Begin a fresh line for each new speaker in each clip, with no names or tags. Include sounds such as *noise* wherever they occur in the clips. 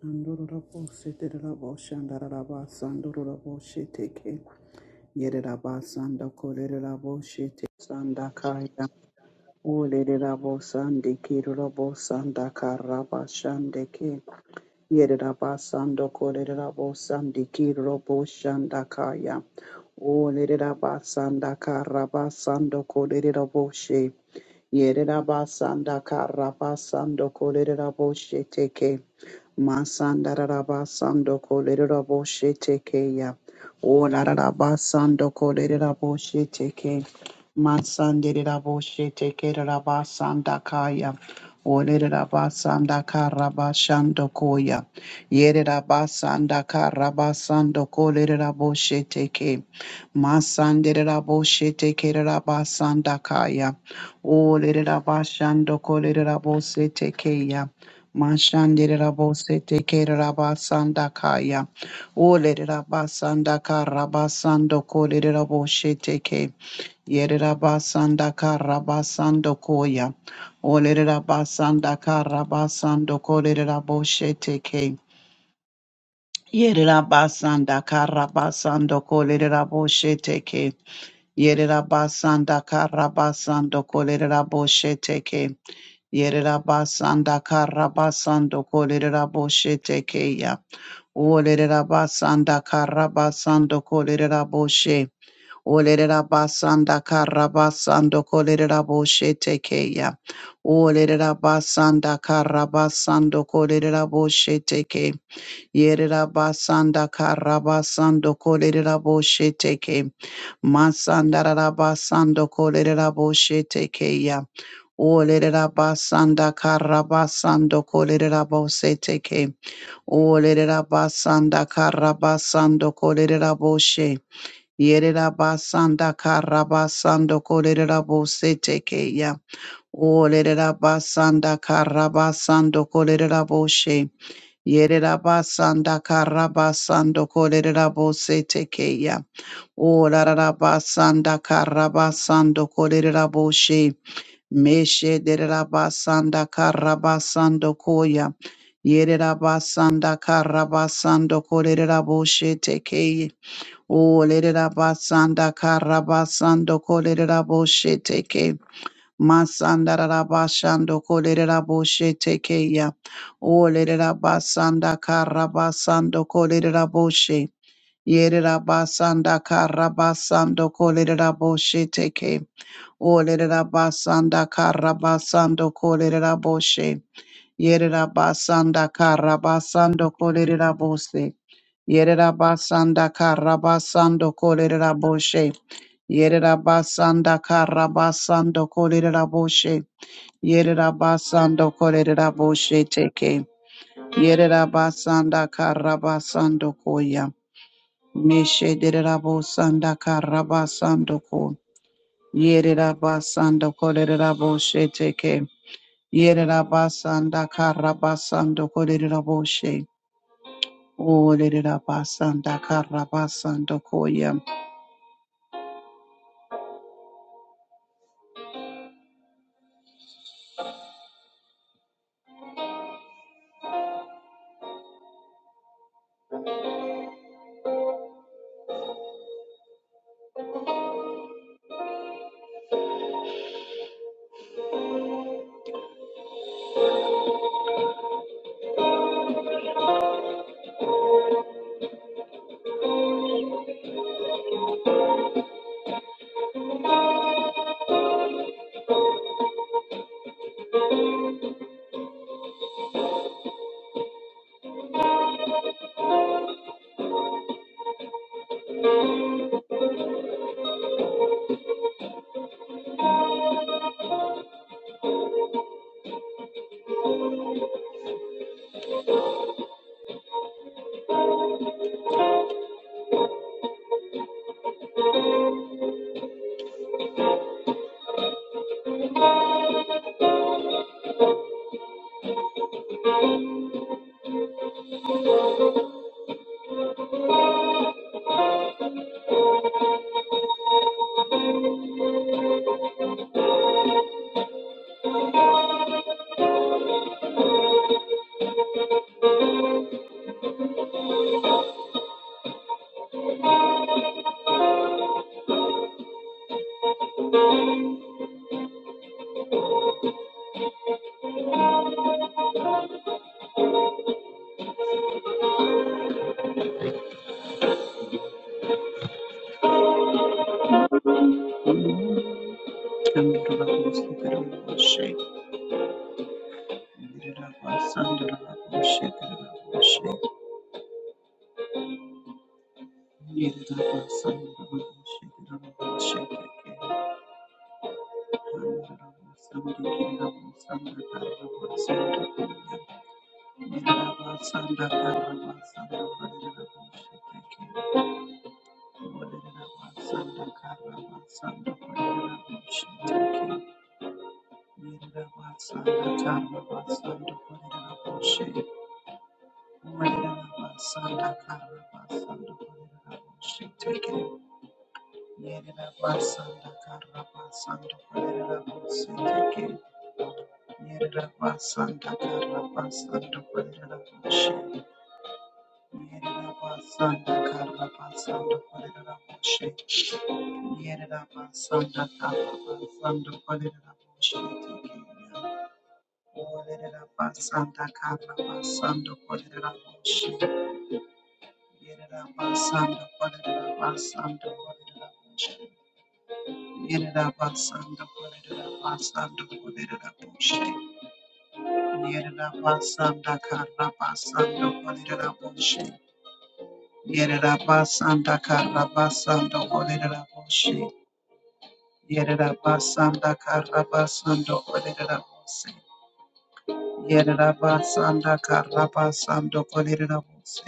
Sandorabo seterabo shandarabo sandorabo sheteke yererabo sandakorerabo shete sandakaya olerabo sandikirabo sandakaraba shandeke yererabo sandokorerabo sandikirabo shandakaya olerabo sandakaraba sandokorerabo she yererabo sandakaraba sandokorerabo sheteke Masandarabasando kolerabo shetekeya. Olarabasando kolerabo sheteke. Masandirabo sheteke rabasandakaya. Olerabasandakarabasandokoya. koya. Yerabasandakarabasandokolerabo sheteke. Masandirabo sheteke rabasandakaya. Olerabashandokolerabo ya. Mashandira raboše tekera rabasanda kaya. Olere rabasanda karabasando kolere raboshe teke. Yere rabasanda karabasando koya. Olere rabasanda karabasando kolere raboshe teke. Yere rabasanda karabasando kolere raboshe teke. Yere rabasanda karabasando kolere raboshe teke. Yererabasanda karabasando kolereraboshete keya. Olererabasanda karabasando kolereraboshe. Olererabasanda karabasando kolereraboshete keya. Olererabasanda karabasando kolereraboshete ke. Yererabasanda karabasando kolereraboshete ke. Masandarabasando kolereraboshete keya. Olerera basanda karabasando kolerera bose teke. Olerera basanda karabasando kolerera boshe. Yerera basanda karabasando kolerera bose teke ya. Olerera basanda karabasando kolerera boshe. Yerera basanda karabasando kolerera bose teke ya. Olerera basanda karabasando kolerera boshe. Meshe derabasanda karabasando koya. Yerabasanda karabasando koreraboshe tekeye. O lerabasanda karabasando koreraboshe teke. Masanda rabashando koreraboshe tekeya. O lerabasanda karabasando koreraboshe. Yerabasanda karabasando koreraboshe teke. Olerera basanda karabasando kolerera boshe. Yerera basanda karabasando kolerera bose. Yerera basanda karabasando kolerera boshe. Yerera basanda karabasando kolerera boshe. Yerera basando kolerera boshe teke. Yerera basanda karabasando koya. Meshe derera bosanda karabasando ko. Yerabasanda Koreraboshe Teke. Yerabasanda Karabasanda Koreraboshe. O Lerabasanda Karabasanda Koya. Yerabasanda Raboshe Keraboshe. Yerabasanda Raboshe Keraboshe Yerida basanda karabasanda kolerera boshe. Yerabasanda Karabasando Korerabushi. Yerabasanda Karabasando Korerabushi. Orerabasanda Karabasando Korerabushi. Yerabasanda Korerabasando Korerabushi. Yerabasanda Korerabasando Korerabushi. Yerabasanda Karabasando Korerabushi. Yerera basanda karabasando olerera boshe. Yerera basanda karabasando olerera boshe. Yerera basanda karabasando olerera boshe.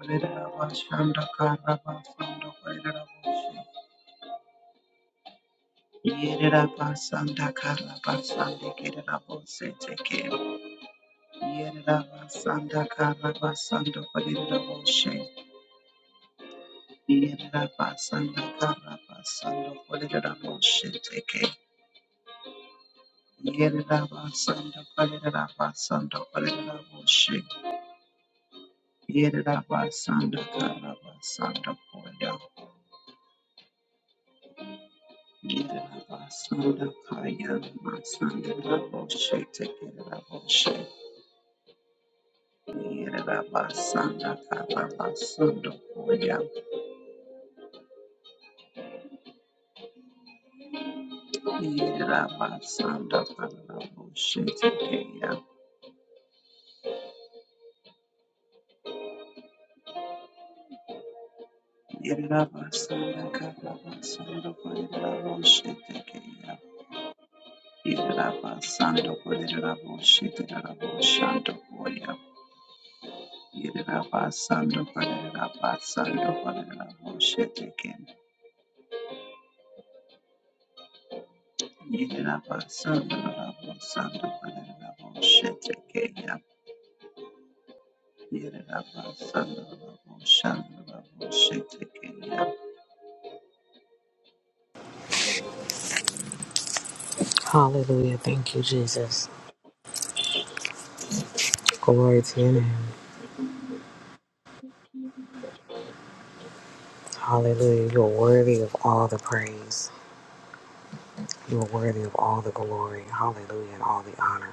Olerera basanda karabasando olerera boshe. Yerera basanda karabasande kerera boshe teke. Yerera basanda karabasando olerera boshe. Yerera basanda karabasando olerera boshe teke. Yerabasanda Kalerabasanda Kalerabushi. Yerabasanda Karabasanda Koya. Yerabasanda Kaya Masanda Rabushi Tekerabushi. Yerabasanda Karabasanda Koya. Yerabasanda Karabushi Tekeya. Yerabasanda Karabasanda Kalerabushi Tekeya. Yerabasando Poderabo Shitarabo Shanto Poya Yerabasando Poderabasando Poderabo Shetakin Yerabasando Rabo Santo Poderabo Shetakaya Yerabasando Rabo Shanto Rabo Shetakaya
Hallelujah. Thank you, Jesus. Glory to your name. Hallelujah. You're worthy of all the praise. You're worthy of all the glory. Hallelujah. And all the honor.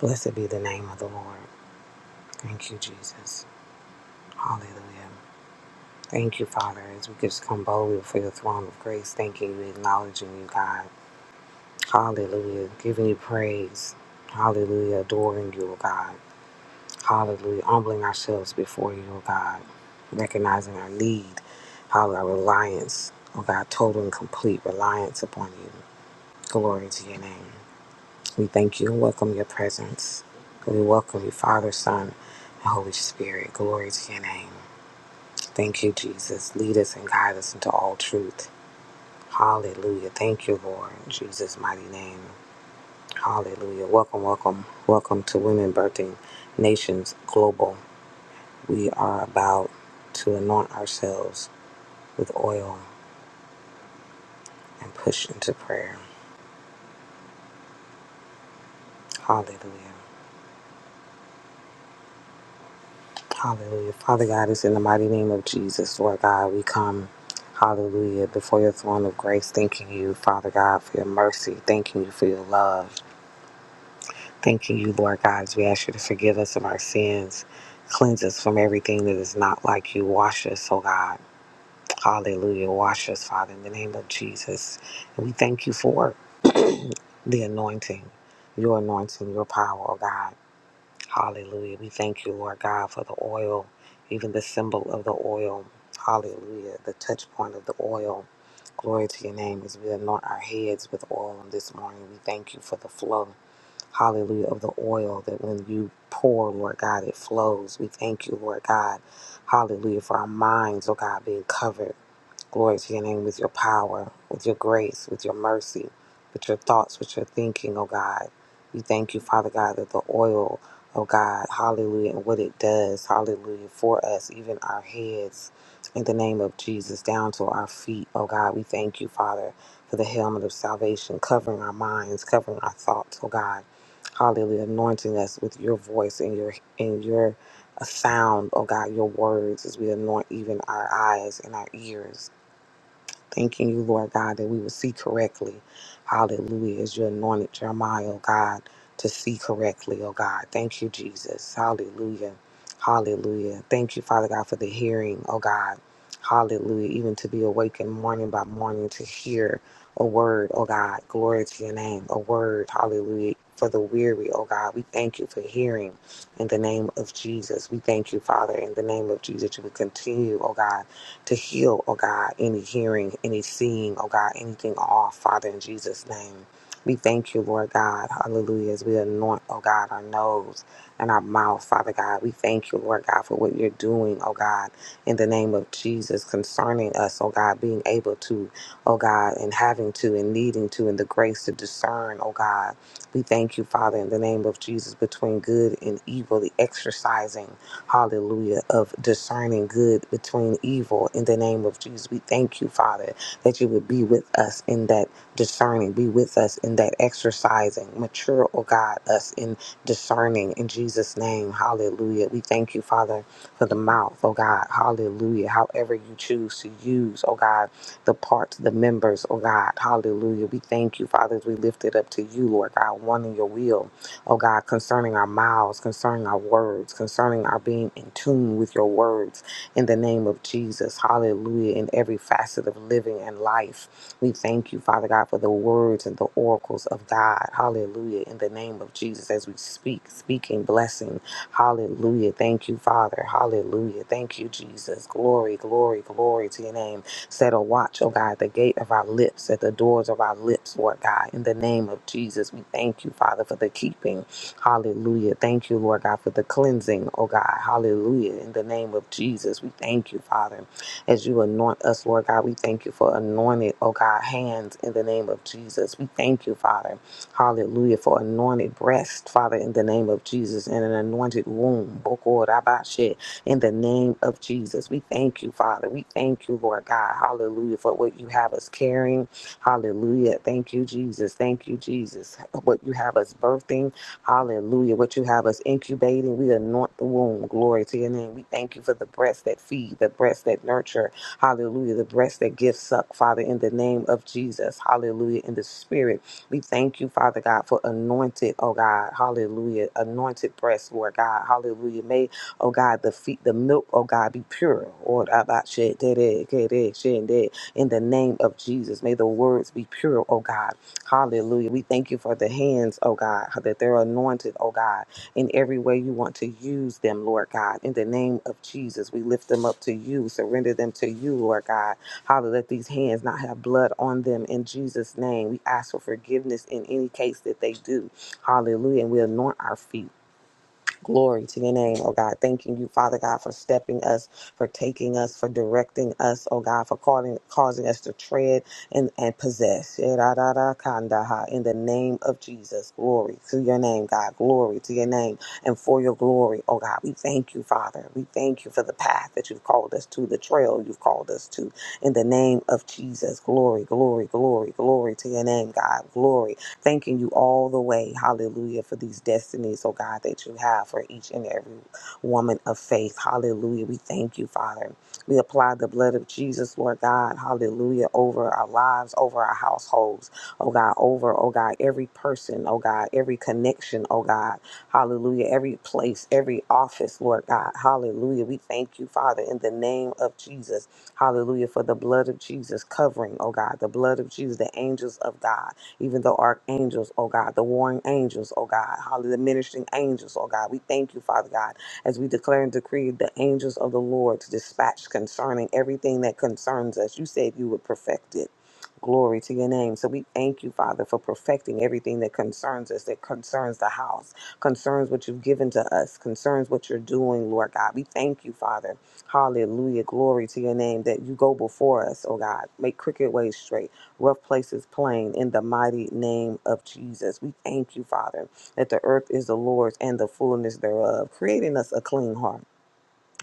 Blessed be the name of the Lord. Thank you, Jesus. Hallelujah. Thank you, Father, as we just come boldly before your throne of grace, thanking you, acknowledging you, God. Hallelujah. Giving you praise. Hallelujah. Adoring you, O God. Hallelujah. Humbling ourselves before you, oh God. Recognizing our need, hallelujah, our reliance, oh God, total and complete reliance upon you. Glory to your name. We thank you and welcome your presence. We welcome you, Father, Son, and Holy Spirit. Glory to your name. Thank you, Jesus. Lead us and guide us into all truth. Hallelujah. Thank you, Lord. In Jesus' mighty name. Hallelujah. Welcome, welcome, welcome to Women Birthing Nations Global. We are about to anoint ourselves with oil and push into prayer. Hallelujah. Hallelujah. Father God, it's in the mighty name of Jesus, Lord God, we come. Hallelujah. Before your throne of grace, thanking you, Father God, for your mercy. Thanking you for your love. Thanking you, Lord God, as we ask you to forgive us of our sins. Cleanse us from everything that is not like you. Wash us, oh God. Hallelujah. Wash us, Father, in the name of Jesus. And we thank you for it. the anointing, your anointing, your power, oh God. Hallelujah. We thank you, Lord God, for the oil, even the symbol of the oil. Hallelujah. The touch point of the oil. Glory to your name as we anoint our heads with oil on this morning. We thank you for the flow. Hallelujah. Of the oil that when you pour, Lord God, it flows. We thank you, Lord God. Hallelujah. For our minds, oh God, being covered. Glory to your name with your power, with your grace, with your mercy, with your thoughts, with your thinking, oh God. We thank you, Father God, that the oil, oh God, hallelujah, and what it does, hallelujah, for us, even our heads, in the name of Jesus, down to our feet, oh God. We thank you, Father, for the helmet of salvation, covering our minds, covering our thoughts, oh God. Hallelujah, anointing us with your voice and your and your sound, oh God, your words as we anoint even our eyes and our ears. Thanking you, Lord God, that we will see correctly. Hallelujah. As you anointed Jeremiah, oh God, to see correctly, oh God. Thank you, Jesus. Hallelujah. Hallelujah. Thank you, Father God, for the hearing, oh God. Hallelujah. Even to be awakened morning by morning to hear a word, oh God. Glory to your name. A word, hallelujah. For the weary, oh God, we thank you for hearing in the name of Jesus. We thank you, Father, in the name of Jesus. You will continue, oh God to heal, oh God, any hearing, any seeing, oh God, anything off, Father, in Jesus' name. We thank you, Lord God, hallelujah, as we anoint, oh God, our nose and our mouth, Father God. We thank you, Lord God, for what you're doing, oh God, in the name of Jesus concerning us, oh God, being able to, oh God, and having to and needing to and the grace to discern, oh God. We thank you, Father, in the name of Jesus, between good and evil, the exercising hallelujah, of discerning good between evil in the name of Jesus. We thank you, Father, that you would be with us in that discerning, be with us in that exercising, mature, oh God, us in discerning in Jesus' name, hallelujah. We thank you, Father, for the mouth, oh God, hallelujah, however you choose to use, oh God, the parts, the members, oh God, hallelujah. We thank you, Father, as we lift it up to you, Lord God, one in your will oh God, concerning our mouths, concerning our words, concerning our being in tune with your words in the name of Jesus. Hallelujah. In every facet of living and life, we thank you, Father God, for the words and the oracles of God. Hallelujah. In the name of Jesus, as we speak, speaking blessing. Hallelujah. Thank you, Father. Hallelujah. Thank you, Jesus. Glory, glory, glory to your name. Set a watch, oh God, the gate of our lips, at the doors of our lips, Lord God. In the name of Jesus, we thank you, Father, for the keeping. Hallelujah. Thank you, Lord God, for the cleansing, oh God. Hallelujah. In the name of Jesus, we thank you, Father, as you anoint us, Lord God. We thank you for anointed, oh God, hands in the name of Jesus. We thank you, Father. Hallelujah. For anointed breast, Father, in the name of Jesus, and an anointed womb. Bokorabashe in the name of Jesus. We thank you, Father. We thank you, Lord God. Hallelujah, for what you have us carrying. Hallelujah. Thank you, Jesus. Thank you, Jesus. What you have us birthing. Hallelujah. What you have us incubating. We anoint the womb. Glory to your name. We thank you for the breasts that feed, the breasts that nurture. Hallelujah. The breasts that give suck, Father, in the name of Jesus. Hallelujah. In the spirit. We thank you, Father God, for anointed, oh God. Hallelujah. Anointed breasts, Lord God. Hallelujah. May oh God, the feet, the milk, oh God, be pure. Or about shit, dead, dead, dead, dead, shit, dead. In the name of Jesus, may the words be pure, oh God. Hallelujah. We thank you for the hands, oh God, that they're anointed, oh God, in every way you want to use them, Lord God. In the name of Jesus, we lift them up to you, surrender them to you, Lord God. Hallelujah. Let these hands not have blood on them in Jesus' name. We ask for forgiveness in any case that they do. Hallelujah. And we anoint our feet. Glory to your name, oh God. Thanking you, Father God, for stepping us, for taking us, for directing us, oh God, for calling, causing us to tread and, and possess. Shedadadakandaha. In the name of Jesus, glory to your name, God. Glory to your name and for your glory, oh God. We thank you, Father. We thank you for the path that you've called us to, the trail you've called us to. In the name of Jesus, glory, glory, glory, glory to your name, God. Glory Thanking you all the way, hallelujah, for these destinies, oh God, that you have for each and every woman of faith. Hallelujah. We thank you, Father. We apply the blood of Jesus, Lord God, hallelujah, over our lives, over our households, oh God, over, oh God, every person, oh God, every connection, oh God, hallelujah, every place, every office, Lord God, hallelujah. We thank you, Father, in the name of Jesus, hallelujah, for the blood of Jesus covering, oh God, the blood of Jesus, the angels of God even though archangels, oh God, the warring angels, oh God, hallelujah, the ministering angels, oh God, we thank you, Father God, as we declare and decree the angels of the Lord to dispatch concerning everything that concerns us. You said you would perfect it. Glory to your name. So we thank you, Father, for perfecting everything that concerns us, that concerns the house, concerns what you've given to us, concerns what you're doing, Lord God. We thank you, Father. Hallelujah. Glory to your name that you go before us, oh God. Make crooked ways straight rough places plain in the mighty name of Jesus. We thank you, Father, that the earth is the Lord's and the fullness thereof, creating us a clean heart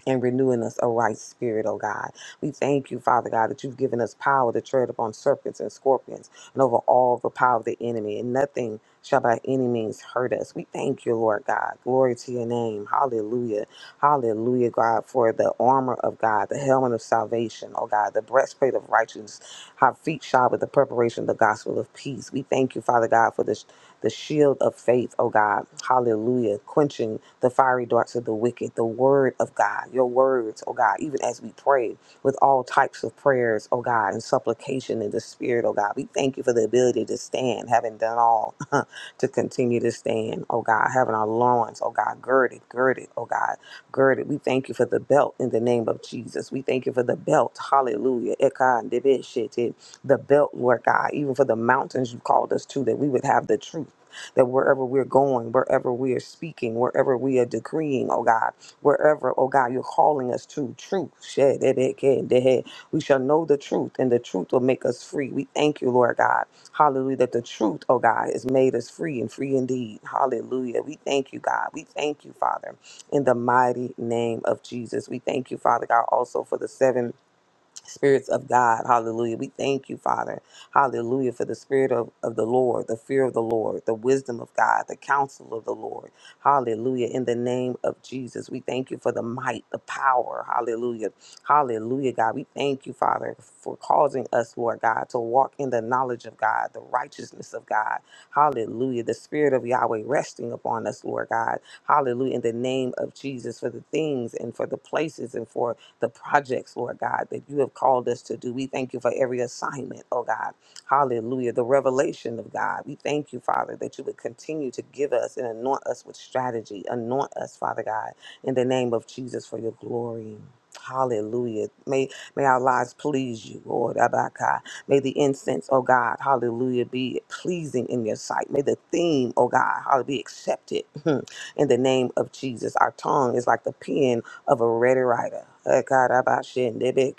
and renewing us a right spirit, oh God. We thank you, Father God, that you've given us power to tread upon serpents and scorpions and over all the power of the enemy, and nothing shall by any means hurt us. We thank you, Lord God. Glory to your name. Hallelujah. Hallelujah, God, for the armor of God, the helmet of salvation, oh God, the breastplate of righteousness. Our feet shod with the preparation of the gospel of peace. We thank you, Father God, for this the shield of faith, oh God. Hallelujah. Quenching the fiery darts of the wicked, the word of God, your words, oh God, even as we pray with all types of prayers, oh God, and supplication in the spirit, oh God. We thank you for the ability to stand, having done all *laughs* to continue to stand, oh God, having our loins, oh God, girded, girded, oh God, girded. We thank you for the belt in the name of Jesus. We thank you for the belt. Hallelujah. Eka Ekandebeshete. The belt, Lord God, even for the mountains you called us to, that we would have the truth that wherever we're going, wherever we are speaking, wherever we are decreeing, oh God, wherever, oh God, you're calling us to truth. Shed it, it, it, it. We shall know the truth, and the truth will make us free. We thank you, Lord God. Hallelujah. That the truth, oh God, has made us free and free indeed. Hallelujah. We thank you, God. We thank you, Father, in the mighty name of Jesus. We thank you, Father God, also for the seven spirits of God. Hallelujah. We thank you, Father. Hallelujah. For the spirit of, of the Lord, the fear of the Lord, the wisdom of God, the counsel of the Lord. Hallelujah. In the name of Jesus, we thank you for the might, the power. Hallelujah. Hallelujah, God. We thank you, Father, for causing us, Lord God, to walk in the knowledge of God, the righteousness of God. Hallelujah. The spirit of Yahweh resting upon us, Lord God. Hallelujah. In the name of Jesus, for the things and for the places and for the projects, Lord God, that you have called us to do. We thank you for every assignment, oh God. Hallelujah. The revelation of God. We thank you, Father, that you would continue to give us and anoint us with strategy. Anoint us, Father God, in the name of Jesus for your glory. Hallelujah. May may our lives please you, Lord Abaka. May the incense, oh God, hallelujah, be pleasing in your sight. May the theme, oh God, hallelujah, be accepted *laughs* in the name of Jesus. Our tongue is like the pen of a ready writer. We thank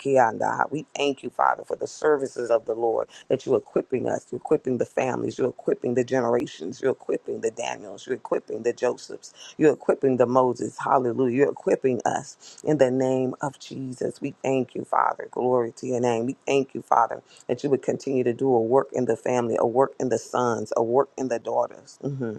you, Father, for the services of the Lord that you're equipping us, you're equipping the families, you're equipping the generations, you're equipping the Daniels, you're equipping the Josephs, you're equipping the Moses. Hallelujah. You're equipping us in the name of Jesus. We thank you, Father. Glory to your name. We thank you, Father, that you would continue to do a work in the family, a work in the sons, a work in the daughters. Mhm.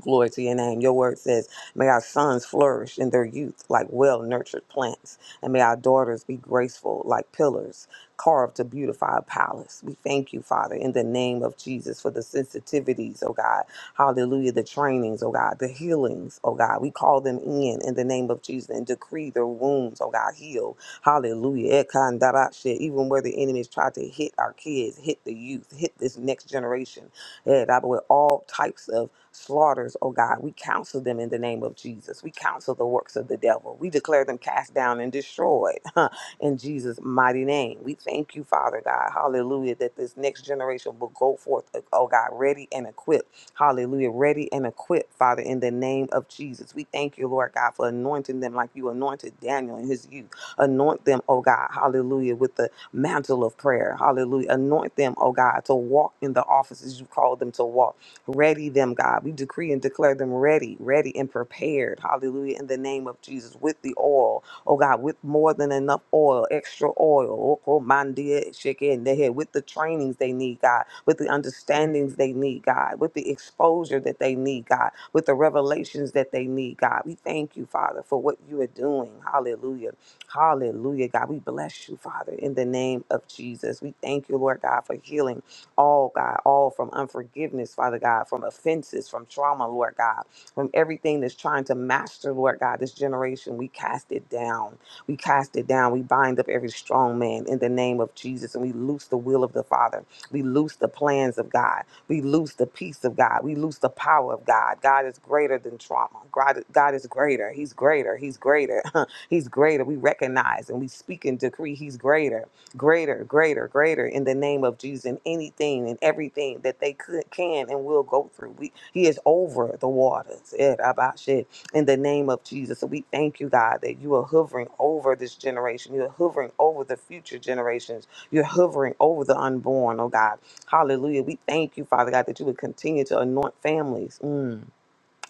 Glory to your name. Your word says, May our sons flourish in their youth like well nurtured plants, and may our daughters be graceful like pillars carved to beautify a palace. We thank you, Father, in the name of Jesus, for the sensitivities, oh God. Hallelujah. The trainings, oh God. The healings, oh God. We call them in in the name of Jesus and decree their wounds, oh God. Heal. Hallelujah. Ekandarashe. Even where the enemies tried to hit our kids, hit the youth, hit this next generation, eh, God, with all types of slaughters, oh God. We counsel them in the name of Jesus. We counsel the works of the devil. We declare them cast down and destroyed *laughs* in Jesus' mighty name. We thank you, Father God. Hallelujah. That this next generation will go forth, oh God, ready and equipped. Hallelujah. Ready and equipped, Father, in the name of Jesus. We thank you, Lord God, for anointing them like you anointed Daniel and his youth. Anoint them, oh God. Hallelujah. With the mantle of prayer. Hallelujah. Anoint them, oh God, to walk in the offices you called them to walk Ready them, God. We decree and declare them ready, ready and prepared. Hallelujah. In the name of Jesus, with the oil. Oh God, with more than enough oil, extra oil. Oh, oh, my dear, shake it in the head. With the trainings they need, God. With the understandings they need, God. With the exposure that they need, God. With the revelations that they need, God. We thank you, Father, for what you are doing. Hallelujah. Hallelujah, God. We bless you, Father, in the name of Jesus. We thank you, Lord God, for healing all, God, all from unforgiveness, Father God, from offenses, from trauma, Lord God, from everything that's trying to master, Lord God, this generation. We cast it down. We cast it down. We bind up every strong man in the name of Jesus and we loose the will of the Father. We loose the plans of God. We loose the peace of God. We loose the power of God. God is greater than trauma. God, God is greater. He's greater. He's greater. *laughs* He's greater. We recognize and we speak and decree He's greater greater, greater, greater in the name of Jesus in anything and everything that they could, can and will go through. We, he is over the waters eh, about shit, in the name of Jesus. So we thank you, God, that you are hovering over this generation. You're hovering over the future generations. You're hovering over the unborn, oh God. Hallelujah. We thank you, Father God, that you would continue to anoint families. Mm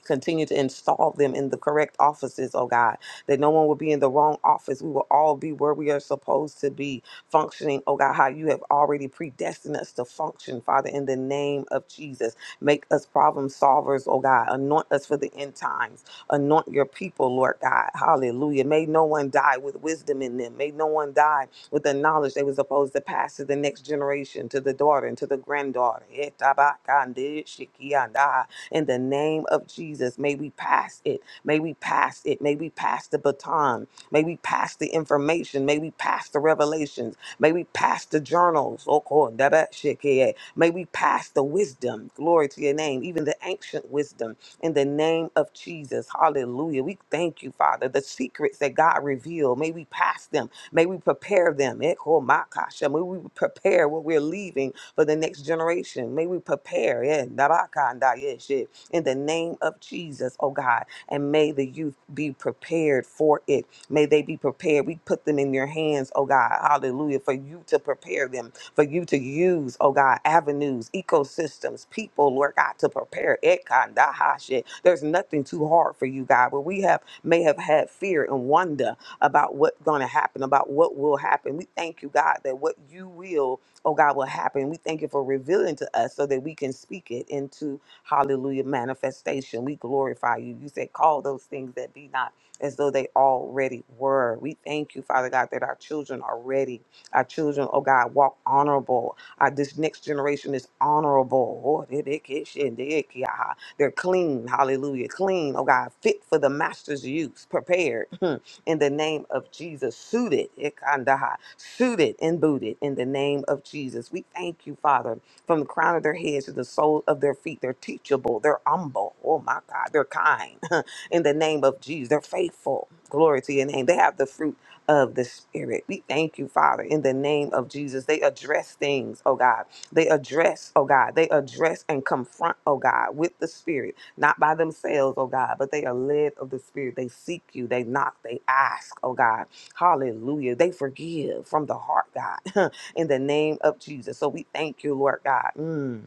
Continue to install them in the correct offices, oh God, that no one will be in the wrong office. We will all be where we are supposed to be, functioning, oh God, how you have already predestined us to function, Father, in the name of Jesus. Make us problem solvers, oh God. Anoint us for the end times. Anoint your people, Lord God. Hallelujah. May no one die with wisdom in them. May no one die with the knowledge they were supposed to pass to the next generation, to the daughter and to the granddaughter. Eh, tabakande, shikianda in the name of Jesus. May we pass it. May we pass it. May we pass the baton. May we pass the information. May we pass the revelations. May we pass the journals. Oh, God, that bad shit, k a. May we pass the wisdom. Glory to your name. Even the ancient wisdom in the name of Jesus. Hallelujah. We thank you, Father. The secrets that God revealed, may we pass them. May we prepare them. Echo my kasha. May we prepare what we're leaving for the next generation. May we prepare, yeah, Nabakanda, yeah, shit, in the name of Jesus, oh God. And may the youth be prepared for it. May they be prepared. We put them in your hands, oh God. Hallelujah. For you to prepare them, for you to use, oh God, avenues, ecosystems, people, Lord God, to prepare. Ekandaha, shit. There's nothing too hard for you, God. Where we have may have had fear and wonder about what's going to happen, about what will happen. We thank you, God, that what you will oh God, will happen. We thank you for revealing to us so that we can speak it into hallelujah manifestation. We glorify you. You said, call those things that be not as though they already were. We thank you, Father God, that our children are ready. Our children, oh God, walk honorable. Uh, this next generation is honorable. Oh, they- they get shit, they get- yeah. They're clean, hallelujah, clean, oh God, fit for the master's use, prepared. *laughs* in the name of Jesus. Suited, ikandaha, suited and booted in the name of Jesus. We thank you, Father, from the crown of their heads to the sole of their feet. They're teachable, they're humble. Oh my God, they're kind *laughs* in the name of Jesus. They're faithful. Glory to your name. They have the fruit of the Spirit. We thank you, Father, in the name of Jesus. They address things, oh God. They address, oh God. They address and confront, oh God, with the Spirit not by themselves, oh God, but they are led of the Spirit. They seek you, they knock, they ask, oh God. Hallelujah. They forgive from the heart, God, *laughs* in the name of Jesus. So we thank you, Lord God. Mm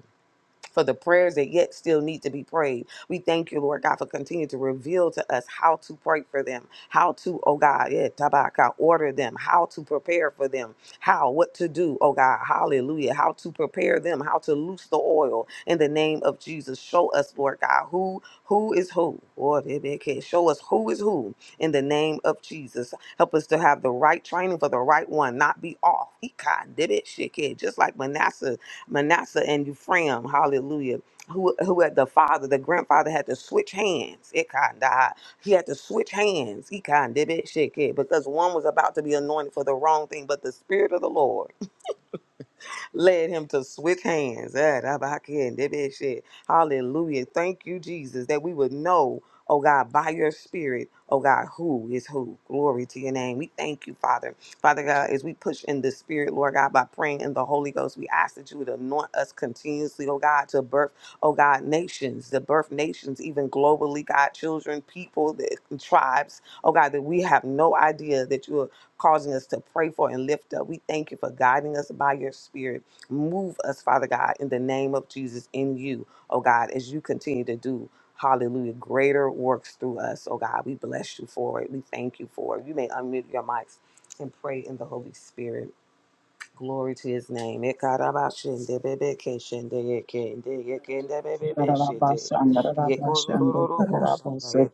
for the prayers that yet still need to be prayed. We thank you, Lord God, for continuing to reveal to us how to pray for them, how to, oh God, yeah, tabaka, order them, how to prepare for them, how, what to do, oh God, hallelujah, how to prepare them, how to loose the oil in the name of Jesus. Show us, Lord God, who who is who. Lord, if it can show us who is who in the name of Jesus. Help us to have the right training for the right one, not be off. He kind did it, shit, kid, just like Manasseh Manasseh and Ephraim, hallelujah, who, who had the father, the grandfather had to switch hands. It kind of, he had to switch hands. He kind of did it, shit, kid, because one was about to be anointed for the wrong thing, but the Spirit of the Lord led him to swift hands. Eh, that about it, that bad shit. Hallelujah. Thank you, Jesus, that we would know, oh God, by your spirit, oh God, who is who. Glory to your name. We thank you, Father. Father God, as we push in the spirit, Lord God, by praying in the Holy Ghost, we ask that you would anoint us continuously, oh God, to birth, oh God, nations, to birth nations, even globally, God, children, people, the tribes, oh God, that we have no idea that you are causing us to pray for and lift up. We thank you for guiding us by your spirit. Move us, Father God, in the name of Jesus, in you, oh God, as you continue to do, hallelujah, greater works through us, oh God. We bless you for it. We thank you for it. You may unmute your mics and pray in the Holy Spirit. Glory to his name. Ekarabashende bebeke shende yeke nde bebebe shete.
Rabas and Rabas and the
Yekorororoko
Arabakare,
Rabos,
shanda
the
ya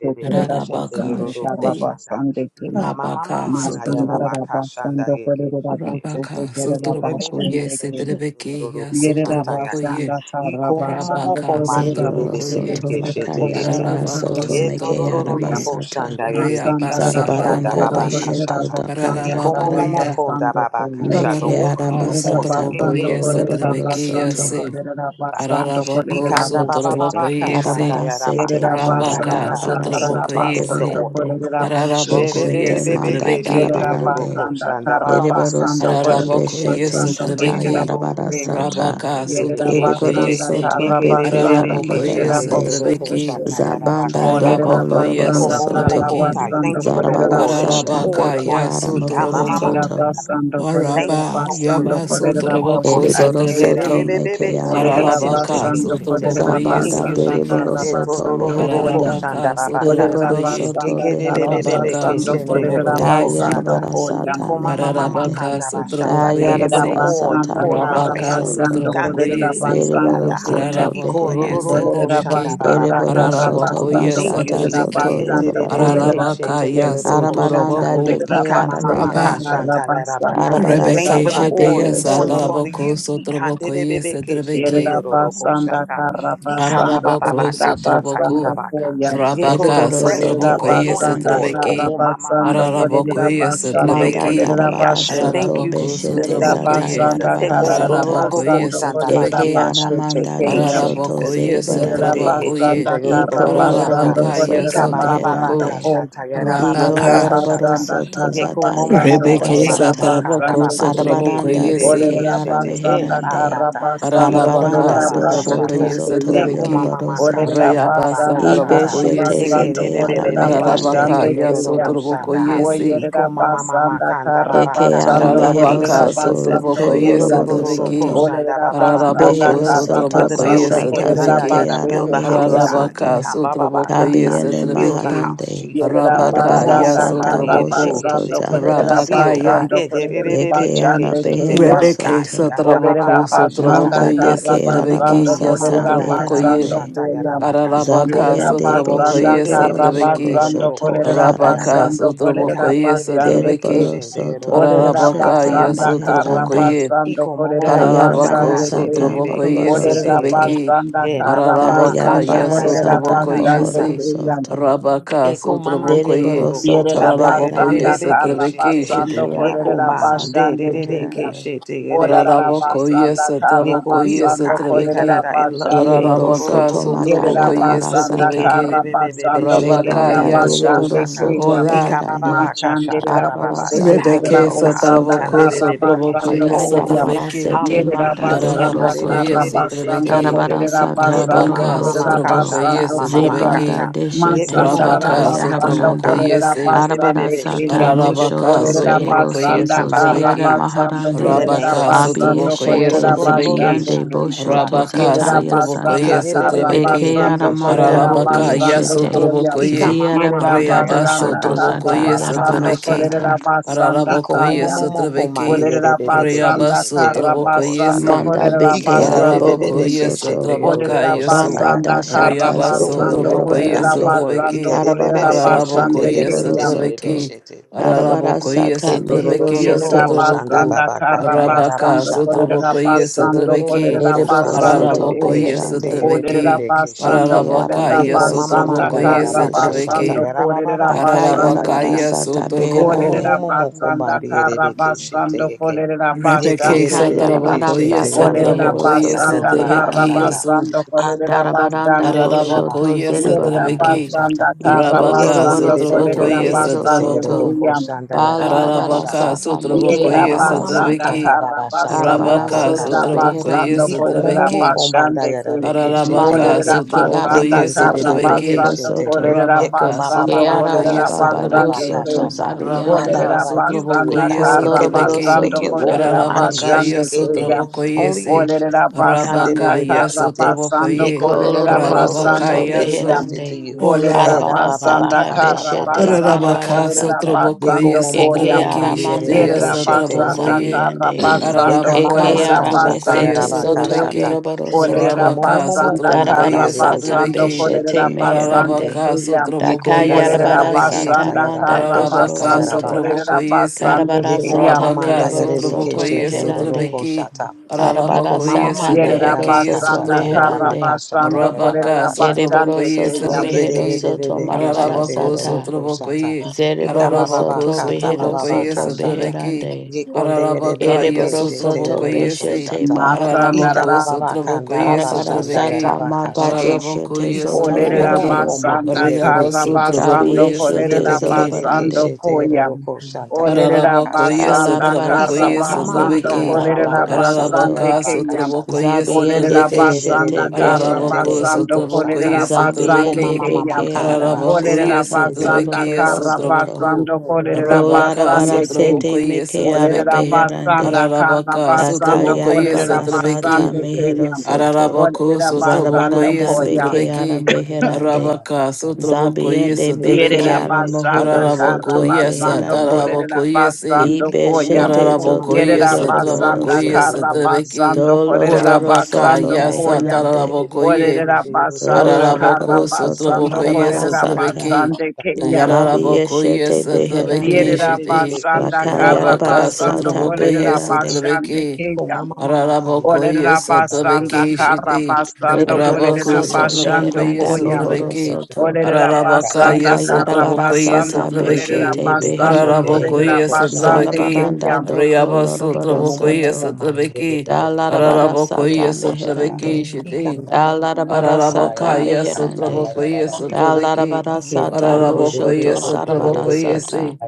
shende
Rabos and
Rabaka
the
yororoko
Arabakare,
shete
Rabas
shanda.
and the King,
Ika mama
rabaka
na ya
sotorobo
Marabas and
shanda
the
yeke shete.
rabaka sotorobo koye
Yerererereke
Rabos,
shende
setelebeke ya
yororoko
Yerera
shata
sotorobo
yaka.
koye
basanda kara
Iko
basanda
momomoko
rabaka
mandi
korerera
sotorobo
Deriboro
bosete
koye
soto
kerera
shete
bosete
yeke.
lakayarabara
rera
rabaka
soto
bosete
sotorobo
kuya.
koye
Yetorororoko
mekeyarabasata.
shanda yerereke
Basanda rera
reabasa
shiki anda
tarabo
Zarabaranda
Bokora
basanda
babaka
koye
korerera
dosheto
shata.
basanda
rabako
kara
ya
dakayarabarande.
Yikomomomokonda
basanda kuya.
babakasha, The oil, the
rabaka
Yerera
oil.
Mekeyarabasata
sotorobo
basanda
koye
boko
korerera
loroboro
Thank you.
setelebeke ya
soto.
basanda
se
korerera
Ikebebebekeshendeorobosaka.
basanda
rabako
korerera
Ikanda
sotorobo
bosete kuya.
koye se
Darabara sete
Yerera
banda
Shall
rabaka
basanda
babababakashandayarabakashandayaka. We
kara
darabara
sotorobo
thank you,
rera
soto
Father,
koye
for the
se
basanda
oil.
beherande.
korerera
*laughs*
bosete
rabako ye
kuya.
Keshete manda
setelebeke
Yerera
darabarande.
basanda kara
Eriboro
basanda
soto
korerera
Ararabako
Sherebebebebekeshendeorokoshandabababakatayashikiyote.
beshete
yesu
basanda
sata
korerera
trebeki.
yarabara
bosete
sata.
Rabaka
Yerera
sutraboko
Eriboro
Yekondororokoshandayerevekeshete.
basanda
yesi.
soto
kara basanda
bekeyara
Ararabako
korerera
yesu
meherande.
boshete
trebeki.
proceed
te.
Zabanda
Yekerererekeshendeorokoshatayarabakashata.
Olerera
doko
Ararabako
Iko
loroboro
basanda
yesu
momo
soto.
kara
moko
trebeki.
tai.
basanda
Thank you for the
korerera
Zarabara
oil that you
sata
boshanda
poured
Ararabaka
ka.
beke
upon
ara
us.
yasu
Ika ma
mohoro
ma ma.
turaboko.
Yerera
soto.
basanda
Thank
korerera
you for
Araba
the
basanda
oil
yaba
that you
korerera
poured upon
sutraboko
boshete
us.
Eriboro
Ike
ke
re
ya.
soto
re
satrebeki.
re re
meke
re
ara
sheke
Olerera
re
with
re re
basata.
Ararabaka
ke
basanda
shete.
sutraboko
korerera
yesu
Thank
Zabanda
you,
basanda
trebeki.
Jesus.
deriboro
kara
Eto
soto
ro ro
basanda
ro ro ko
koya.
meherande.
shanda
Ararabaka
ra ra
Olerera
kata.
sutraboko
Eriboro
ye.
soto
basanda
Ike re re
kara
re
behero
re re ke
Rabaka
basanda
soto.
shende ro
korerera
sutraboko
ro
Da
ko
yesi.
basanda
shata.
yarabara
koya.
sata
Iko ma ma ma ma
meherande.
Ararabaka
kanda ra
Da
shata.
sutraboko
Thank you for
Yerera
the
yesi.
yarabara
oil you
sata
basanda
poured on our
kara
bohoro
Rabaka
families.
soto.
basanda
Ikande re
korerera
re
Sutrabokoyesi,
sheke
basanda
Deriboro
yanda ha.
ke
soto
Iko ro ro
Rarabokoyes
ro ro
beherande.
ro
Olerera
shanda
Atrebeki,
ra ra
basanda
ra ka
Eriboro
Russia.
kara
shata.
soto
basando
Rarabokoyes
Thank you,
bashata
kolerera
Jesus.
zoto
Atrebeki,
basando
yorobarande.
kolerera
Rarabaka
bose.
Eterererekeshetegerorokoshata.
Arabaranda
Yasoturaboko,
Olerera
deke ara
basanda
Rabba,
beherande.
kara basando
Ikamamamakashantayarabaka.
Arabara
Thank
kolerera
you
Rebeke
for the
sata
oil you're
basando
Shedeas
behero
pouring
ko.
soto,
upon the
Ataraboko
youth.
Sotrabokoyes
Yerera
Atrebeki,
basanda
Ikanderererekeshendegerorokoshata.
kara basando
Raraboko
kolerera basando
Sotraboku,
Ikambabababakashatayarabaka.
koya.
Rabaka
Yekoro
ereboro
Fresh
Olerera
soto
oil,
Sotrabokoyes
anointed
basanda
oil.
beherande,
kara
Atrebeki,
basando kolerera
Rarabokoyes
basando
manda
Atrebeki,
kolerera
Okomamamanderererekeshendegerererekia.
darabara
bashe.
Thank
soto
you,
Raraboko
Jesus.
beshete
Yerera
Thank you,
sata
Sotrabokoye,
Jesus.
basanda
yarabara
kara
sata,
basando
Rarabokoyes
kolerera
eke
Atrebeki,
Ekondororokoshandababakata.
bashe
aramanda
Thank
chekeya.
you,
doshoto
Jesus.
Ararabakoye
Yerera
zerebarande,
satrabakoye.
basanda
iko
kara
Etererekeshendegerorokosata.
basando
loroboro
Ararabakaya
kolerera
soto
basando
sotraboko.
meherande,
ko.
Ikabababakashata,
iko
Yerera
Rabaka.
loroboro
yarabababakashata.
basanda
soto
kara
zata
basando
yarabara
Rebeke
kolerera
sata,
satraboko
basando
Yekomomomomokombamamakandababa,
Thank
ke.
arabaranda
sotrabokoye se.
beke
Olerera
ara
shekerererekeshete,
basanda
meherande,
kara
elakata.
basando
Ararabaka
Arabaranda
kolerera
doshoto
basando
Ikomamabakashata.
sotrabokoye
ke
zoto
ya.
satrabeki.
Olerera
yorobarosata.
Yekomamamakashata,
Rayaba
basanda
Ibe
babakashata.
karra
satrabokoye
shete
se.
basando
zete ara
kolerera
meherande.
Yekerererekeshete,
basando
Ararabakaya
ke ya.
yorororoshandaha.
sotrabokoye
O
se.
yerera basanda karra
Eke ara
basando
Ikomamamamakandababakashata. Thank you,
kolerera
Ararabaka
meherosoto
Jesus.
basando
sotraboko
ko ya.
yesotrabeki.
koloroborosoto.
Olerera basanda
Ararabako
Yerorororokoshandababakashata
karra
for
Beherosoto
the
sotraboko
basando
building.
bashata
kolerera
zete
yesotrabeki.
Ekandayara,
ara
Build
basando
the
ke
house,
ya.
God.
Ararabaka
meherosoto.
sotraboko
Ikambababakata,
Kabiene
Build the
yesotrabeki.
house,
maharande.
Jesus.
Yerera
Arabaka
basanda kara
Arabarasata
yasotraboko.
boshoto
basando, Yerabasanda
Ikomomomokombandiyedebekeshete.
Arabaka
Build,
zaharasata.
ya.
God.
Karabasando Korerabasando
Eke ara
Korerabasande
Edebedededekeshete.
Kaya
Birth, God.
Rebeke
beherosoto.
sotraboko sotraboko
Olerabasanda
Manda de
Ikandabababashatayaka.
ke
Karabasando
yesotrabeki
arabasata
yasotraboko ye.
Korerabasando
meherande.
Kaya
Nikomamamamandayarabashatayarabakashata.
Ararabaka
Zabiende
sotraboko
Yerabasanda
Boshoto
yesotrabeki.
Karabasando
Lokoshoto
Arabaka
Yekededededeshendeyodorokoshandayaka.
Baharande
Korerabasando
sotraboko
Korerabasande Kaya
yesotrabeki.
Keriboro Soto
Ararabaka
Beshete
Olerabasanda
yasotraboko
Ikandedededebekeshendeyodorokoshandabababakashata.
Meherande
ye.
Karabasando
Iko mobo boko
Kayarabara
Ararabako
shanda
Korerabasande
de de
Kaya
Sata
de de
sotraboko
ke
Moroboro
yese
shete ye
Soto
ke
trebeki.
Olerabasanda
ye mama
you.
mama ka
Ararabaka
Karabasando
shanda
Kayarabara
yeso
yaraba
Thank
Sata
traboko
ka
Korerabasande
shata
Mohoro
yese.
Kaya
Soto
Rabaka
Eko
sotraboko
mamandi
Deriboro
ye.
yororo ko
Soto
Yerera
shanda yere
Araraboko
de de
basanda
Beherande
de
yese
ke
kara
trebeki
shete.
basando
shidi.
Ekeara
Yeko
kolerera
man de
Masata
de
basande
de de
kuya.
Beherande
keshete shete yere de
Olarara
ke
Araraboko
shete ye.
basanda
yese
kara
Yeko
traboko
bio
yese
basando
God
kolerera
trebeki.
ekarada in love.
basande
E
Eriboro
kuya.
Ararabaka
Soto
torororo ko
Yerera
sotraboko
shata.
Makayarabara
yese
basanda
Yike
Sata
de de
trebeki.
kara
de de de de
basando
shekete
Rabaka
kolerera
Lebanda
yororo ko
yaso.
basande
Deriboro
shata.
Soto
kuya.
Ora.
Ika ba ba
Meherande
ba ka shata
Machandera
ba ba
Arabara
ba.
bosete
Sata
kerera
Establish,
Rebeke
oh
Behero
God.
bosanda
Soto
Ika de
sotraboko
de de de ke
sotraboko
karabasando
yese
wholeness.
koyam.
Akayarabara
trebeki.
sete
Hallelujah.
Yerera
manda
Healing.
dohoro
Eka
basanda
de
Araraboko
de de de
soto.
yese
de shete
karabasando
trebeki.
yeke.
Darabara
kolerera
sata
Yeko
basande
mama
Rabaka
boroboro
mama
kerera
ka
you.
sotraboko
soto.
shata
basando
yes
mama mama
koyam.
Zibanda
trebeki
deshete
Masanda
Yekomomomo,
sata
Rabaka
Establish,
rabasando
oh
sotraboko
God,
yarabarande.
kolerera
yes eh.
Arabara
basande
Ikandebebebebe,
sata
keyam.
shekete, your
Ararabaka
moshoto
purpose, your
Olerera
behero
sotraboko
promise,
yes
basanda
soto. Ziere
trebeki
Ikambababakata,
karabasando
in the
maharande.
kolerera
name of
Rabaka
Jesus.
basando
sotraboko yes
Abiyeshete
kolerera
Ikorororororo,
trebeki
basande
zibiande
keyam.
boshoto
Rabaka
Shandabababakashata.
Yerera
zataya
sotraboko
basanda
sata.
yes
karra
trebeki
Ikerebebebebebe,
Ekeara
basando
Thank
keshete,
manda
kolerera
Ararabaka
yororoko,
yes
basando
shata.
hobiyeshete.
koyam.
sotraboko ye
Ziere
Yerera
Ikamamamamanda,
banda
Reyaba
basanda
doshoto
sotraboko
karra
yarabakashata,
zata
yes
basando
yarabara
trebeki
yarabakashata,
sata.
kolerera
yaka.
basanda
Araraboko yes
kayam.
Ikomomomomo, komande,
trebeki
Olerera
yerebebebe,
Reyaba
basanda
keshete,
karra
sotraboko
yororoko,
yes
basando
shata.
eh.
Manda
kolerera
beke
basando
Ararabako
araboro
Ikenebebebebe,
kim.
yesu
soto.
keshete,
trabaka
Olerera
yororoko, shata,
yesu.
Banda
basanda
yakata.
karra
dashata
Your
Reyabaso
zoto
will,
basando
your
trabako
way, God,
kolerera
yesu
your
yorobarande.
word. He
basando
trabeki.
cut it, baby,
Arabara
kolerera
baby,
sata
Shit, they
Ararabako
basando
get Ikadebebebebe,
yesu
mereboro
shete,
kiyam.
yekete,
soto.
trabeki.
Shit, they.
Arabara
Ararabako
Thank
sata
yesu
you.
trabeki
mehero
yesu
Yerera
soto.
Etororororoko shanda
traboko,
basanda
baba
karra
kata yaraba
Rabaka
basando
shata.
kolerera
sotrabako yesu
basando
trabeki.
kolerera
Etororororoko
Ereboro
shanda
basando
soto
bebebe
Ararabako
kum.
yesu
keshete
beherande.
Olerera
trabeki.
yerebebebe
basanda
keshete.
Eke ara
Ararabaka
kolerera
Yeko
mehero
yesu
mama
soto
basanda
manda
trabako
lobi
kara
yesu
yaraba kashata
trabeki.
yeshete.
basando
yaraba
kolerera
baba kashata
basande
Ararabaka
Akayarabara
ke.
yaka.
yesu
sata
Iko momo
traboko,
Olerera
beherande.
momo moko
basanda
mbandi
kara
yerebe keshete
basando
yeke.
kolerera
Rebeke
basande ke.
Yeterebebebe
Akayarabara
sotrabako
keshete
yesu
sata
Olerera
yeroroko
mehero
trabako
shata
yesu
soto
basanda
yaraba
kara
trabeki
beherande.
kashata.
yesu.
basando
Anda
kolerera
baba baba
Darabaranda
kanda
basande ke.
yaraba
boshoto
Ararabakoye
shata
Yerera
yaraba
zereborande.
Satrabeki,
kashata.
basanda kara
Iko
Rabaka
loroboro
basando
soto
kolerera
Sotrabokoye
behero
Yekerebebebebekeshe
basande
soto.
Satraboku,
ke.
tegereroko shanda
Ba
yarabaka
larabara
Ararabaka
shata.
sata meke
Iko
Yerera
Sotrabokoye
mama
araba
mama
basanda
sata.
Satrabeki,
kata
kara
baba shata
basando
Arabara
Rabaka
yarabaka
kolerera
soto
shata.
Sotrabokoye
basando
beherande.
Iko
kolerera
momomo
Satrabeki,
kombanda
basande kun.
yarabekeshe te
Manda
Ararabaka
yeke.
Olerera
de ke
basanda
araba
Sotrabokoye
kara
sata
Satrabeki,
behero
Yekendebebebekeshe
basando
te.
soto.
kolerera
Yeko
Rabaka
baba
basando
Ke
baba
araba
Sotrabokoye
kolerera
kashata
baba yo
basando
Satrabeki,
yarabaka
soto
kun.
shata. Ada
zabiyande.
Rabaka
Olerera
Thank
baba, you
you.
do
sotraboko
it,
basanda
Iko
God. You
kara
can do it.
loroboro
yesotrabeke.
Only
basando
soto
you. Oko
kolerera
beherande.
mandi
Ararabaka
basande
yeshe
kuya.
kendehe.
yesotraboko
Only you,
yese.
Jesus.
Olerera basanda
Rabaka
kara
Ikandebebebeshe te.
yesotraboko
basando
ye.
Iko
Yeko ro ro
kolerera
ro ro
loroboro
ro ro
Ararabaka
sha.
soto
basande
We
kuya.
yeso.
entrust it to
beherande.
you.
Hola.
Olerera
Era
Arabara
baba
basanda
sata
baka
kara
shata baba
beshete
baka
basando
zarabara
Ararabaka
shata.
kolerera
sata.
Deko
sotrobokoye
basando
momo mo
koya.
Eke
satrabeke
kombandi erebe
aramanda
ishiteya
do
ke
Yerera
shete
shoto
basanda
yeke.
satrabokoye.
kara
zabiyande.
basando
Deka mama
Ararabaka
Eke
kolerera
maka
ara
shata
sotrobokoye
basando
yara
mesete
baka
kuya.
zoto
shata.
satrabeke.
yoroboro
Olerera
Deko
soto.
momo
Arabaka
momo
basanda
kombandi
Darabara
kara
sotrobokoye
erebe
sata
bebe
basando
ke
satrabeke.
shete
beshete
kolerera
yeke.
basando
meherande.
Ararabaka
kuya.
Yeko
Daka
nda
sotrobokoye
yara
Olerera
yarabara
baka
satrabeke.
sata
shata
basanda
yara
manda
kara
baka
dohoro
shata
Ararabaka
yara
basando
soto.
baka
kolerera
shata.
sotrobokoye se.
basando
Karabara
Yeko
kuya.
mama
sata
manda
Rabaka
mereboro
yarebe ke
soto
sotrobokoye
shete yero
meherande.
ko
satrabeke.
shata.
Arabara
Yeko mama
Ararabokoye
sata
manda
Yerera
yara
mehero
satrabeke
baka
soto
basanda
shata yara
kara
sotroboko.
meherande.
baka shata
basando
yara
Rabaka
baka
kolerera
shata.
Ereboro
basando
sotrobokoye
soto
kuya.
mehero
satrabeke.
soto
Yekerebebebeke
marabara
Ararabako
sata.
sheteroko shata.
sotrobokoye,
Zereboro
Ikambababa
Ararabako
soto
kata
behero
bababa
sotrobokoye
soto
kashata.
sotrobeki,
beherande.
Ararabaka ye
Yekonderebebeke
Ereboro soto
sotrobokoye
sheteroko
se,
beshete
shata.
Masanda
baharande.
Ita
Ararabako
rara
bababa
sotrobokoye
kandaraba
Arabara sata
sotrobeki,
shandayaraba
manda de
kashata.
ke.
Ararabako
shete
ye
soto
Olerera
Ikomomomomo
sotrobeki,
yorobaro
komba
basanda
soto.
Ariyaba
kara
dierebeke shete.
Kabi
basando
sotrobokoye
yeshete
kolerera
sotrobeki,
Yeterereke
basando
zorobarande.
koya.
sheteroko shanta yaraba
Olerera
Ararabakoye
kashata.
basanda
Iko Yekerebebebebekeshetegerorokosata. Ikambababakatabababakashata. Yekondegerebebekeshetegerorokosata. Itabababakandalabashandayarabakashata. Ikomomomomokombandierebekeshete. Yetererekeshetegerorokoshandayarabakashata.
Alarabara
kara
satrabakoye
sata meke
basando
satrabeki.
kolerera
arabohoro
Ikomamamamakandababakashata
soto.
basande
Ararabaka
keya.
yarabakashata.
satrabakoye
Zabiende
Olerera
satrabeki.
basanda
beshete
kara
Ararabako
beherande.
basando
Yetererekeshetegerorokosata.
satrabakoye
kolerera
Iko
basande
Zabiende
mama
satrabeki.
keya.
mama
beke
you.
kandara sheke.
Olerera
Ararabakoye
aramasata
basanda
satrabeki
zorobaro
kara
soto.
satrabaku.
basando kolerera
Arabaka
Kolarabara
basande keya.
sete
satrabakoye
meke
Olerera
satrabeki.
arabeherande.
basanda kara
Ararabaka
Iko
basando
mama mama
satrabakoye
kolerera
Akayarabara
kandara
satrabeki.
sata
basande
sheke.
mehero
keya.
soto.
Ararabako
Olerera
Yeko
sotraboko
mama
basanda
ye
Zarabaranda
mama
koya.
ndiya
beke
raba
sotrabeki.
kaya
arabeherande.
raba
Arabaka
kashata.
sotraboko ye
Zabiende
Yeke re re
beke
re
Yerera
re
sotrabeki.
re sheke
aramohoro
basanda
yororo
kara
Ararabako
ko
soto
yes
basando
sandara
beherande.
raba
kolerera
atarabako yesi.
basando
Iko momo
koya.
Ibeshete
moko
Ararabako
zoto
mandiye
Yerera
re
yes
ke
atarabako
sheke
basanda
yoroboroso.
yes
yororo
kara
ko sandara
atrabeki.
raba
basando kolerera
Doloroboro
Orabaka
Yes,
soto
basando
yes
God.
koya.
Ikan re re
meherande.
re
atarabako ye.
Olerera basanda
Doloroboro
kara
Ararabako
soto
sotraboko
basando
Iko
ye
mama
kolerera
makanda
marabarasata.
la
sotrabeki.
basande
bakata
keya.
ya ka.
Yararabako
Labieshete
yes atrabeki
Ekende
beherande.
de
Yerera
de de
shiti.
beke
basanda
shete
kara
roro
Arabaka
koshanda
basando
Lakayarabarasata
sotraboko
la
ye
kolerera
kata.
beherande.
basande
sotrabeki.
Iko
keya.
mama mama kanda la
Ararabokoye
Olerera
basanda ya de
basanda
satabeke
beke
kara
shete.
shiti.
basando
Bereboro
Yeke
kolerera
Arabako
de
soto
de de de de
basando
Thank
sotrabokoye
meheranda
shete
koya.
roro
bohoro
satabeke.
soto.
koshanda la
Olerera
bakata
Ararabakaya
basanda
ya ka la
karra
baka.
sotrabokoye
Bakayarabarasata
basando
Yeke
kolerera
satabeke.
de
beshete
de de de
basando
beherande.
shete roro
kolerera
Ararabokoye
koshanda ya
basande
satabeke.
Zarabaranda
keya.
Thank
doko
Rayaba
Iko
loroboro
momo
sotrabokoye
moko
soto.
mandire de
satabeke.
de de
Da
de kishi
larabara
koro
sata
Ararabokoye
koshata.
satabeke
meherande.
shiti.
Ika
Da
ndaba
larabara
kata ya
sata
raba
Ararabakaya
kata nda
meherande.
ya
Thank you.
Sotrabokoye
raba
Da
kata.
Sotrabeki,
Ike de de
sata
de de de
boshoto
Ararabokoye
kishi
zarabara
koro
Sotrabokoye
sata.
Si,
koshata.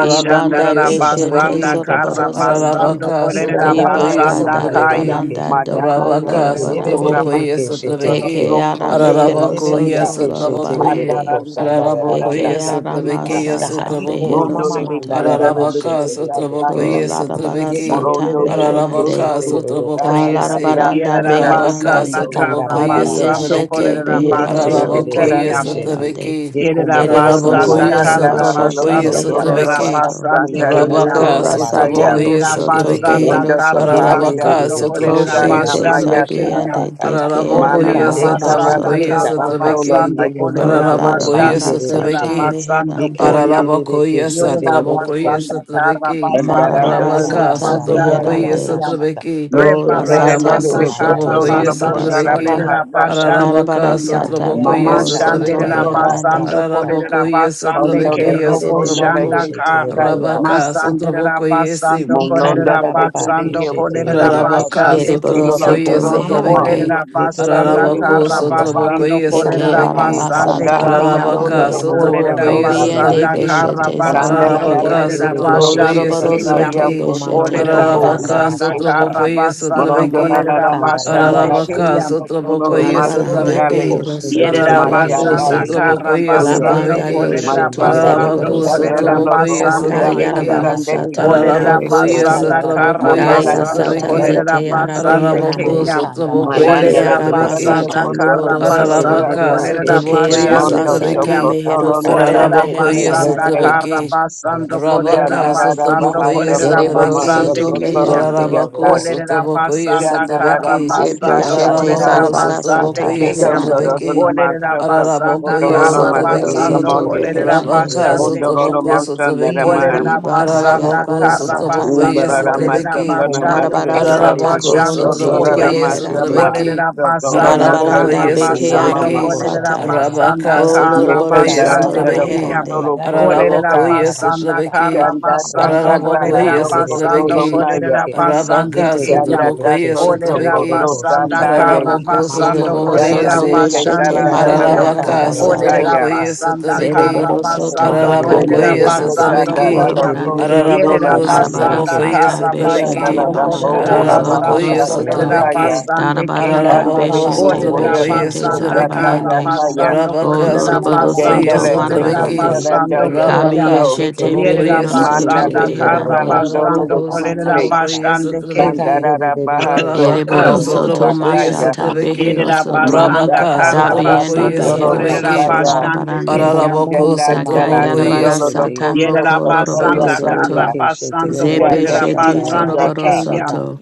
Ibanda
Iko mama
beshete
basanda
Sotrabeki,
makata
So
karra
zoroboro soto.
basando
Ararabaka
Iko
kolerera
momo
Sakatario
Sotrabokoye
moko
Ibanda
basanda
Kunda,
mandere de
kaya.
Sotrabeki,
darabaranda
keshete.
doko
Madalandela
Arabaka
de
Yeke rebe
Bohora
bebe
lorobarande.
de
Sotrabokoye
Basta
keshete
Dola
Sotrabeki,
yeke.
Eke ara
Broco
Yeke
Sonto
mehero
ndebe
Ararabokoye
bebe
soto
Soya,
keshete yororo
Sotrabokoye,
lorobarande.
adala
ko
limo
sandagara
Moola de
Ararabokoye
Eke
bakata.
ara
Sotrabeki
Keseta,
Yes,
masasa
God. Iko
Sotraboku,
behero
mama
Mondo
mama
de
soto.
ndagara
Candela de
Ararabaka
bashete
Costa
bebe de
Ko
Taya,
sotrabokoye
keshete.
Kolarabara
Yete
sotrabeki.
rebe
Santa
Morondo
bebe de
Costo
Meherande,
Ararabaka
keshete
Guru
yororo ko
sotrabokoye se.
sandagara
Potarandaria
Kalarabaranda
Yerera
Casa
bakata.
Rabaka
Beherande,
basanda
Regiondo,
Ikanda
karra
baba
sotrabokoye
basando
bakashata.
Abiyeshete
sotrabeki.
kolerera
Ye
Yeke
Behero
basete
rebe bebe
Soto
Kitalandera
Ararabokoye
keya.
Kun,
keshete.
Beherande,
sotrabeki.
Yeko
Yerera
mbobo boko
Ereboro
Ye
basanda
Ararabokoye
Soto
mandere
karra
de
Candela
keshete
Mashata
sotrabokoye
Loco
basando
yanda
Dolo
Behero
kolerera
sotrabeki.
bakata.
Lobaha
Soto,
basande
Iko
Sandari
momo
keya.
mo
Rabaka
Kola
kombandi
Sata
Bohusakaya,
yerere
sotrabokoye
Olerera
keshete
Boshoto
sotrabeki.
basanda
yeke.
Behero
Rondo
karra
Soto,
Tapara
Ararabaka
basando
de
Yeterere
ko
kolerera
Costa
keshende
sotrabokoye
you.
Koshete
yeroro
basande
Namayaka,
sotrabeki.
koshanda
keya.
Sabiende de
bakata.
Keara
Ika
Mali
Ararabokoye
Olerera
te
Thank
Mohoro
mababaka
you.
kalando
basanda
sotrabokoye
Soto,
yeta
kara
koso
baka.
solo
sotrabeki.
basando
maya.
Yeko
ko
kolerera
momomo
Ararabokoye
kombandi
basande
Kolarabara
yerere
kerera
Santa
sotrabeki.
shete.
basando
Yeke
Meherande,
koya.
debebebe
Ararabakoye
keshete
Yorera
yeroro
satrabokoye
basanda
koshata.
kara
satrabeki.
Ika
basando
Andara
Marabara
ndayara
dono no
kolerera
Rabaka
baka
Santa
koso
shanda
basande
yara
ndaya
sotrabokoye
te.
Beherande,
baka
keya.
shata.
satrabeki.
O
Yese
Iko
la
tele
momo mo
sata
nele
Rebarasanda
de
Reabaso
kombanda
koso
boshoto
no
trabokoye
yerere
no
zarabara
Karabasando
kondala
keshete
satrabeki.
sata.
yeroro
Korera
bahasaka.
koshata.
Basando
Ararabaka
Karabara
Kayan.
Ika
sata
ndayara
sotrabokoye
bohoro
baka
Malondo
soto
shata
Mashandera
koso
satrabeki.
yara baka
lada.
beherande.
Basando
shata
Korera
yata.
Ararabokoye
Basande
Ika
Kondolo
satrabeki
to
Kerobo
ndayerere
kondala te
yasotraboko.
keshete
te
Shandaka.
yeroro
saya.
Rabaka
koshata.
Masandera
sotrabokoye si.
Basando
Molondo
Ikanda
Korera
le
da
de
ba ba
gede
ke
Basando
yo
shete
koso
yere
Korera
de
ndala
ke
te
Ararabaka,
de
shete.
Ereboro
kondolo
Basande
to
Sotrabokoye,
Yeko
soto
mama
rodo ma
manda.
meherande.
Sotrabeki,
yo
Olerera
Yeto
kushia
ro ro
de
basanda
ro
de
ro
de
ro
Ararabako,
kara
koso
shanda ha.
baya
basando
Sotrabokoye,
Ika
kite.
ma
Eke
kolerera
ba ba ba
Sotrabeki,
arama
ka
basande
sata
shata.
Andala
kriya.
matolo
Iko
Ararabaka,
no
baharande.
momo mo
bohora
ko
Olerera
mandi
Sotrabokoye,
yere
basaka.
de
Kobiende
basanda
ke
Sotrabeki,
kara
shete.
beshete
Marandara
basando
Yeke re
zarabarande.
Ararabaka,
re
dadari
re
kolerera
re re
ondo
ke
Sotrabokoye,
basande
koston
shete.
Koloroboro
kriya.
daria
soto
Sotrabeki,
Yeko mama
koston
ma
beshete
Olerera
tobo
kanda yara
Ararabaka,
beherande.
ba
basanda
ka
uchiketa.
kara
shata.
Sotrabokoye,
Iko
basando
Marondo
mama
la
Sotrabeki,
ma
la
kolerera
la
kanda yara
masanda
basande
ba
la
Ararabaka,
shata.
tebi
kriya.
kotolo
Ito ro
Sotrabokoye,
ro ro ro ro
Arabaranda
ro ro
masandale
Sotraveki,
ko
behero
shende de
soto
de
Yerera
de ke
Ararabaku,
shete
basanda
beherande.
masandale
Shit.
yeke.
kara
Sotrabokoye,
La
Yere
mikondoya.
re re
basando
banda
re
Sotraveki,
ke
kolerera
shende
doshoto
yere
Masandale
ro ko
basando
Ararabaku,
zereboro
shata.
bikandolo
kolerera
soto.
lobo
Sotrabokoye,
Ika mama
basande
oria
ma kanda
keya.
Sotraveki,
Kayarabara
ba
kesandele
shata
sata
yaka.
Olerera
mehero
gukikete.
Ararabakoye,
Anda
soto.
basanda
yaraba
kara
Sotrabokoye,
kata
Mondola
Kaya
yaraba
basando
sata
shata
tasandale
Sotraveki,
kolerera
zete
yaraba.
te.
yara
Iko
basande
mama
Ararabaku,
beherande.
keya.
makanda ba
Sotrabokoye,
Eke
shiki
Malanda le
Olerera
yara
terebe
tekale le
Sotraveki,
basanda
basata
keshete.
kotolo
kara
mohoro
lo
Ye
soto.
terebe
basando
Ararabaka,
kosata.
bebe
kolerera
Eke
keshete
Sotrabokoye,
yara
yororo
basande
Mondo to
koshanda
basata
Sotraveki,
keya.
yaraba
mehero
kotolo
kata.
ndala
soto
Olerera
Ararabakoye
beherande.
Ikanda
basanda
kesete.
yaraba
kara
sotrabeki.
kashata
basando
yaraba kata.
kolerera
Rabaka
Shandarara
Iko
basando
Baha
momo
sotrabokoye
kolerera
moko
Yereboro
Sokotoma
manda
sotrabeki.
basande
soto
yerebe
keya.
keshete
meherande.
Sokotorotia
yororo
Ka
Ararabako
Olerera
koshanda
sotrabokoye
yaraba
basanda
kata.
Shandarara
kara
sotrabeki.
Zebe
Masa
basando
Ikanda
shete
baba
Sasa
kolerera
Ararabako
baka
zarabara
kata
basande
sata
sotrabokoye
yaraba
keya.
kashata
beherande.
Sandorona
sotrabeki.
yaraba
Olerera
Masa
kata.
basanda
Iko
Ararabakoye
Sokotorona
momo
kara
Masa
moko
Koloroboro
manda
sotrabeki.
basando
soto
Lamoni
yerebe
kolerera
beherande.
Rabaka
basande
keshete
Pondorona
keya.
sotraboko
Masa
Ima
sotrabeki.
Darama
mama
Olerera
Russia,
Ibaka
makanda
basanda
Ararabako
yarabara
rakata
kara
sata
rakata
sotrabokoye
basando
Umbarara
shata.
meherande.
kolerera
Masa
sotrabeki.
Iko
Kona
momo
basande
Arabara
Masa
mokonda
kerera
So
sata
rere
Ararabako
keshe
bohoro
basando
tegere
sotraboko
soto
koya.
de
Pondorara
keshe
Masa
beherande.
Ma
tegeke.
yesotrabeki.
Olerera
Sotoro
Yete
basanda
rere
Masa
Ararabako
de
Arabaranda
kara
ye
keshe
beke
Yuzuna
tegere
yara
basando
Mama
roko
sotrabeki.
Ka
kolerera
shata
masata.
basanda
Rabaka
O
yarabakata.
kara
sotraboko
loroboro
Ikanda
Yesandara
soto
baba
basande
Tara
yesotrabeki.
keya.
bakata
beherande.
Kotoro
Olerera
yaramakata
Ararabako
Kodosa
basanda
yarabashata.
yesotrabeki.
kara
Iko
Shandasa
momo
basando
Ararabako
Kandala
mokomba
kolerera
ye
No
ndigere de
basando
Kotolo
keshe
sotrabeki.
Naya
kolerera
tegeke.
basande
Rabaka
Yete rere
keya.
Yanda
sotraboko
de
dako
keshe
Olerera
tegere
soko
yesotrabeki.
to
roko
basanda
shata.
tanda ye.
kara
Ika
Ararabako
mama
basando
Ereboro
sotraboko
makanda
Yanda
kolerera
soto
le
yesi.
ke
rashata.
basande
beshete
talanda la
kuya.
Dadadada
makayara
loko
Ararabaka,
kanda
so
Olerera
barasata.
taya.
Sotobokoye,
yarabashata.
basanda
Iko
kara
Sotobeki,
momo
Zereboro soto
mokomba
basando
ndigere de
Yende
kolerera
bakayara
le
Ararabokoye,
ke
keshe
basando
barasata
tanda la
Sotobeki,
koya.
Yete de
loko
de de
morobarande.
so
de de
Yerera
tola
ke
Araraboko,
she te
naya.
ye
basanda
ke.
Sotobokoye,
Arabarasata
kara
Ye ko
Yanda
Sotobeki,
la
mama
beshete
basando
da
mama
bo
kolerera
kanda
bashata
ora
yaraba
baha
zoroboro
basando
Ararabokoye,
shata
kasa
kolerera
soto.
yaraba
taya.
kata.
Sotobeki,
basande ke.
Ika
Darabaranda
baba
Panda
Araraboko,
bini
baba
mo
beshete
kanda
Olerera
Thank
oria
Sotobokoye,
yaraba
beshete
kise
shata
basanda
ganda
Sotobeki,
yaraba
kara
ya
zarabarande.
taya.
kashata.
basando
O
Arabaka,
Iko
kolerera
momo
loroboro
mo
Yanda
Sotobokoye,
basando
soto
le
komanda
te
kolerera
ke
yarebe
Sotobeki,
ke
marabarande.
she te
talanda
basando
ye
yo
ke.
koya.
Kabi
Arabaka,
koso.
Ye ke
yeshete
de de de
Yerera
Sotobokoye,
de
behero
de ke
Manda
soto
she
basanda
le
te
Sotobeki,
te
yororo
kara
beherande.
ko
talanda
shata
lo
basando
lo
Araraboko,
yaraba
kolerera
kuse.
kashata.
Sotobokoye,
basande ke.
Ikan
Sotobeki,
de de
Bandara
de de
baha
ke
so
she te
Ararabaka,
Ereboro
yororo
oromo
ko
soto
Sotobokoye,
shata
sakaya.
mashata
yaka.
Sotobeki,
behero
Yerera
Iko mama
soto.
Manta
mama
basanda
Rabaka
kanda
karra
baba
Katara
Dabiende
sotrabokoye
shata
basando
Sotoro
behero
yaraba
kolerera
sotrabeki.
soto
kata.
Kosaya,
basande
larabarande.
Iko
keyam.
momo mo
Ararabako
Chanda
Daka
komanda
Dala
yarebe
sotrabokoye
yarabara
Sandolo
she te ye
sata
Loko
ke.
Yerera
moko
Soto
loroboro
Koya
Gete
basanda
de de
karra
de
Kanda,
soto.
ke
basando
Zebe
kolerera
Chandalidi
shete
basande
zoroboro
Musata,
Getererereke-sheterereroko-shatayarabaka-shata.
keyam.
soto.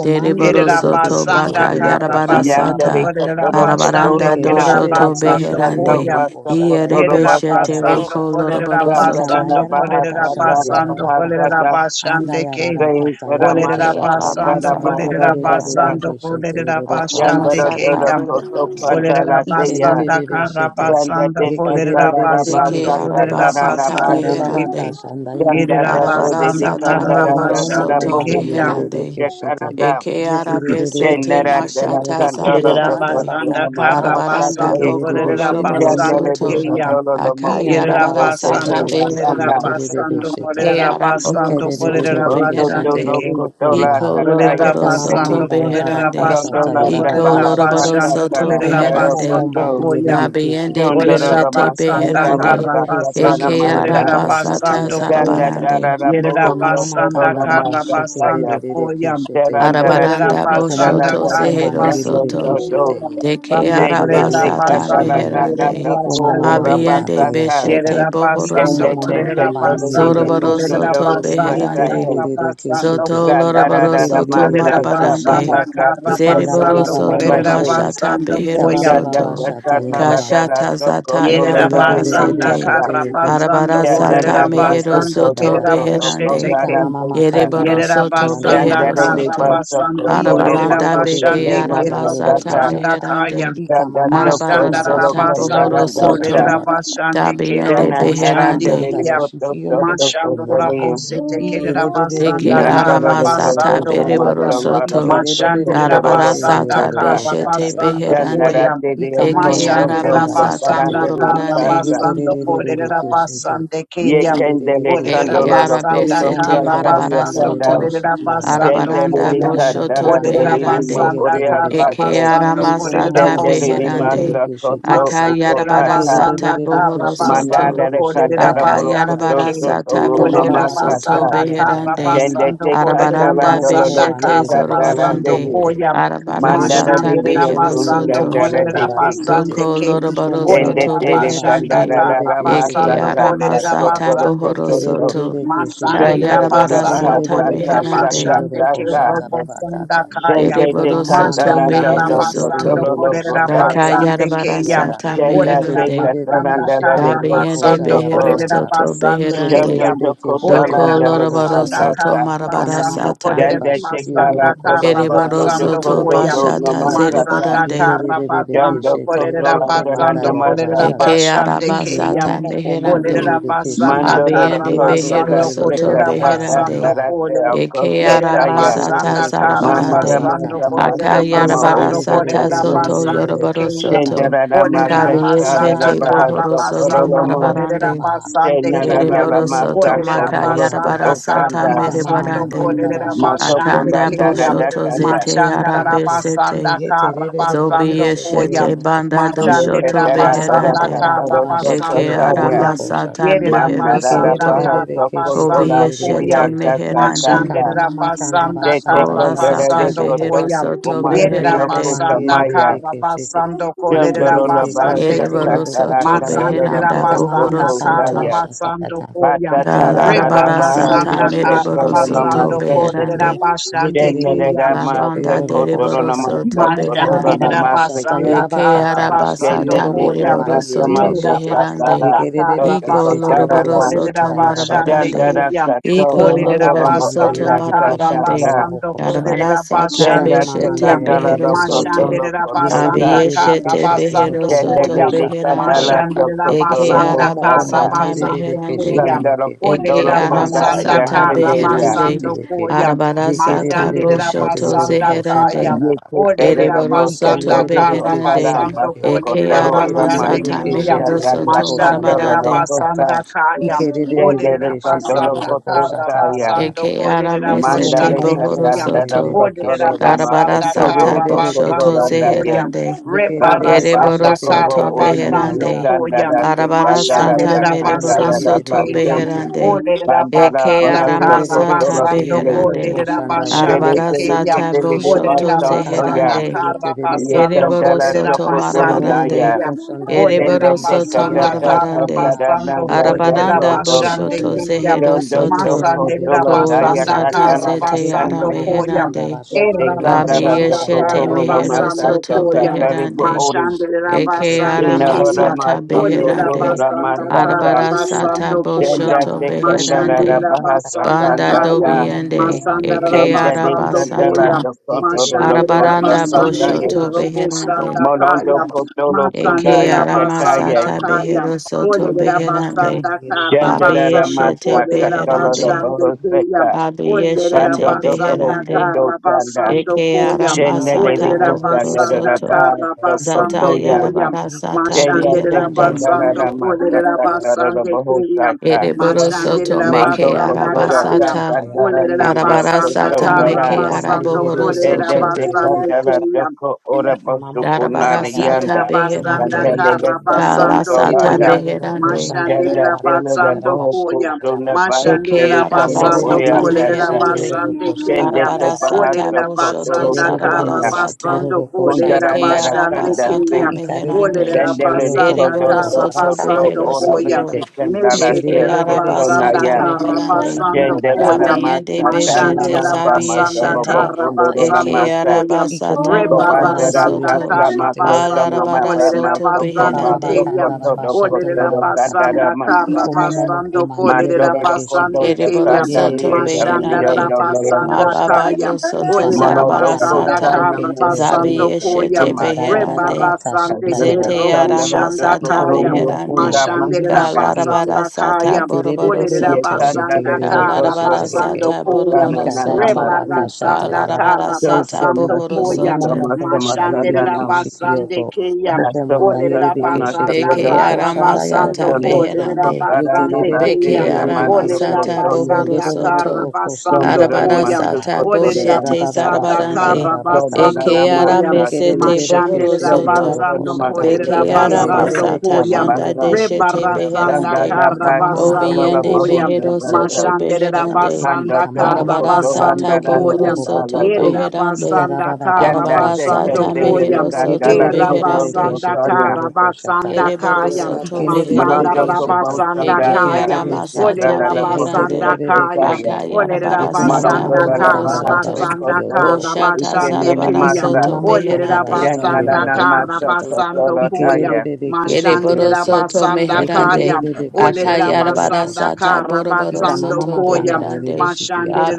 Dereboro
Yerera
soto
basanda
baka
karra
yarabara
basando
Yandere
sata.
kolerera
Kotoro
you.
basande
Kotoro
Arabaranda do
Ma
kerera
shoto
Sata
basando
Sata
beherande.
koyam.
Wasa Kotoro
Ierebe
Yerera
shete
Basate,
basando
roko
Ikerererebeke-sheterereroko-shandayarabakandayashata.
kolerera
loroboro
Chandara
soto.
basando
Rabaha
kolerera
Sata
basando
Rabaha
Ikandayarabaka-shatayarabakata.
kolerera
Sata,
basande keyam.
Sayinara
Olerera
Deke
Masa
Andayarabakatayarabashata.
Sata
basando
aramasata
Rabaha
kolerera
Sata,
beherande.
basando kolerera basande
Chandara
Yekerererebeke-sheterereroko-shatayakata.
Arabarasata
Doro
keyam.
boroboro
Koto
soto.
Olerera
Kandala Teya,
basanda
Ikerebebebe
kara
shete.
basanda
Chandade Sata
kolerera
Yekerebebebe
Rabaha
ke
Deke
basanda
Sata
shete.
kolerera
arabasata
basanda
Rabaha
ke
Ikarababaka
meherande,
Ganda
yerera
da
shandayarabaka
da de
shata.
de
basanda
arabarasata
kanda
kara
Yiko
da da
bohoro
da
momomo
da
basanda
soto
ke
boho
ya
koro
kombandierebebe
beherande,
ke
kuche
shete.
karanda.
eke
Yekerebebebe
arabesete
ke
Chenda da da
shete
da
mashata
yororoko
kandolo
yerera
de
shata.
zarabarande,
basanda
Ndabaka
kosona
daha.
kara
masasa
arabaranda
te.
basanda
boko
Yekerebebe
kolerera
shende
Ganda
basanda
da de
yororoko
ke
loroborosoto,
ya
shata.
kandolo lo mo uke
yerera
te te
Iyandababaka
te
akayarabarasata
basanda
na
ndayesheki
kolerera
kanda.
beherande,
yeterebebe
basanda
shete.
eke
kolerera basanda
araboro soto
kolerera
Hondo to
Ikererererereshete
basanda
beherande,
no
ke
yororokunda
kotola
ha.
iko
sakaya
kolerera
Ika
loroboro
mama
kendele.
basanda
soto
manda
kolerera
beherande,
yarabakashata
Rondola
basanda
da
iko
kolerera
baha
yarabakashata.
loroboro
saka
basanda
soto
tara
Iko
kolerera
daro
momomo
beherande,
basanda
koso.
kombandi
ko
yerereshete
Dabiende
yeke.
Chondoro
Olerera
da
beshete
basanda
masasa
beherande.
kara
Yeterebebe
masasa tara
basando
Eke
masa.
olerera
keshetereroko
arabasata
basando ko
Ganda
satayerebakata.
da da
sarabarande.
da
yerera
boho
Ika mama
soto
Mm-hmm.
do
basanda
no
makanda baba
kara
masasa
basando ko
shekererere
yam
keshetereke.
Tarandala
olerera
Arabaranda
tika
Iko momo
basanda
boshoto
taranda
kara
mokombandi
zehero
dada
yerere
basando
soto.
soto.
olerera
kesheteye.
Deke
Te
basando
te
you.
te
olerera
Yederere
arabasata
kandala
basando
na
keshendeye.
na
olerera
meherande.
na
Yeko
ko
mama
basando
ora
mama
ko
Abiende
kata
basanta.
yashata.
beshete
yerera
bohoro
Iko
Oh,
basando
Tende
momo
te
soto.
ke
olerera
mokombandi
kono di de
yerere
Zoroboro
keshete.
musundo
soto
ruru
basando olerera basanda
beherande.
masante.
kara
Yeterere
basando
keshete.
ko
Zoto
yam
Gandara
Loroboro
dada
Soto
yerera
Yekerere
masasa
Marabarande
basanda
keshete.
mahasa
kara
te te
Ikanda
te di
Zeriboro
baba
basando
de de
baba
Soto
olerera
masai.
kashata.
Bashata
basando
Ika
Behero
ko
baba
Shanda
baba
te
Soto
shata
kandala dada
yarabakata.
Kashata
soko
Zata
Yerera
tolonda de
Yarabara
basanda
Sete
yakasa.
karra
Yekerededededeshete
basando
Arabara
Shanda
korera
Sata
da kante
Mehero
yeteroroko
basando
soto
Soto
kerera
do
shandayaka.
do
boshete
Beherande
Ika
ke.
kondada
mama
tesa.
makanda
Yereboro
Yerera
rashiki
Soto
yanda
basanda
Shanda
Behero
de
roboko
de
kara
shata.
Soto
baso
basando
kotoro
kolerera
Arabaranda
makoso
Beke
Iyererereke
te
basandi
shete
kerera
roroko
Arabasata
masakana.
basanda
shata.
kaya.
Meherande
Ika
Sanda
mama
toko
Arabara
makanda
Mashanda rara
solo
Sata
rashete
Bohoro
basando
katalanda
roroko
sa.
shata
Soto
kolerera
rabakata.
basande kerera
Dabiende
Jana
Ika mama
basandi
narandele
Beherande
makanda
de
kia.
koto
yashiki yondo
soto
boko
Mashando rara
kotele.
namaha.
bosete kerera basanda
Deke
Iyererereke
Nandoro
kara
de
shete
koto
Aramasata
roroko
basando
soma
shata.
Beriboro
koya.
soma
Soto
rabaso
Mashande rara
kotoro lo
Ikerererekeshende
basanda
Arabarasata
busaka.
kara
roroko shata
beshete
basando
Jana
beherande.
koya.
radele
Ika
o
mama
Eke
koto
mama
Mashande
do
rara
kanda ba
arabasata
shete
basanda
kotarandele
yeke.
de
kara
morobarande.
kasa.
Yeke re
basando
re re re re
kolerera
ke shete.
basande
re
Ye
re
kia.
re re re
kendele
ke
Eke
Olerera
kandolo
shete.
lo
basanda
koto
Yekonde
arabesete
kara
yera
sata
ba
ye
kanda
basando
kanda.
yere re
marabarasoto.
kolerera
shiki yanda.
basando
Kendele
Iko
Arabaranda
de
koya.
momo moko
katara
boshoto
manda
Olerera
tere
yere
de
re
mo
ki
beherande.
basanda
yete re
orea
re
kara
shete.
Eke
kase.
basando
Yeko momo
kolerera
aramasata
moko
Kendele de
mandi
bosete
yere re
beherande.
ke.
masa
ke shete
koto
yeke.
Masanderera
Ike
ukodata.
re re re
basanda
Akayarabarasata
re re ke
kara
shete ro ro
bohorosoto.
basando
Mandala
ko
de
shanda
kolerera
ba
Catara
ba kata
basando ke.
yaha.
Brocotoso,
Akayarabarasata
Ika ba
Roma
ba
Olerera
ba ka
bohorosoto
Masata,
shanda
basanda
yara ba
kara
ka
beherande.
Kende
shata.
basando
te
Iko
kolerera
Arabaranda
bobo
Catalandolo
boko
basanda
mandi
loco
beshete
yere
kara
re ke shete
basando
zorobarande.
Satalande,
yeke.
koya.
Mandala
Arabarasata
de
Ikererereke
Mashanderera
Rioco,
Thank
basando
beherosoto.
shenderoroko
Candara
kolerera
de King,
shandarakiete.
basande
Doko
ke.
Iko
loroboro
Kende
soto
Olerera
te
momomokonda
de
basanda
beherande.
Candara
kara
shikerereke shete
Eke
basando
Masaka,
yororoko
arama
kolerera
shata.
sata
Sotoro
basande
bohoro
ke.
Cotoso,
soto.
Ikererereke
Ka
shete.
Masanderera
Shondo do da
yarabara
basando
sata
kolerera
Yeterereke
Bahasaka,
shete
meherande.
Saka,
basande ke
yororoko
sasa
shata
robo sanda
babakata.
kaya.
Shende
Iko
de
Dereboro
mamamanda
soto
Catalanda
Thank
Masandara
yerereke
behero
do
shete
soto.
basando
Cotoro
yororoko
loco
kolerera
shanda
Daka
Tasa,
yerereke
basande ke
yarabara
ya.
shikiyanda.
sata
Kenda
Olerera
te
meherande.
Ikererereke
basanda
Catalandala
shete
de
kara
yororoko
Dabiende
basando
shanda
behero
Cotoso,
kolerera
bakata.
soto
basande ke
beherande.
Shanda
ya.
Ikererereke
Dakota
shete
Olerera
Doko
yororoko
loroboro
basanda
shata.
soto
Landalikatasa,
kara
Ikama
marabara
mama
basando
sata.
kanda
kolerera
ba
Shanda
shikiru
Tekala
basanda
roko
kara
shanda
Ereboro
Tolokoto
baba
basando
kata
soto
ya
Dokoto
koya.
do
shiti
bashata
yekete
Namasata,
Masanda
zereborande.
yekere bebe beke
Karabasando
Shanda Koto
shete
Kolerera
roroko
Landala
manda
Basando
ya raba
Kolerera
Namasata,
shata
Eke
Basande
araba
iyo
Kayam
momo
sata
moko mandi
meherande.
Olerera
yerebe
Basanda
keshete
Mandala
Abiende
ye
Lakota
behero
Karabasando
rorororo
soto
Kaseka
Kolerera
shanda baba
Tata
kanda
beherande.
Basando
ha
Tarate
Kole
Eke
Okosa
Yerera
Saya,
aramasata
Basanda
Iyorororo koshanda
Manara
zarabarande.
Karabasando
Masa
rabakata.
Kolerera
Masa Kama
Akayarabara
Basando
Osa
Yerererere
sata
Kolerera
Kasmi,
zoto
Basande
keshenderoro
yorobaro
Kayam
koshata.
Shanda
soto.
Rana
Iba
Olerera
Masa
makanda
Stana
Basanda
Kabiyeshete
bashete.
bohoro
Bahasa
soto
Yeko
Karabasando
Korolomo,
momomo
Kolerera
marabarande.
kombaha.
Basande
Shanda
Kayam
Lala
Yereboro
Yetororororo
soto
Masa
Olerera
maka
koshanda
Kotolo
Basanda
makayarabara
Koto
rabakata.
sata
Sanda,
Ika mama
Karabasando
merebarande.
makanda
Kolerera
bashata.
Moto
Basande
Konda
Akanda
Ika
Kayam
boshoto
rererere
Tara
zete
keshete yeke.
yarabesete.
Machandarabasanda
Yetererere
Karabasando
keshete
Koya.
Zobiyeshete
yororo ko-
banda doshoto
Ika
Yekatara dara
Machandarabasanda
beherande.
rababakata
kataro
bashiki
soto
Eke
Karabasando
taria.
Koya.
yoroboboko
aramasata behero
Manara
Yerabasanda
soto.
rabaha
Ikerebebebebekeshete
Kobe
sokotola
Karabasando Koya.
shete
tiria
yerebekeshete.
kasa
meherande.
tata.
Ikamamakanda
Machandarabasanda
Jete
bashata
Ola
kandere
sata
de
Karabasando
yarabakashata.
koto
behero
Koya.
soto
sokoma dio
beherande.
Ikomomomokomande
Yerabasanda
kusamaya.
yerebekeshete.
Karabasando
Jondoro rabaha
Korabasande
Yetererekeshete
Kim.
Ereboro
sakatara
soto
yerorokoshata.
kandoro
beheranda
rabaha
bohoro
Machandarabasanda
Ikamamakanda
soto.
sokosaya
bashata
Karabasando
yata.
Yekatarabarasatataya. Manarabahasokotolatiriyakasatata.
Koya.
Da larabara
Ikomomomokomande
sata
Rebarasanda
Tetekandararekotosokomadiyokosamaya.
mereboro
yerebekeshete
Jondorobahasatarakandorobahosokosaya.
soto
Karabasando
Patatararabahasokotoronomase.
yerebekeshete.
beherande.
Korabasande Kim.
Generera
La
Yetererekeshete
masa
banda dereboro
yerorokoshata.
soto beherande.
Mashandira
kotorona
Ikabababakashata
ke.
basanda
Eke
kara
yarabakata rashiki
basando
Kende
arabasata
tika
koya.
mereboro
yorobokomande
tata
soto
masa
Yerira
yerereshete.
beherande.
katara
basanda kara
kototo
Iko
kotara
basando
loroboro
la
korera
soto
basande
marabarande.
chandara
keya.
kato
Iko
Orera
loroboro
kotorombo
soto
basanda
oya
kara
kataka
marabarande.
basando
Yarabara
korera
sata
kenda
basande keya.
beshete
tekantara lo
behero soto.
kotolo
Mashandira
kotosa
basanda kara
Abiyeshete behero
basando
kende
soto
koya.
lili kandala
beherande.
to
Mashandira
kotolo
Eke
basanda kara
bosata
arabasata
basando
meherande.
keya.
kandalo
Eke
kondolo
Orera
konda
basanda
aramasata
kara
yasedeya
beherande.
basando koya.
Arabara sata
Mashandira
boshoto
basanda kaya.
zeherande.
Yeke tere
Orera
ramoso
Ereboroso to
basanda
toto
kara
beherande.
kotara
basando
Yekerere
paso
Eke
korera
Iko
kotoro rama
basande
aramasata
yise
kiyam.
meheroso
katata
to
kandolo
Mashandera
lo
marabarande.
kosa
basanda kayam.
Tendele
Orera
kantoro
basanda
koto
kara
saya.
basando
Eke
korera
aramesete
Mandale
basande kiyam.
bohoroso
kantadada
to.
Orera
kotoro roma
basanda
so
Darabarasata
kara
oso koto
boshoto
basando
randa ye.
koyam.
zeherande.
Randa baso
Rebarasanda
Ereboroso
kopo
kara
to
orimi
basando
beherande.
Ikerererekeshete
koyam.
ikandara te kandara
Arabarasata
ta
Mashandera
kandara da
basande
mereboroso to
kiyam.
pase.
beherande.
Orera
Mandara
Eke
basanda
bahaso
kara
Yekerere
aramasata
kotoro
basando
keshete
kile.
roko
beherande.
korera
shanda
Shele
basande
tele
yarabakata.
kiyam.
Arabarasata
tele li
Iko mama
Olerera
boshoto
baso
makanda
toya.
basanda
ba
zeherande.
kara
yeterere
Ye
basando
Ereboro
kandara
shete.
kolerera
soto
toko
Iko
basande
ndororo
marabarande.
naya.
keya.
koshanda yerere
Tende
Olerera
Ereboro
te
shiki
soto
basanda
you.
yanda
katata
kara
bakanda
marabarande.
ha
kandara
basando
nanda
kolerera
Arabaranda
yekerere
koto.
basande
keshete
boshoto
yeke.
keya.
zehero
Dondo
soto.
toko
Masanderera
Yeterere
tola
Kola
daya
keshete
basanda
sata
yeke.
katala
kara
na
zete
Yeko
ara
basando
mama
kanaya.
koya.
makanda
meherande.
ba shiki
Kete
Era
yororo
kandala
basanda
koshata
toko
Abiyeshete
kara
tolo na
yarabakata.
mehero
masa
basando
soto
Iko
kata
koya.
mama
karibu
beherande.
makanda
ori.
ba shiki
Mashanderera
Eke
yeterere
ara
basande
Dina
keshete.
lora
keya.
masata
masa
Yekerere
Olerera
kotoro
beherande.
na
basanda
keshete
masa
yororo
kara
ka.
Arabara
koshanda.
sata
basando koya.
Shenda
Anda
boshoto
te
baba
kandala
kashanda
na
beherande.
Mashanderera
yarabakata.
bahasa
basanda
Banda
kaya.
kandata.
Ikomomomo
dobiende.
kombandirere
Masandara
Eke
Shenda
ara
de
basando
keteteyeke.
kandala
koya.
basata.
toko tolo
Jeterere
na
Mashandera
kosa
Arabaranda
basande
kesheterero
ke
kataya.
boshoto
robo
koshata.
beherande.
shanda
Molondo
kaya.
Ikandara.
kotolo
Eke
kundaya
Masandera
kataya.
basanda
aramasata
kaya.
behero soto
Olerera
Ikomomomo
beherande.
basanda
kombandirere
kara
Shenda
keshe.
na
basando
Abiyeshete
masa
kolerera
katolo na
Jeterere
beherande.
basande
keshe.
keya.
bohoseka.
Olerera
Abiyeshete
Pando dobo
basanda
beherande.
koto
kara
tanda.
basando
Eke
koya.
Ikandara
Shena de
aramasata
Olerera
rakashata
bohoro
yara
basanda
Gansanara
soto.
kara
rakashata.
Zata
basando
Shokotoya,
koya.
yarabarasata
Shena
Jikerere
Mashandera
beherande.
basando
Sekandara
keshenderero
kolerera
koshata yara.
Masakatara
basande keya.
Bohosaka,
Ereboro
Jikerere
soto
Mashandera
meke
Mando
basanda
kesheterero
Kotola
kaya.
koshata
arabasata.
yara
Takandara
Olerera
rakata.
Nilio
basanda
Arabarasata
kara
Ikomomomo
Kototara,
meke
basando
arabohoro
kombandirere
kolerera
Shena
soto.
kesheterero
basande
Sekandara
koshata.
keya.
Toko Ora Bosukunara
Darabarasata
Yerera
Yanda,
Ikerebebebe
basanda
beherande.
keshe
Sandale
kara
Kato
basando
Kalasata
koya.
Solanda,
beherande.
Shena
Mashandera
Dela de
basando koya.
Bohokosuna
Eke
Mashandera
Bahasele Sambo
basando
Orea
arabasata
kolera
Casa,
meherande.
basande
Shena
keya.
Arabarasata
Sebahaso
Olera
boshoto
Kotolo
basanda kara
Tupunya,
sarabarasata.
tegero
basando
rokosa
kolera
Kundara
Eke
basande
arabasata
Narakanda
keya.
meherande.
Olera
Shandelele
basanda
kondo
Ereboro
kara
doko
soto
to
basando
behero
ora
koya.
soto.
besikandala
Eke
tia
Meshedera
koto
basanda
arabasata
naya.
kara
meherande.
basando
Shandelala
tarabakata.
koya.
masa
Abiyende
Ika
tana
beshete
Mashandera
masa maso
basanda
bobo
Iko
zabiyeshete.
kara
kondo
Iko
rona
Eke
basando
masa.
koya.
Iko momo
arabasata
mo
moroboro
kombandi
Kobatara
Rebarasanda
yerebe
soto.
dasa
keshete yeroro
makoto
Karabasando
mama
koshata.
balarabara
ba
Kolerera
soto
maso
Ita
komba
Basande
baba
beherande.
soko
Kaya.
bakanda
to
baba
doko
shata
to
Olerera
do
yaraba kata.
kandara
Basanda
masa.
Iko momo mo mo
Karabasando Kolerera
Matoro lo kondo
Basande
to
Kaya.
Eriboro
kandali
soto
e
Mashanda
alivion
beherande.
do lo lo
Ma
Rabasanda
kosa.
baba
Kaya.
yo soto
Ita
Olerera
Mono
mama
zarabara
doko
Basanda
sata.
sana masa
Zabi
Ikarababakashatayarabakatayashata.
Karabasando
masa
Koya.
yeshete beherande.
Yes,
Rebarasande
yes, yes,
Zete
Ikomomomokombandiererekeshetererokoshata. Itabababakandarabashatayarabakata.
Sanda
arama
Rato
Kerobushanda
Ikomomomokombandiererekeshete. Yerererekeshetererokoshata. Ikamamamakandabasheketereshete. Yetararararakashandayarabakata.
sata
Kaya.
Kotorio
beherande.
Kunda
Mashandera
Masanda.
Ikomomomokombandayiribishikiete.
Kalarabara
Basanda
sata
Kaya.
boroboro
Olerera
Yes,
soto.
Sanda
Basanda
Rato Koto
Kalarabara
Yiterererekeshetererekesheterekeshete.
Karabasando
Koto
sata
Koya.
Kotana
boroboro
Vikanda
nana
baba
soto.
baka
masu
shata
Rebarasanda
yara
Balarabara
baka
So,
shata.
sata
so
Karabasando
much,
bohoro
Iko
Koya,
momo
so
soto.
much,
moko
so much,
manda yere
Sanda
Mashandela
beki
Nam.
shiki
Basande
yoto.
Kaya,
Oko
So
manda
much, so
yere
Olera
beki
much, so
shete
Basanda
Beke
much,
yoro ko
arama
shanda yara
sata
Karabasando
beki
Sanda
Ko,
yete.
Lera
Koto
beherande.
Yete
Karana
Basande
rebe
Rati
beki
Kaya,
Beke
Rira
arama
masu
Olera
shete.
sata
Koto Yay.
bohoro
Basanda
Yedo ro ro
soto.
ko shanda
Sanda
Karabasando
baba
Rana
Arabara
kanda
koyam,
masu
ha.
sata
Koto
Olera
Rana
Ikara
boshete
baba ba
Masai.
Basanda
shanda
zarabarande.
yara baka
Sanda
Karabasando
Rana
Eke
shata.
Koya,
arame
Masa
Ike
Tu.
sete bohoro
Mashandere
Thank
shete yoro
Sanda
soto.
ko
Rana
Rabasando
shata.
masu
Kolere
Beke
Ike
araba
Rabasando
sata
Koyam.
shende
manda
yoro
Don't
ko
deshete
shanda baka.
Rebarasanda
Sanda
beherande.
da
Ika
ba
mama
kontolo
Karabasando
makanda
la
ba
Obiende
boho
Koyam.
shiki
behero
samba
yoro
sam.
soto
ro ko
Mashandere
shata.
beherande.
Panda
Rabasanda
Ika
topo
mama
Arabara
makanda
kotolanda
sata
Karabasando
da
rashiki yoto
bohoro
Koyam.
sata
bobo
la
soto
tu.
kota.
Yere
Ita
beherande.
Rabasanda
rababa kata
Sanda
Arabara
te
yeshete
Karabasando
sata
kete
yeke.
Koyam.
mehero
kanda
Yete
E
soto
de
la
de de de
koto
de ke
beherande.
Rabasanda
shete
sotoya.
yororo ko shata
Karabasanda
yaka.
Kereboro
Kayam.
soto
Ike de de de de
Masanda
Manondo
beherande.
ke
kopo
shete.
Rabasanda
sanda
Eke
Yeke
dia
Kayam.
tere
arama
kisa
shete.
Olere
sata
gala la
Yete
boho
de de
Rabasanda
beherande.
de de ke
Kayam.
sokotaya.
Aka
shete.
Olere
yarabara
Yeko mama
sata
Manondo
rabasanda
mama
la la
bohoro
kara
makanda
baha
you.
raba
soto.
shiki
basanda
yoto
kotolo
Thank
kara
boko
ko
Boshata
shata.
basande
ikenele
sarabara
Ika
kiyam.
masa.
mama
soto
Olere
makanda
beherande.
rashiki
Sanda la
yoto
rabasanda
na
boko
kara
masa
shata.
basando
kotolo
Ike de de
koyam.
daya.
de de ke shete
Mashandere
Ereboro
yeke.
soto
rabasanda
Yeke de de
meherande.
kayam.
de de ke
Olere
Aka
shete yororo
yarabara
ko shata.
rabasanda
sata
kara
boroboro
Ika
basando
mama
soto
koyam.
makanda yerebe
beherande.
Mashandere
shikiata.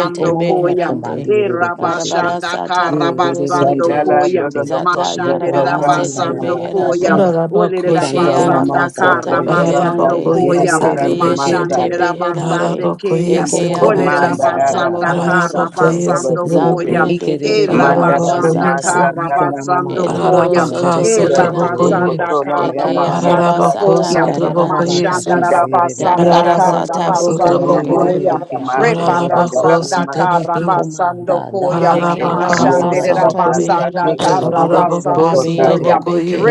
Iko momo moko
koyam.
bandi
beherande.
E
yerebe keshete.
Arabara
rabashanda
sata
kara
Ye de
bohoro
de de de
basando
de
Sanda
soto.
la
koyam.
dolo
keshete.
lo
Zata
koso
Yeko
Mashandera
yarabara
mama manda
sotana
sete
na
basando
yeraba
masa
koya.
da
beherande.
kashata.
Olerera
Eke
Ikanda
Ararabakoye
baba
de.
basanda
kata
Shalamaso
arabasata
kara
yerebe shiki.
Kotolanda
basando
meherande.
Ararabakoye
Yere
koya.
de de de
Satarani
sotrabeki.
keshete
Masa
Abiyeshete
yere
Mashandera
de
beherande.
keshete.
basande
Ararabakoye
keya.
Iko
Eke
momo moko
Olerera
sotrabeki.
Comanda
banda
arabasata
Rada
yeraba
basanda
Bahasa
kara
kashata.
mohorosoto.
Ararabakoye
Kotolo
basando
Tuche
koyam,
sotrabeki.
Zabiyende
Ike
E
rebe
beke
bebe
Mandarana
keshete.
rabasanda
Ararabakoye
Masa
arabasata.
se.
kara
Ika mama
Kalana
basando
Masu
makashata
koya.
Ararabaka
yerebe
Ereborosoto
E
keshete yororo
beherande.
Shantuko
sotrabokoye.
rabasanda
koshata
Solanda
kara
Eke
yaraba
Maya
kata.
basando
Ararabako
arabasata
koya.
Sasala
Ika raba baba
meherande.
sotrabokoye
kashanda
Mashandara
se.
Kandala
yerebe
basanda
keshete
Kandala
kara
Ararabaka
Darabarasata
basando
Kotolana
sotraboko.
koya.
Masa
bohorosoto.
Samasa Kandala
Ararabako
ikanderererekesheterorokosata
Rebarasanda
Nama
sotrabeki.
ikomanda
Karabasando Koya,
Eke
Ararabaka
Mashandere
Yekanda
aramasata
ndayarabakandabashete
sotrabokoye.
Rabasanda
Sandalo
beherande.
Loso
Ararabako
Karabasando
yekerebebebekeshete
Abiyende
Kotolaya
Koya,
beke
sotabokoye,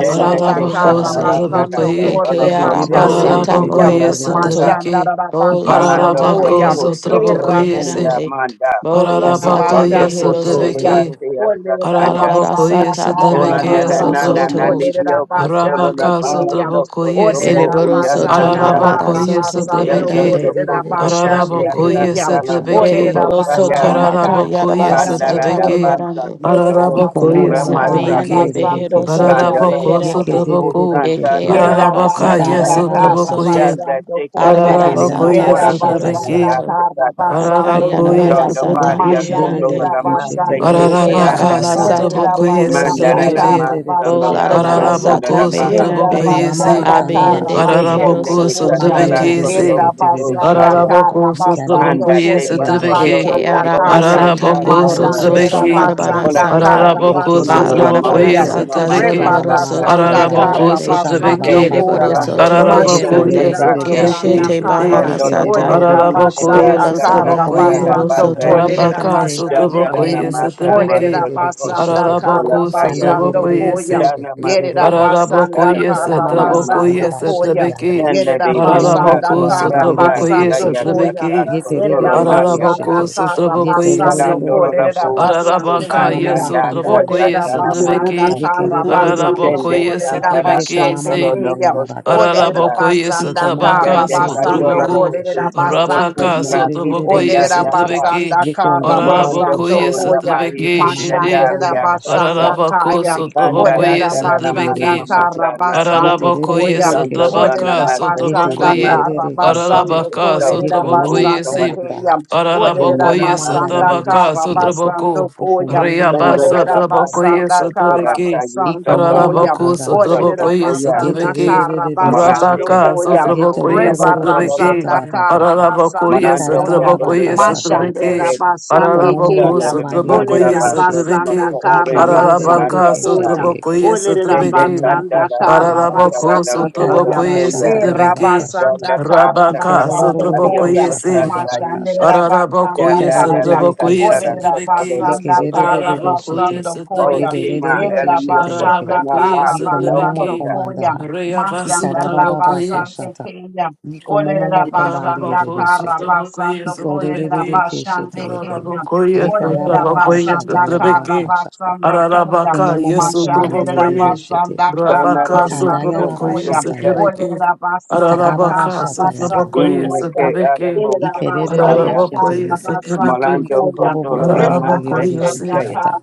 Jenda
Ararabako
meherande.
Kotolanda
Karabasando
sotabokoye,
Kotolo
Eke araba
Koto
Korebashande
sata
Kaya,
Ararabakoye
mohoro soto.
yekerebebebebesheterorokosata
sotabeke.
Mashandara
Bola
Rabasando
Malanta
sata
la
Ararabako
Koya,
boho
behero
so
soto
so
sotabokoye se,
fuya
beherande.
ikamamamakandabashikiyondorokosata
manda.
Bola sata
Ararabakoye
Bando
Rabashando
behero
koto
Koya.
la
soto.
sotabeke.
ikenderebebekesheteroroko
sea
Ole
sasanda.
Arabara
Ararabakosotobokoye, ararabakosotobokoye, ararabakoyesotobeke,
Rabasanda
sata banda
Bona na na
dohoro
na
Karabasando
na na
ikandabababakasata
soto.
Kole
nidio koto la
Rabashande
baha
Kaya.
so koto
Iko
Ole
ararabakosotobokoyese,
bo
momo mo
Ereboro
uya
soto
kombandie
Rabasanda
santa.
de de
marabara
keshete.
soto
Karabasando
ararabakoyesotobeke,
Ye
Dando
te
Kole
beherande.
to
de de de
ararabakoyesotobekeesotoboko, arabakasotobokoyese,
de
koto
Rabashande
taria
keshete de
ararabakoyesotobeke,
ro
Kaya.
sasala
kosata.
no
Ole
sotabeke.
Ereboro
Ika mama
soto
okotaya.
ma
Rabasanda
maka
kanda la
Ararabakoi
yarabara
kanda.
Panda
ra
Karabasando
ba.
sata
da
sotabeki.
Koya.
basa
meherande.
Yere
kondo lo
Iko momo
Ararabakoi
kuura
Rabasanda
mo
Yabiende
kombandie
masake.
sotabeki.
de de
Karabasando
behero
keshete.
soto
Koya.
Randa la la
Ararabako
Ye ke
boho
beherande.
de de
ko
de de
sotabako.
santa
Eke
keshete.
ria
Yerida
araba
Ye
Ararabaka
sata
kanda
yes
kosata.
ya
basanda
mohoro
kara
raba
sotabakoi.
soto.
Danda
basando
teka te
koya.
Arabara
Ikanda
dirimo
baba
sata
Ararabakoi
Yerida
ora
shata
behero
basanda
sotabeki.
yaraba
soto.
kara
kashata.
kasata
basando
Iko
Ararabakoi
Akayarabara
momomo
koya.
Donde
komba
sata
varia
sotabeki.
de de
fondo
de
la
de
meherande.
Mashandera
keshete
gamasta y
basando
yororoko
koya.
Ekeyara
shanda
Ararabaka
cutanandara.
yaraba
masata
Olerida
kata.
sotabakoi
bohoro
basanda
Ike de
soto.
Mandarana
de de
sotabeki.
kara
de de
masta no la
keshete
basando
Olarabara
masta
yororoko
koya.
no
sata
la
Ararabako
shata.
Yerida
Ika
meherande.
sotabakoi
mama mamama
si.
basanda
kandaba
kara
Abiyende
shikiyo.
behero
basando
Ararabako
Oko
soto
koya.
mandi
santala
de
sotabeki
yerebe
beherande.
koto
si.
Yerida
shekete de
koto
de
basanda
shete.
saya.
kara
Ararabako
Ika de de de
basando
Anda
sotabakoi
te
shikiyo
kolerida
ndobobo
sotabeki.
bakondo lo
basanda
obo
koshata.
Dekeyara
kaya.
hoko
Ika
basata
mama
Araraboko
mohoro
sasaya.
mamama ba
soto
Mashandera
sotrabeki.
marabara
Una
shikiyate.
basanda
ge.
sata.
kara
ticaria
Araraboko
Yeke de
fondo
de
lo la
basando
derere
sotraboko
Balarabara
koya.
mauso
keshe.
no
sata
Yeko
yesotrabeki.
mama
zorobaro
bastanta
mama
soto
Rebarasanda
kanda ha
sasaya.
Araraboko
merebarande.
Shanda
Te
Karabasando
sotrabeki.
baba
te
Kerebaro
Koya.
kanda ha.
soto
Araraboko
beherande.
Mashandira
yesotrabeki
Basanda
Yekererererereshete.
Keshete
shite.
Kaya.
bahara
you.
sata.
Orderera
Araraboko
Yekererererereshete.
Basanda
Ola santa
yesotraboko ye.
da
toboro
Karabasando
Thank
soto
basa.
Koderera
Yekomamamakandabashete.
Rabaka
meherande.
Bashande
sotraboko
Shandara
Ke.
Masa
Orderera
yesotrabeki.
Masoda Bosa
Basanda
Dikomomomokombandirerereshete.
Kotola
Araraboko
Kaya
Karabasando
sotraboko
Koya.
yesi.
Dikandegererereshete.
Shana
Yerera
Masuta
Yerorokoshata.
Araraboko
Basanda
Kotara Kasa
yesotraboko
Nama
Karabasando Koya.
Ikamamamakandabashikianda.
yesotrabeki.
Shandare
Yerera Basanda
Araraboko
Nekasa Kata
sotraboko
Karabasando
Kaya
Ikomomomokombandirerereshete.
Koya.
Kata
yesotrabeki.
Kotola
Yerera
Naya
Basanda
Araraboko
Yeterererereshete.
sotraboko yesi.
Karabasando
Parandolo La
Koderera
Yeterorororokoshata.
Bosa
Basande
Ararabaka,
Tobani
yes,
Andasa
Otraboko,
Olerera
yes,
Kata
Ikamamamakandayashikiyata.
basanda
Trebeke,
Namasa
kara basando
Araraboko,
Shende
Yekerererereshete.
yes,
kolerera
Santara
Trebeke,
basande
Kotolo
say,
No
kiyam.
Koso
Yekomamamandayarabakashata.
Olerera
Taya
Araraboko, yes,
basanda
Iko momomo
kara
Tabaka, so
basando
kumbandiere
Katolo
Troboko,
kolerera
Koso
keshete.
basande
Promoku
Rabaka, so
kiyam.
Muraki
Troboko,
Yikandiere
yes,
Olerera
Sendaya
keshete.
Ka
Trebeke,
basanda
Yeko
kara
ndayero
Boronto
Araraboko,
basando
Ko
yes,
koshata.
koya.
Yamahi
Trebeke,
Ika mama
Shete,
Kisendali
Mashanderera
makanda
Akasa
basanda
rashikiata.
Ararabako,
kaya.
so
Iko
Banda
Troboko,
da
momomo
Olerera
da da da ma
kumbandiere
da
basanda
ma
yes,
ma
keshete.
sa
kara
na sa.
basando
Ararabakoye
koya.
Yeterere
Dum da da
keshete.
na
Satrabaka
Olerera
ma sa
basanda
Sotrabakoye
kara
Yeterere keshete.
basando
Ararabaka
so
kolerera
Yeko momomo
Sotrabakoye
basande
Si
kumbandaha.
kiyam.
Iko
in
Olerera
that I
mama
Ararabakoye
must have.
basanda
mandayere
Satrabaka
kara
shikioto.
basando
Sotrabako
koya.
Dum
Okumbandiera
da da
Reabasa
da
Olerera
ba
rakata.
sa
Trabakoye
basanda
sa
kara
Sotrabeki
Iko
basando
mama
koya.
Ararabaku
makanda rashete.
Olerera
Sotrabakoye
ya.
Yete
basanda
re re
Sotrabeki
re
kara
re re
Manate
basando
keshete.
ka
Rabaka
ta
koya.
ra ko
Yeto ro
Sotrabakoye
ra
ro
ba
ro ro
so
ko
lo
Sotrabeki
lo
shata
pa.
Rebarasanda
ra ba ka
kara
Ararabakoye
basando
Ika
Manando
raba
ko
koya.
ba ba
to
ba
de
ka
Sotrabakoye
ba
shata
sa de
ka.
Sotrabeki
Mashandera
gede
Iko
basande
momo mo
Ararabaku
sana
keya.
rene
kombandi mbandi ye re
masa
re
Sotrabakoye
Olerera
basa de. Dana re ne ma sa ba sa
keshete.
sa ma
basanda
sa
Sotrabeki
o re
Yike
kara
re
ma
re re re re
basando
Ararabaka
keshete
koya.
yeke.
Sotrabakoye
Olerera
Iko
Sotrabeki
momo
da
ko
basanda
da
shata
kara
ya ka.
Araraboko
basando
so
Ika
so
raba ba
koya.
ba
so
sotrobokoye
shata
E
ya ba
setrebeke.
ka shata.
rabasanda
Donda
kara
pasa
Iko
Rabaka
ro ro
capa
ro
basando
ro ro
cario
ko
koya.
sotrobokoye
shata
costa
se.
ya ra ba ka
tai.
Mashandera
shata.
basanda
Ika
Ararabokoye
re re
Candala
re
kaya.
da
re
sotrobokoye
catara
keshete.
Olerera
cotolo
setrebeke.
da
Yeke
basanda
re re
costa
re
kara
re re
tai.
shete.
Ararabokoye
basando
O
koya.
Yede re
setrebeke.
re
chima
re
Yerera
elio
keshete yeke.
costa
basanda
na
Ararabokoye
kara
lado
Liko
de
momomo
basando
setrebeke.
oponda.
koya.
kombandaha.
Mashandara
Ikarababa
Reabasotrobokoye.
basande
kashata.
keya.
Liko
Olerera
momomo
basanda
kombandierebe
kara
shete.
Arabaka,
basando
Iko
kolerera
rerere keshete
basande
yeke.
keya. Olerera
Yekarababa shata
basanda
yaraba
kara
kashata.
basando koya.
Iko momomo
yes,
Mashandera
kombandierebe
Utrobokoye,
shete.
basanda kara
Sanara
Rabaka,
na
Ikanda
basando
masuma
yaraba
Sotrobokoye,
koya.
shata
socoda.
yaka.
Setrebeke,
Olerera basanda
Ikarababa
Arabaka,
kara
shata yaka.
basando
Sotrobokoye,
Inwe
you.
koya.
ke
Setrebeke,
arabo
Thank
Yerabasanda
Ikerebebe
socobaya.
shete
Arabakoye,
yeke.
Karabasando
Setrebeke,
Molando
Iko
Koya.
bobobo
cotolo lama masa
kombandierebe
Arabakoye,
que
Rebabasanda
Se,
se.
shikiyata.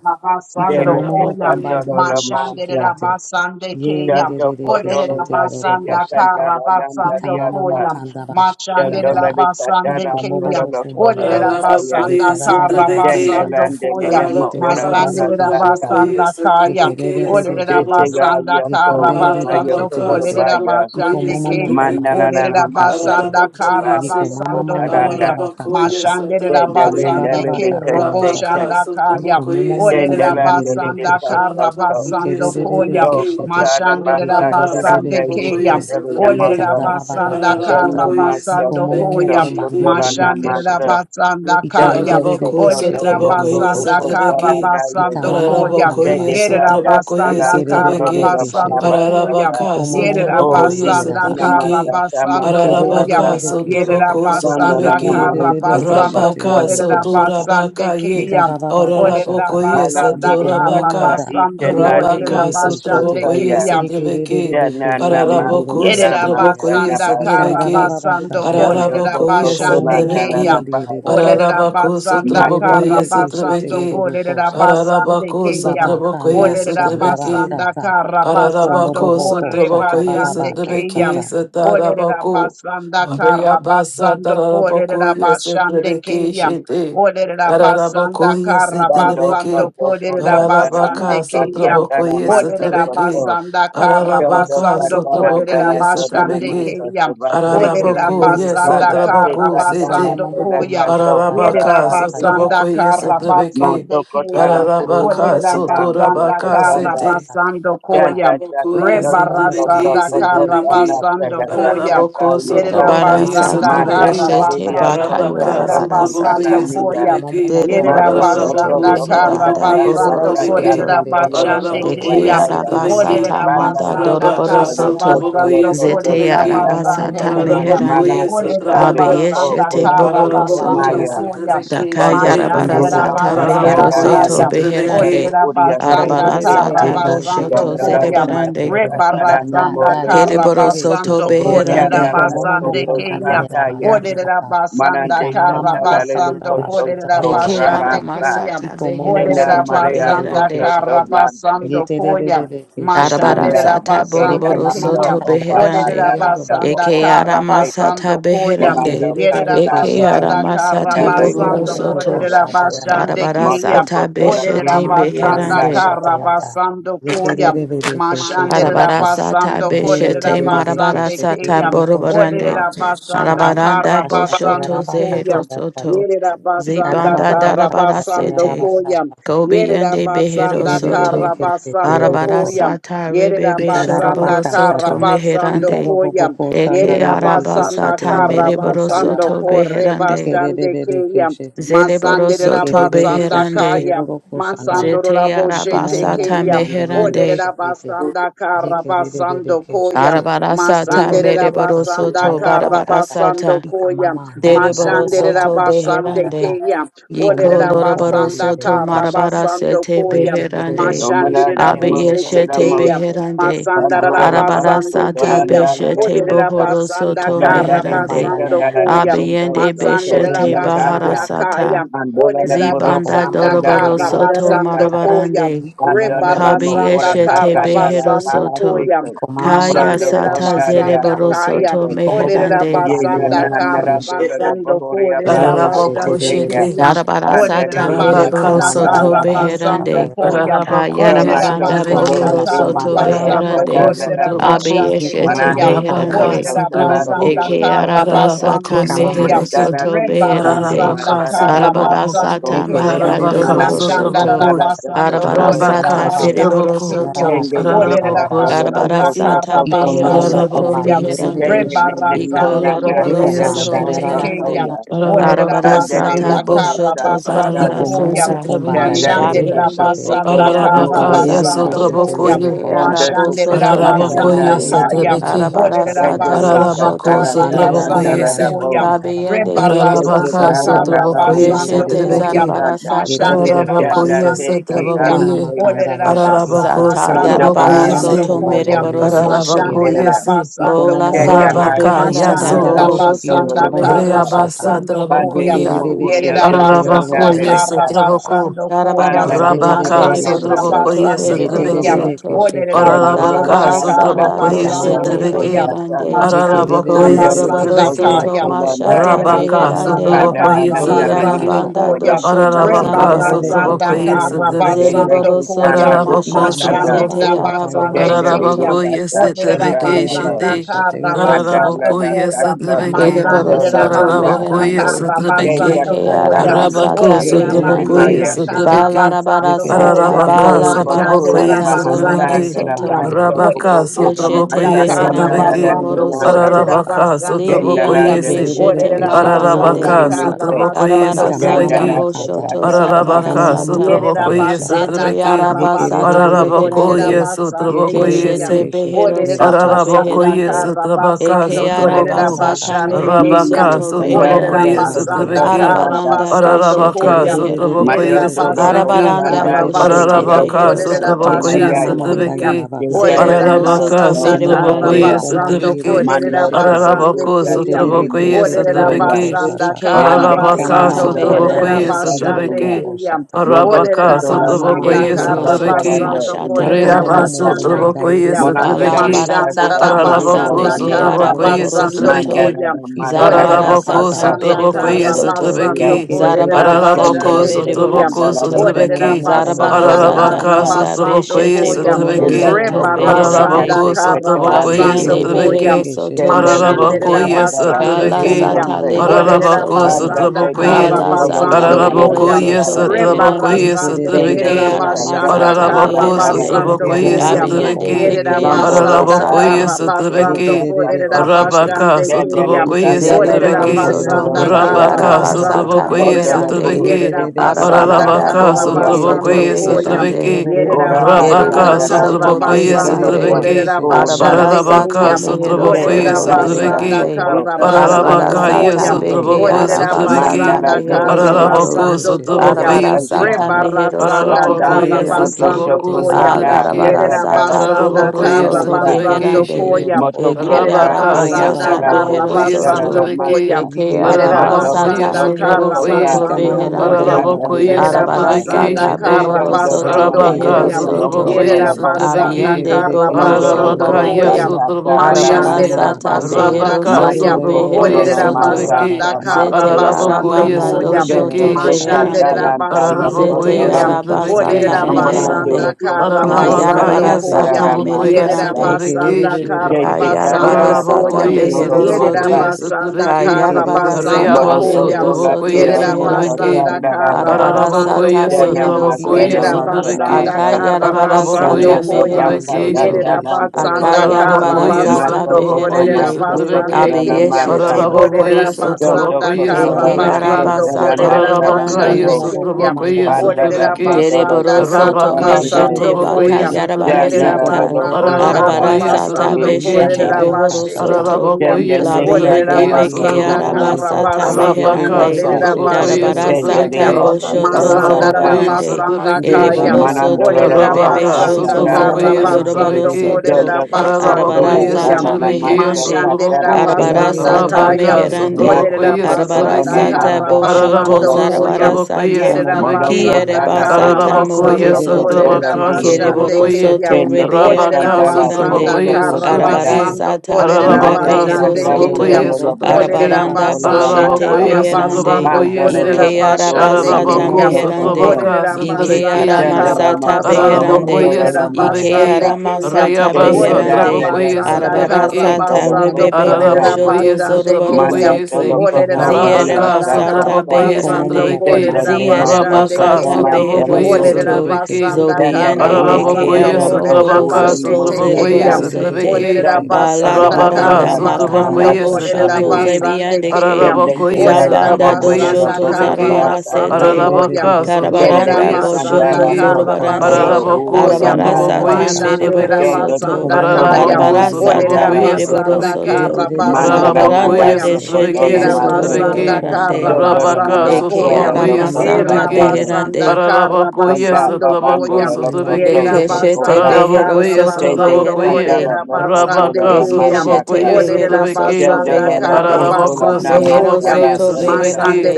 Iko
Dele de
momomo
Koya.
Arabakoye,
sandolo la
kombandierebe
Mashande
masa.
shikiyete.
Rabasande Keya.
Santo
Yerere
Olele la
cotolo
keshete
na deya
yaroroko
basanda
shata.
kara
sandala
basando
dandaria
Ikamama
sa.
Koya.
makandarash
Machande
Shandona
yandaha.
de
Rabasande
catara
Niko
Keya.
solo
mobobo
la
Olere
kumbandaha.
costa
Rabasanda
Arabakoye,
Yetarababa
Setrebeke,
Karabasando
kashata.
Koya.
Dendelandelema ora
Arabaka,
Masande
Yeterere
la
bahasaka.
keshetele.
Sotrobokoye,
basanda Kaya.
Setrebeke,
Yekerere
Olerera
shete.
Jetega
Sotrobokoye,
basanda kara
yako
Yekandere
basando
shete
mayoko
Ararabaka
yeke.
kolerera
tobaya.
Iko
basande
sotrobokoye
momomo
kem.
sotrebeke.
Olerera
Mandalarana
kumbandere
masa
keshete.
basanda
soko
kara
Ararabokoye
bare
Yeko
se.
mama
soko
basando
manda
koya.
taranda.
yaraba
Ararabokoye
kashata.
Mashanderera
sotrobokoye.
basande
Dendelendele
Ikandababa
ke
de
kata
robo
yashata.
Rabaka
kastete.
shanda kaya.
Niko
sotrobokoye
momomo
Olerera
sotrebeke.
kumbandere
Dendelandele de
basanda kara
kastato.
Ararabokoye
basando koya.
Bo
sotrebeke.
Yikedebebekeshete.
patara
Mashanderera
basa
Rabaka
basande
taranda di
keya.
Yekedebebekeshete.
sotrobokoye
kastelina
Olerera
sotrebeke.
mosa.
basanda kara
Yikandarababakashata.
Donna
Ararabokoye
masa
basando
soko
koya.
soko
sotrebeke
torana
Mashandera
Ikomomomokombandiyedebekeshete.
masa.
basanda kaya.
Danta soko
Ararabako
Yikedebebekeshete
Olerera
soko
sotraboko ye
soko
basanda
soko
yororokoshata.
kara
sotrabeki.
taranda
basando koya.
Ararabako ye
Ikamamamakandabashata.
Yerera
Dedekanda
sotraboko ye
basanda kara
sotrabeki.
Dalakotolola
Yikedebebekeshete.
basando koya.
Bahabasaka.
Ararabaka
Yerera
sotraboko
Oh,
ye
Isha
basanda
Ikomomomokombandiyedabashata.
sotrabeki.
kara
Namasaka
basando
Masaka.
koya.
Ararabaka
Yerera
Yikedebebekeshete.
sotraboko
basanda
Dandorona
sotrabeki.
kara
Mahito Zoba.
basando
Yekedebebekeshete
Rabaka
kolerera
yororokoshata.
basande
sotorabaka ye.
Ika
keya.
baba baka
Olerera
shata.
Ararabako ye
Hala
basanda
Yiko mama
kara
Dedekata
sotorabaka.
manda.
basando
Isha
De de de de
kolerera
Nadio
Rabaka
de
Koso
basande
kishete.
sotraboko ye
Soya.
keya.
Yeke de de de
sotrabeki.
de
Dana
kishete roro
Namasa
Ararabako
Yerera
koshanda
sotraboko
ya.
Damasa
ye
basanda kara
Nabasa.
Ikanda
sotrabeki.
baba baka
basando
shata.
Dando
kolerera
Ararabako ye
Toko
Iko mama
basande
moko
Tolandala
sotrabeki.
keya.
mandi de de
Bahasa.
shete.
Olerera
Ararabaku
Ike
basanda
de de
Macho
de
kara
Sutrabokoye
de
basando
kishete
Sutrabeki.
roro
kolerera
koshata.
basande
Ararabaku
keya.
Ibaba
Sutrabokoye
kanda
Olerera
shanda
Sutrabeki.
baka
basanda
ta.
kara
Iko mbobo
basando
Ararabaku
boko
kore
shata
Sutrabokoye
baba
basande
baka
keya.
Sutrabeki
shata.
Olerera
Satarabaku.
basanda kara
Parayabasa
basando kolerera
Tararabakoye
basande
Sutrabeki
keya.
Shiti.
Orera basanda
Ararabakoye
kara
Dando
basando
Sutrabeki.
Proto
korera
Kunda Dana
basande
Ararabaka
Masaka
keya.
Dana
Sutrabokoye
Masa
Orera
Sutrabeki.
Koso.
basanda kara
Don't go
Ararabaka
back
basando
on and that
korera
I
Sutrabokoye
don't know
basande
Sutrabeki.
myself.
Yete.
keya.
of a secret.
Orera
you.
Ararabaku
Yekerere
Yes
basanda
Panda
keshete.
kara
teta
Yiko
tala
Satarabaku
basando
momo
tala
Thank
moko
koya.
manda
tato
yaraba
ora
Yerera
Ararabaka,
kata
masika.
yaraba
Sotraboko,
basanda
yes,
kata
kara
yaraba.
Sotrabeke,
Monto
basande keya.
kotala
Ita mama
buruki
Ararabaka,
Orera
makata
sina
yaraba
basanda
bronco
Sotorabaka,
kata
kara
sanda.
yaraba
Sete,
kata
basando
yaraba.
koya.
Yanda
Araraboko,
tasa
Iko
yes,
momo
tasa tasa
moko manda
Sotrabeke,
Rebarasanda
tasa
yerere
kara
sana
Sotrabeke,
keshete
basando
tada
yororoko.
koya.
sata
Araraboko,
Yerera
yoko.
Sotraboko,
Yika
Arabara
mama
yes,
basanda
sata
makanda
Mata
kara
Sotrabeke,
beshete
kata
tariria
basando
yaraba
baka
kosto
kata
Rabaka,
to
kolerera
yaraba.
yarabara
Sotraboko,
kontala
basando
sata.
yes,
niya.
Iko
koya.
momo
Sotrabeke,
moko
Yerera
manda
Dereboro
Mato
de
koto
soto
Araraboko,
basanda
to
kara
kanda
Sotraboko,
keshete
beheranda
yes,
tasa
bohoro
basando
tasa
Sotrabeke,
soto.
kolerera
pantolo lo
basande
Yekererererereshete.
Araraboko,
kosa
Deke
keya.
yes,
taya.
Yeko mama
Sotrabeke,
arabasata
Olerera
makanda
Banda
manda
teka
basanda
yarabaka
doroboro
tala
Rabaka,
shanda
kara
lo
soto.
koto
Sotraboko,
yarabaka
lo
basando
yes,
shanda.
koto
Zete
kolerera
Yiko
Sotrabeke,
sata.
momo
basande
arabasata
moko mandi
keya.
Araraboko,
Mala
meherande.
yes,
teka
Olerera
yererereshete.
de
Sotrabaka,
basanda
Yiko
Abiyeshete
momo
kara
bohoro
moko manda
basando
Ararabokoye
soto.
maya.
koya.
yarabaka
Santebeke
shata.
Daka
Bondo
Shete,
Yiko
yarabara
toko
Mashandera
momo
sata
toko
moko
basanda
mehero
manda
sandala
Ararabokoye
soto
la
kaya.
de sante
yererereshete.
bu
beherande.
Santebeke,
Orera
uria
basanda
Arabara
setiketa.
kara
sata
Yekererererereshete
basando
boshoto
Rondora
yororoko
de
koya.
shata.
masa
zerebarande.
sakara
Ikanda
namo
Rebarasanda
anda
lo
kara
Kereboro
ukia.
soto
basando
yekerereshete.
korera
beherande.
Candala
Yiko
lo
momo
basande
koto
moko mandi
keya.
santaya.
yarabaka
Orera
shata.
basanda
Manande
Ika mama
kara
candala le
makata
basando
yarabashata
korera
so
Eke
yarabakata.
basande
arama
rabasa.
keya.
Iko
behero
momomo
Tena
Olerera
soto
kombandi
marea
yerere
basanda
beherande.
koto to
keshete.
kara
blanda de de
basando
casa.
koya.
Yeterere keshete
Arabara
Yanda
yeke.
Mashandera
sata
seke
Yeko
basande
boroboro
mama
calando
keya.
soto
o
makanda
papa
beherande.
Olerera
bashiki yondo
caranda
boko.
po
basanda
Eke
ori
kara
arama
kiseta.
sata
basando koya.
beherande.
Morando
Yerera
Ikerere
Eke
casando la
keshete.
basanda
arama
kara
sintona le
Maria
bohoro
basando
Yetororororo
soto.
Manataya
kolerera
koshata
Bokor
yarabaka.
basande
Arabara
keya.
sata
Motokotola
Mama
Olerera
beshete
kesa
mama
kala
Yukia
kanda
basanda
Saba
beherande.
naye.
kara
yashata yaka.
basando koya.
Yekerere keshete
Mashandera
Arabara
yeke.
sata
basando
beshete
kolerera
Yerere
marabara
basande
keshete
sata
keya.
yororo koshata.
boroborande.
Olerera
Rata
basanda
Ikababa
Shiria
Arabaranda
kara
kashata
boshoto
basando
yarabaka
zehero
koya.
tayashata.
soto.
Yerera basanda
Zibanda
Ikarababa
kara
darabara
kashata
basando
sete.
yarabaka
koyam.
shata.
Kobe and
Yerera
Behero
basanda
Ikerere
Soto.
kara
keshete
basando
Arabara
yororo
koyam.
Sata
Yerera
Rebebe
basanda
Shoroboro
Ikarabaka
kara
Soto
shata.
basando
Meherande.
koyam.
Ikaroboboko shanda
Eke
Yerera
Araba
yerebeke
basanda
shete
Sata
kara
yororoko
Mereboro
shanda
basando
Soto
baka.
kore
Beherande.
basande
Ikerebebeke
keyam.
shete.
Zereboro
Masandera
Soto
Ikerebebeke
basanda
shete
Beherande.
kayam.
yororoko shanda ha.
Masandora
Zete Araba
boshete
Thank
Sata
Ikamomomoko
you.
keyam.
mandi yerebe
Meherande.
Olerera
shekete.
basanda kara basando
Ikerebebeke
koyam.
shete.
Arabara Sata
Masandera
Mereboro
Yetororoko shanda
basanda
Soto
kara
yarabaka
Barabara
ta.
Sata.
basando koyam.
Ikamama nda nda
Dereboro
Mashandere
Soto
yarabaka shata
Rabasande
Beherande.
yata.
Keya.
Iko
Olere
Ikomomomoko
Ikoloroboro
mandi
Rabasanda
soto
yerebeke shete.
marabara
Karabasando
sete
Koya.
beherande.
Yeterebebeke
Omana
shete
Mashandira
lile moso
yororoko
na
Bosete
Abiyeshete
shata
Kaya,
beherande.
Masandara
Pandola
Ikambaba
la
Arabara
baha
Basande
kata
sata
Kaya,
sotoranda
yaraba
la la
beshete
Olera
kata.
kesa.
bohoro
Basanda
Iko
soto
momo
Ganda
Kara
moko
meherande.
banda
Basando
la
yaraba
Koya,
kasha.
kondo
Abiyende
sotola
Masandera
beshete bahara
masata.
Jekerererere
Basanda
kete.
sata.
Kaya,
Mandola la
Olera
Jeko
moroko
Zibanda
Mama
Basanda
sanda
doroboro
makanda
Kara
libio
rata
soto
Basando
kata.
sata.
Koya,
marabarande.
Iko momo
Pandola lo
moko
mo
bandi
Rebarasanda
ore
yerere
Kabiyeshete
Kara
keshe.
basanda la
behero
Basando
baha
soto.
Koya,
siko.
Iko Mama,
Kaya
Prondo
Mashandera
sata
kondaria
Basanda
yarabakashata.
zereboro
Kaya,
soto
konsete.
Ikomomomo
Olera
meherande.
Ye
komanda
na
Basanda
na
Kara
la
yarabakasha.
dola la
Basando
bohoria
Jekererereke. Jekomamama kandarashakata. Ikomomomo komanda
Koya,
basaka
yerereke. Ikomamama kandarashikiyata. Ikomomomo komanda yarabakiyeshe.
Basande
teya.
Ararabokoshete,
Yesheterereke.
Kaya, Orera
Darabarasata
Andalili
Rabaka
basanda
Yekomanda
mereborosoto
tarra
matakala
Sotrobuku,
basando
yarabakashata
beherande.
takesato.
koya.
yarabakata.
Ararabokoye
Orera
Yomato
Kayarabaranda
basanda
Santebeke,
kotola
Ikomomomo
de
tarra
bohorosoto
komanda
basando
yakasada
beherande.
Araraboko
yarabakiyete.
korera
ladako.
Sotrobuku,
basande
Abiyeshete
keya.
Panande
Jekomamama
po
kanda
Rabaka
beherande.
oso
Orera
Sotrobuku,
basanda
yondoboko.
salandalili
tarra
kososa.
basando
Ekearabasata
Araraboko
Ikama
koya.
mama
Santebeke,
kanda
Matara
meherosoto
Reba
tipo ote
yendere
beherande.
basanda
Ararabaka
shete
matara
tarra
Sotrobuku,
basande
pasoko.
Arabarasata
yeke
keya.
rere
manda
rere
Ararabaka
reke
Malante
Machanda
shete
rara
dohorosoto.
katala
Sotrobuku,
de
yokota
basando
kotolo lo
Nika
korera
Rabaka
baba
Arabarasata
kose.
baka
basande
Sotrobuku,
tayara
keya.
bereborosoto.
baka
Tendelili
Orera
tayara
Araraboko
baka
katolo lo
basanda
Arabara
koso
Santebeke,
tarra
sata
Iko
soto
behero
momo
basando
mo
naya.
soto
koya.
kombandi yere
Ararabakoyese,
reke
beherande.
shete
Tenelele
yeke
na
Iko
na
Rebarasande ke
na
lorobaro
Deko
tere lo
Ararabakoyese
soto
manda yara
roboshete
koso
Trebeke,
baka
meherande.
keyam.
toya.
tayara baka
Orera
Arabara
Ararabakoso
sata
Andalili
basanda
boho
Trebeke,
kara
boshoto
basando
zarabara
Iko
sakatala.
momo
koyam.
mo
Ararabakoso
sata.
kombanda
Trebeke
yere
Candele
Shite,
reke
Mashandera
sata
Dabiende
shete
basanda
beke
kotolo lomo
Yete
kara
araba
rere
Ararabakaya
reke
sata.
basando
orisite.
shete
koyam.
yoro
Sotrabokoye,
Eke
Donde
ko
arabo
buko
Mashandera
soto
Ika mama
satanda
basanda
meherande.
Ararabakoyese
makanda
yaka.
kayam.
yaraba
Trebeke,
Arabara
kashata
Orera
sata
Candele
yakanda.
basanda
boshoto
katala
kara
Ararabakoso
da
Anda ya yaraba
zeherande.
basando
sandala da
Trabokoyese,
kashata
bo.
koyam.
ya raba
Kabiende
kata.
behero
Teke
Iko
Rebarasanda
momo
Ararabakaso
kala
soto.
da
kara
moko
la
mandi
nomo
Trabokoyese
basando
yerere
ore
Keshete
boho
koyam.
Trebeke,
keshete.
zarabara
santa.
sata.
Yeterere
Mashandera
Yanda
keshete.
te
Ararabakoyese
basande
Yeko
keyam.
katana
mama
de
Trabokoye,
makanda
Orera
yakonda.
yashikiyata.
basanda
Zata
Ararabakoso
Ronda
kara
Iko
yarabara
momo
pai
basando
Trabokoyese,
moko
soto
ida
banda
koyam.
merebaro
yerere
bosonda
soto.
Mashandere
shikiyanda.
bokuya.
Ararabakoyese,
Iko
Rabasando
Ola
momo moko
Koyam.
sata
nda
Candela
ha.
Rabaka
beheranda
satanda
Anda
Mashandere
la
Yasoto,
bohoro
rashikiyo
kotolo
Rabasanda
soto
lo
rehero
toboboko
kusa.
shata.
Reabasa
soto.
Karabasando
trabokoye.
Koyam.
Pandele mo
Yekerere
Yere
Kabiende
uria
keshete
behero
yororo
kusanta
Rabasanda
le
Ararabakoye
de
soto.
se
casa.
koshata
traboko.
Karabasando
Darabara
Koyam.
Panda
sata
Ikandebebebe
Rabaka
kusata
Masandere
beriboro
keshete.
lo
soto
Sotrabokoye
Rabasande
kusa
beriboro
Kayam.
soya.
Sotrabeke
Yeterebebe
soto.
Odere
keshete yororo
Yandelele
Ararabaka
Rabasanda
Darabara
koshata. Ika
lala
sanda
lalo
Sotrabokoye
ora
Ikamama
Karabasando
la
doshete
Sotrabeke
Koyam.
sosa
makandaha.
tanda.
beherande.
Mashandere
Ararabokoye
Yekerebebebe
Mandele le
Koloroboro
Rabasanda
keshete
sosa
Sotrabeke
soto
Kayam.
yekete.
mashata
Odere
tolandaya.
Yeko
Rabaka
momomo
Rabasanda
beherande.
Andana
Sotrabokoye
komandia
nana lele
Karabasando
Sotrabeke
rabakashata.
sosa
Iarabanda
lo
Koyam.
doshoto
kondana na
Ararabaka
zarabara
Ikerebebebe
Rebarasanda
sata.
tarayase.
keshete
Sotrabokoye
yororo
Sotrabeke
Yende
koshata.
Karabasando
se
Zereboro soto
Koyam.
tanda la sa
Ararabako
Ika
mashata
baba
tanda.
Mashandere
baba
zete
Sotraboko
kata
arabohoro
Rabasande
Yende lele
soto.
Kayam.
yarabakashata.
sa
Ararabokoye
sa
Olerera
tanda
Sotrabeke
la
Yeterere
lo.
basanda
Shete
keshete
kara
yororo
Bandala
basando
koshata.
la
Ararabokoye
sa
koya.
Ika
sosa
Ikamama
Sotrabeke
manda
Ereboro
Masanderera
kotola la
soto
ya,
basanda
yarabakashata.
Ararabokoye
meherande.
kara
Iko momo
Yende
Sotrabeke
basando
Eke
moko
koya.
arama
katalando
Arabako
sata
ori
Olerera
sotrobokoye
beherande.
basanda
Yekerererere
simaya.
shete.
kara
sotrobeke.
Balarabara
basando
sata,
koya.
Yekerererere
Ararabaka
Oh,
keshete.
balarabara
Basura
Mashanderera
sotrobokoye
sata,
Niko momo
Bahasa
zorobaro
basande
sotrobeke.
moko
keya.
soto.
Bahasa
malierere
Arabaka
Kobo
Olerera
keshete.
Ora
Keshete
basanda
sotrobokoye
Nito
kara
beheranda
Masakandara
sotrobeke.
rorororororo
basando
bohoro
koshata
Diandaka
soto.
kolerera
Ararabaka
babakata.
basande
Gendala
keya.
Libiande
and
sotrobokoye se.
Ikererere
beshete
Olerera
Delivicasa
keshete
for all
yororo
basanda
marabarande.
we
Ararabaka
may
kara
koshata.
say.
sotrobokoye
basando
Karabara
Ika mama
sata
koya.
Gendala
mama
sotrobeke.
kata.
boshoto
Pesandala
Ika
zarabara
Papa,
Ararabaka
mama mama
sata.
kata
Yerera
sotrobokoye
yashata.
Zete
basanda
sotrobeke.
kara
araba sata
basando
Yekerererere
Ararabako
kolerera
keshete.
meherande.
ye
basande
sotrobokoye
Yetererere
kriya.
Keshete
se.
keshete
behero
Olerera
yororo
soto
koshata.
Araraboko
basanda
yes
beherande.
kara
Trabaka
Eke
basando
Ika
kolerera
Sotraboko
nayarabaka
arabasata
basande
shata.
mehero
kriya.
Rabaka
Jesus
soto
and that
Sotraboko
Olerera
Ikomomomoko
beherande.
yes
basanda
Trebeki
kara
Rakosandanda,
bandayarabakashata.
Arabaranda
basando
beshete
Ararabaka
koya.
Sotraboko
beherande.
Yerera
yes
Ikerebebebekeshete.
Matodoro
basanda
Trebeki
Arabaranda
Bosanda,
kara
boshete
Deridia
basando
Ikerebebebekeshete.
Ararabaka
behero
kolerera
Cosato
Sotraboko
soto.
yes
basande
Nayaya,
kriya.
Trebeki
Yekomamamandayarabakashata.
Olerera
Zereboro
Ararabaka
soto
Gedalimimoso
basanda kara
Sotraboko
merebarande.
Cotoria,
yes
Ikomomobomoko
basando
Trebeki
kolerera
Mando
mandiyerebekeshete.
Tobo
basande
Ararabako
kriya.
Usatene
Sotraboko yes
Yeterebekeshete
Olerera
Musapoya,
Trebeki
basanda
rorokoshata.
Eke
kara
Manda de
Ararabaka
arabasata
basando
Bandolo
Sotraboko
kolerera
Loco
meherande.
yes
basande
Santoya,
Trebeki
kriya.
Ikamamamakandarashikiyotobokoshata.
Mondo
Arabaka
Olerera
Cotola
Sotraboko
basanda
Tele
yes
Ereboro
karra
Santa
soto
Ikamamamakandarashata.
Trebeki
Lando,
basando
Ia
mashata
kolerera
bohoro
Cosata,
Reabaso,
Ikomomomoko
soto.
basande kriya.
Trabocoyes,
Molandera
mandayerebekeshete.
Trebeki,
Balarabara
Vika
Mashanda rara
sata manda
Sotora
Ararabaco,
basanda
so
beke
Ikerebebekeshete
karra
Lamosa,
Trabocoyes,
araboro
basando
rorokoshata.
soto.
Trebeki,
Mandara
koya.
Masa
Zarabara
Olerera
Ararabako
sata
Tata,
basanda
beriboro
sotrabokoye
karra
Ikarababakatabashatayaka.
Locondoro
soto.
basando
Cotoya,
sotrabeki.
kolerera
you.
Zarabara sata
Ararabako
basande
Dendele
Yekerererekeshiteyeke.
beriboro
kriya.
sotraboko
Sandala
soto.
Olerera
Locoto,
sotrabeki.
Zarabara
basanda
Socotoro
sata
karra
Ararabaka
Mosa,
manda
Yekomomomokombandayarabakashata.
basando
sotrabokoye
beshete
koya.
bohoro
Enda
sotrabeki.
soto
toko
Rebara
Rabasakata.
beherande.
sanda
Ararabako
Orabase
Ikomomomokombandiyererekeshete.
karra
sotrabokoye
Catalande,
basando
Kabiende
koya.
behero
sotrabeki.
soto
Dendele
Mashandera
beherande.
Yekerererekesheteyerurokoshata.
Ararabakoye
Sandala
basande
Kala
sotrabeki.
Tocoto
kriya.
sata
Se,
lehero
Olerera
Ararabako
soto.
Ikamamamakandabashikiyata.
Panda
basanda
de
sotrabokoye.
karra
Kala
Bocotolo
sata
no
basando
Maya
lehero
koya.
Ararabakoye
soto
Catala
Andayererekesheteyerurokoshata.
Si,
beherande.
sotrabokoye
Rebarasande
Dende
Eke
sotrabeki.
ara
Catala
Kerabashanda
masata
Si
Yekerererekesheteyerurokoshata.
Ararabako
Sandala
beherande.
Karabasando
Condoro
sotrabokoye
Koya.
Coto,
Abiende
sotrabeki.
beke ara
Rondo
Yerabasanda
Ikomomomokombandiyererekesheteyeke.
Loca,
Ararabakoye
basata.
Yesele
Karabasando
sotrabeki.
Vasaco,
Yetererekesheteyeke.
Rabaka
Koderabashande
Dandele
koyam
sotrabokoye
Kandala to
Ikerebebeke
Zeriboro
sotrabeki.
soto
Sondolo
Oderabasanda
ndeyoroko
meke
shata
ara
Dasaya,
Rabaka
Karabasando
basata
yarabakata.
sotrabokoye
Koya.
Pondola Buhu
meherande.
sotrabeki.
Seka
Ikerebebeke
Yerabasanda
shete.
Arabaranda
Pararabaka
bohoro
Kandandaya,
soto
Karabasando
sotrabokoye
Yekerebebeke
Koya.
beherande.
sotrabeki.
shendeyoroko
Koraba
Yerabasanda
Rabaka
mandierebeke
Yeriboro
Sandara
shete.
soto
sotrabokoye
Tamasa
Karabasando
beherande.
Koto,
Yekerebebebe
sotrabeki.
shete
Sakuri
yeke.
Arabara
Koderabashande
Muse,
sata
Pararabaka
koyam
mehero
Yekamamama
sotrabokoye
Jente
Olerera
soto
kandaba shata
basanda
sotrabeki.
beherande.
yaka.
Koto,
karra
Oteya
Arabara
basando
Pararabaka
Kanda
ye
Ikomomomoko
sata
koyam.
Sike,
beke
sotraboko
mandierebeke
Olerera
araba
shete.
sotrabeki.
sata
Mandala
basanda
mehero
Dolo
karra
Lamasa
soto.
Pararabako
Yekerebebeke
basando
shete
Koto,
koyam.
Arabara
sotrabokoye
yoroko
se.
Kotesa,
shata
sata
yaka.
Rebarra
mehero
sanda
soto
Panda
karra
to
Ararabakoye
Ikerebebeke
Koto
beherande.
to
basando
shete
satrabako
koyam.
yoroko
Kotada,
satrabeke.
shata
Alarabara
Yerera
yaka.
Yakandala
sata
Teo
basanda
bohoro
Ararabakoye
karra
soto
Kosota,
Ikerebebeke
basando
satrabeke
shete
beherande.
shite.
koyam.
yoroko
Eke
taha.
Motoko
Yerera
Brate
arama
Rabaka
Ora
basanda
yesu
sata
Kandala
bakanda
de
karra
behero
trabakoye
Katara
basando
soto.
bashikiyate.
satrabeke.
Lamasa,
koyam.
Eke
Vike de de
Yerera
araba
Madoko
shete
Ararabakoye
sata
basanda
yeke.
Toto
mehero
karra
Koka
satrabakoye.
soto
Ika
basando
mama
Iaka
manda
beherande.
koyam.
yara
Sanda Lady
Ararabokoye
bakanda
Yerera
Arabara
Kasa
bashiki
Sotrabeke
basanda
yororo
sata
ko
Shite
karra
bohoro
shata.
Dondo
soto
Dana
basando
Ike de
Rabaka
de
behero
Masa
de
koyam.
ke
Kamoko
soto.
Sotrabokoye
Yerera
Tora
shete.
Bosa
basanda
Ike
Sotrabeke
de
Abiende
de
kara
ke
boko
Onondo
shete
da
basando
yororo ko
Pararabakaya
Bosa
koya.
lorobarande.
shata.
Kata Rara
Sotrabokoye
Ika
Arabara
mama
Se
Mashandera
sata
Masako
makanda ha.
basanda
behero
Rabaka
kaya.
Mato
soto
Shendo yororo
behero
Kotoro
Sotrabokoye
ko
La
Oderera
shanda
soto.
yara
Masa
basanda
Sotrabeke
bakata.
kara
Zete
Tamasako
Ika
basando
Ararabokoye
arabanda
mama
do
koya.
mata
Dondo
yara
shoto
Sotrabeke Shite
bakashata.
Tokata
Mashandera
beherande.
Landa
Gito
basande
Zete
Ararabokoye
kaya.
Yakotolo
rorororo ko shanda
Sotrabeke
arabasata
Oderera
baba baba
Shite
basanda
meherande.
Ambrando
kata.
kara
Koston
Ike de de
basando
Dokata
Kayarabara
Ararabakaya
ke
koya.
sata
Tarara
shete yeke
Sotrabokoye
Yerera
Masaka
merebarande.
yeke de de
Sotrabeke
basanda
Shite
kara
ke
Jete
shete
basando
Kayarabara
yeke.
Kandara
sata
koya.
Ararabakoi
Ike de
Tokotoro
behero
ke
Yerera
esatrabakoi
Masa
soto.
shete
basanda
esatrabeki.
kara
Kayarabara
basando
sata
Morondo
Arayabaso
koya.
Ikerebebebebekeshete.
behero
Kola
trabakoi
soto
Tia
Yerera
Kosa
beherande.
esatrabeki.
Yekomomomomoko
basanda kara
Tandarada
Arabara
basando
Ararabakoi
sata
koya.
behero
esatrabakoi
Namasa,
soto.
namasa,
esatrabeki.
Yerabasanda
namasa.
Ikanayarabakashata.
Akayarabara
Ararabakoi
Karabasando
sata
Chandato
Koyam.
mehero
basata
soto.
esatrabeki.
Ikomomomokomandierebekeshete.
Yerabasanda
tadandalese.
Akayarabara
Ararabakoye
sata
Mato
Karabasando
koto
Ikerebebebekeshete.
satrabakoye
beherande.
maso koto
Korerabasande
satrabeke.
Kayam.
Abiyeshe
ranamasa.
te bohoro
Ararabakoye
Yerororororokoshandarabakata.
soto.
Chanto
Orerabasanda
satrabakoye
koto la
Eke
teko
satrabeke.
Karabasando
Arabasata
Ikandarabakandayashata.
sata
telanata
meherande.
Ararabakaya
Korerabasande
ranabo.
Kayam.
satrabakoye
Pandada
Ikomomomokomandayarabashata.
satrabeke.
kondolo
Orerabasanda
Dereboro
teko
soto
Arabaka
taranda.
meshete
Karabasando
baka
satrabakoye
Koyam.
Ikerererekeshe.
yarabara
satrabeke.
Chandala
sata
lolo
Yetororoko
Yerabasanda
pohusa
arabara
Ararabakoye
shandayaka.
kata
sata
Karabasando
lili
satrabeke
beshete
kanda.
shite.
bohoro
Korerabasete
Yikamababakashata.
soto
Kayam.
Chende
Ararabakoye
te kanta
labiende
la
satrabeke
beke
toko
Orerabasanda
no
araba
satrabako.
Ikomomomokomandiererekeshete.
sata
makoto
Karabasando
roko
Arabaka
meherande
sata.
Ikererekeshete
satrabakoye
darabara
Korerabasete
yeroroko
Chende
sata
shata.
Kayam.
rinyo
satrabeke.
Rona
to
is
boshoto
Masanda
Secretary
sata.
da
from
Ararabakoye
Ikarababakata.
zorobarande
Mama
basanda
Je
satrabeke
Secretary
kaya.
of
baba
ereboro
shite.
baba
Manandolo
soto
lo
Orera
kashata.
boho
rebebe
Arabaka
Rara is
basanda
shoto
sata
Ikomomomo
Secretary
kara
zoto
satrabakoye
komandi
yoroboro
basando
satrabeke.
soto
korera
Donde
babababakashata. Ikomomomokomandiererekeshete.
tocó
basando
arabara
toda
Ararabakoye
koya.
sala
sata
la
Yerererekeshete
Sotrabekeya
masa
yeke.
meherande
Mashandera
sacara
Sotraboko,
teo
arabara
basanda
cosa.
sata
kaya.
Rabaka
Shendegererekeshete
meherande
yeroroko
Masa
Orera
Sotrabakoye
shata.
arabara
cotoro
basanda
no
Sotrabeke,
sata
kara
masa
boshoto
basando
sacolo
Ararabako
Yimababakatabashata.
koya.
zarabara
coto.
Sotrabakoye
sata
Iko
Yerera
momo
Modo
moko
Sotrabeke,
basanda
cotala
mabakata.
de
kara
lo
Kierebasata
de
Ararabakoye
cosa
basando
Ikerere
Mohorosoto,
cotoro
korera
Sotrabaka
keshete
di.
yeroro
basande
Sotrabakoye,
koshata
keya.
Kereborosoto
Tiene te
yarabata.
Rebiande
Orera
Rabaka
candala todo
basanda
Boharande,
Sotrabakoye
Ikerere
coto
kara
shete
arabara
sanda.
Sotrabeke,
yeke.
basando
sata
korera
Manda
Mata
Ararabaka
Yerere
basande
kende
keya.
catalando
Beherosoto,
Sotrabakoye
lo
rororo
lo baso
koshanda
Orera
Sotrabeke,
Arabaranda
cotolo la
babakata.
basanda
Boshete
masa.
kara
Ararabakoye
Ika mama
Beherande,
basando
Sotrabakoye
makata
Pandoro
Se,
korera
lo
Ike
yashata.
coto
araba
basande
Iko
sata
ulimo
keya.
Ararabako
momo moko ma
Meherande,
socoso.
Sotrabaka
Orera
derere
Ike
Sotrabeke
basanda
arama
keshete.
Shide,
Tendolo
kara
mo
sata
Yeko
soba
basando
momo
Beherande,
Ararabakoye
cotoro
moko
korera
la
manda
Ike
Sotrabeke,
basande
yashata.
masa
arama
keya.
sata
Send the
Rayabasa,
Ikerere
Orera
Beherande,
keshete
Trabokoyes,
yeke.
basanda kara
Trabeki,
Iko
Arabarasata
momo mo
basando
Rebebe
kombanda
korera
yerebe
Koshoto
Ararabokoyes,
basande
kishiki anda.
keya.
Zoroborosoto,
Trabokoyes,
Yika
Orera
mababa
Rabaka,
basanda
kashata.
kara
Zieremasata
Sotrabokoyes,
Iko momo
basando
Beherande,
mo
Trabeki,
kombanda
korera
Ziera
yaraba
basande
Rabaka,
kashata.
masata
keya.
behero
Ye de
Sotrabokoyes,
de
Orera
de
soto,
de
Trabeki,
basanda
keshete.
kara
zobiende
Ye
de
de de de
basando
Ararabakoi
de
keara
de
korera
mohoro
keshete.
Satrabaka
soto,
basete
Ye de
Satrabakoi
de
keya.
zeroboro
de de de
sete,
Satrabeki
Olerera
keshete.
basanda
Ye ko
Rabaka
alarabaranda,
kara
mama kanda
makanda
basando
Satrabakoi
bashata
kolerera
boshoto,
yaraba
Satrabeki
basande
zebiende
kashata.
ke,
keyam.
Yiko
Ararabakoi
momo mo
Olerera
zabanda
kombanda
Satrabakoi
basanda
doshoto,
yeshekete.
kara
Satrabeki
zarabara
basando
sete,
koyam.
Ararabaka
Yekerere
Yerera
keshete.
karabaranda
Satrabakoi
Yeko
basanda
boshoto,
mama
Satrabeki
kara
makanda
zorobarande,
hasha.
basando
Ararabako
koyam.
Anda
arabara
yaraba
Satrabakoi
sata
kashata.
Mashandera
mereboro
Satrabeki
Yondo
Iko
soto,
basanda
momomo
Chocotola
kayam.
Ararabako
arabara
Nala
kumbandi yerere
sata
Olerera
Catala
Satrabakoi
keshete.
mereboro
Coto.
basanda
Satrabeki
kara
soto,
Yeterere
Mandara
basando
keshete
Ararabakoi
arabaranda
koyam.
de
mabasa
yeke.
shete
kotora
Satrabeki
Yerera
zoto,
masoko
Yetorororo
basanda
Satrabeki
yorobarande,
koshanda
kara
dodoro
yaraba
no
Rabaka
basando
kata.
Eke
masolo
koyam.
Satrabakoi
Yika
loko
mama
aramasata
Era
manda
Satrabeki
sataya
yaraba.
basanda
beherande.
kara
Ararabakoye
konda
basando
babando
satabako
koyam.
lo
Iko nda
loko to
yerere
sotabeki.
Eke
keshete
shete
Yerabasanda
sokota
yeko.
behero
Ararabakoye
soto
jende
Karabasando
Ika
santa
satabakoye.
la
beherande.
yaraba
doko tolo
Kolerabasande
Rabaka
da
Eke
Kayam.
shete
masaka
sotabakoye
kata.
behero
sotabeki.
soto
jende
Olerabasanda
lo
Iko
loko
beherande.
mama
tola
Ararabako
da
Karabasando
makanda
Mehero
Koyam.
sotabakoye
masala
soto
yaraba.
sarika
sotabeki.
beherande.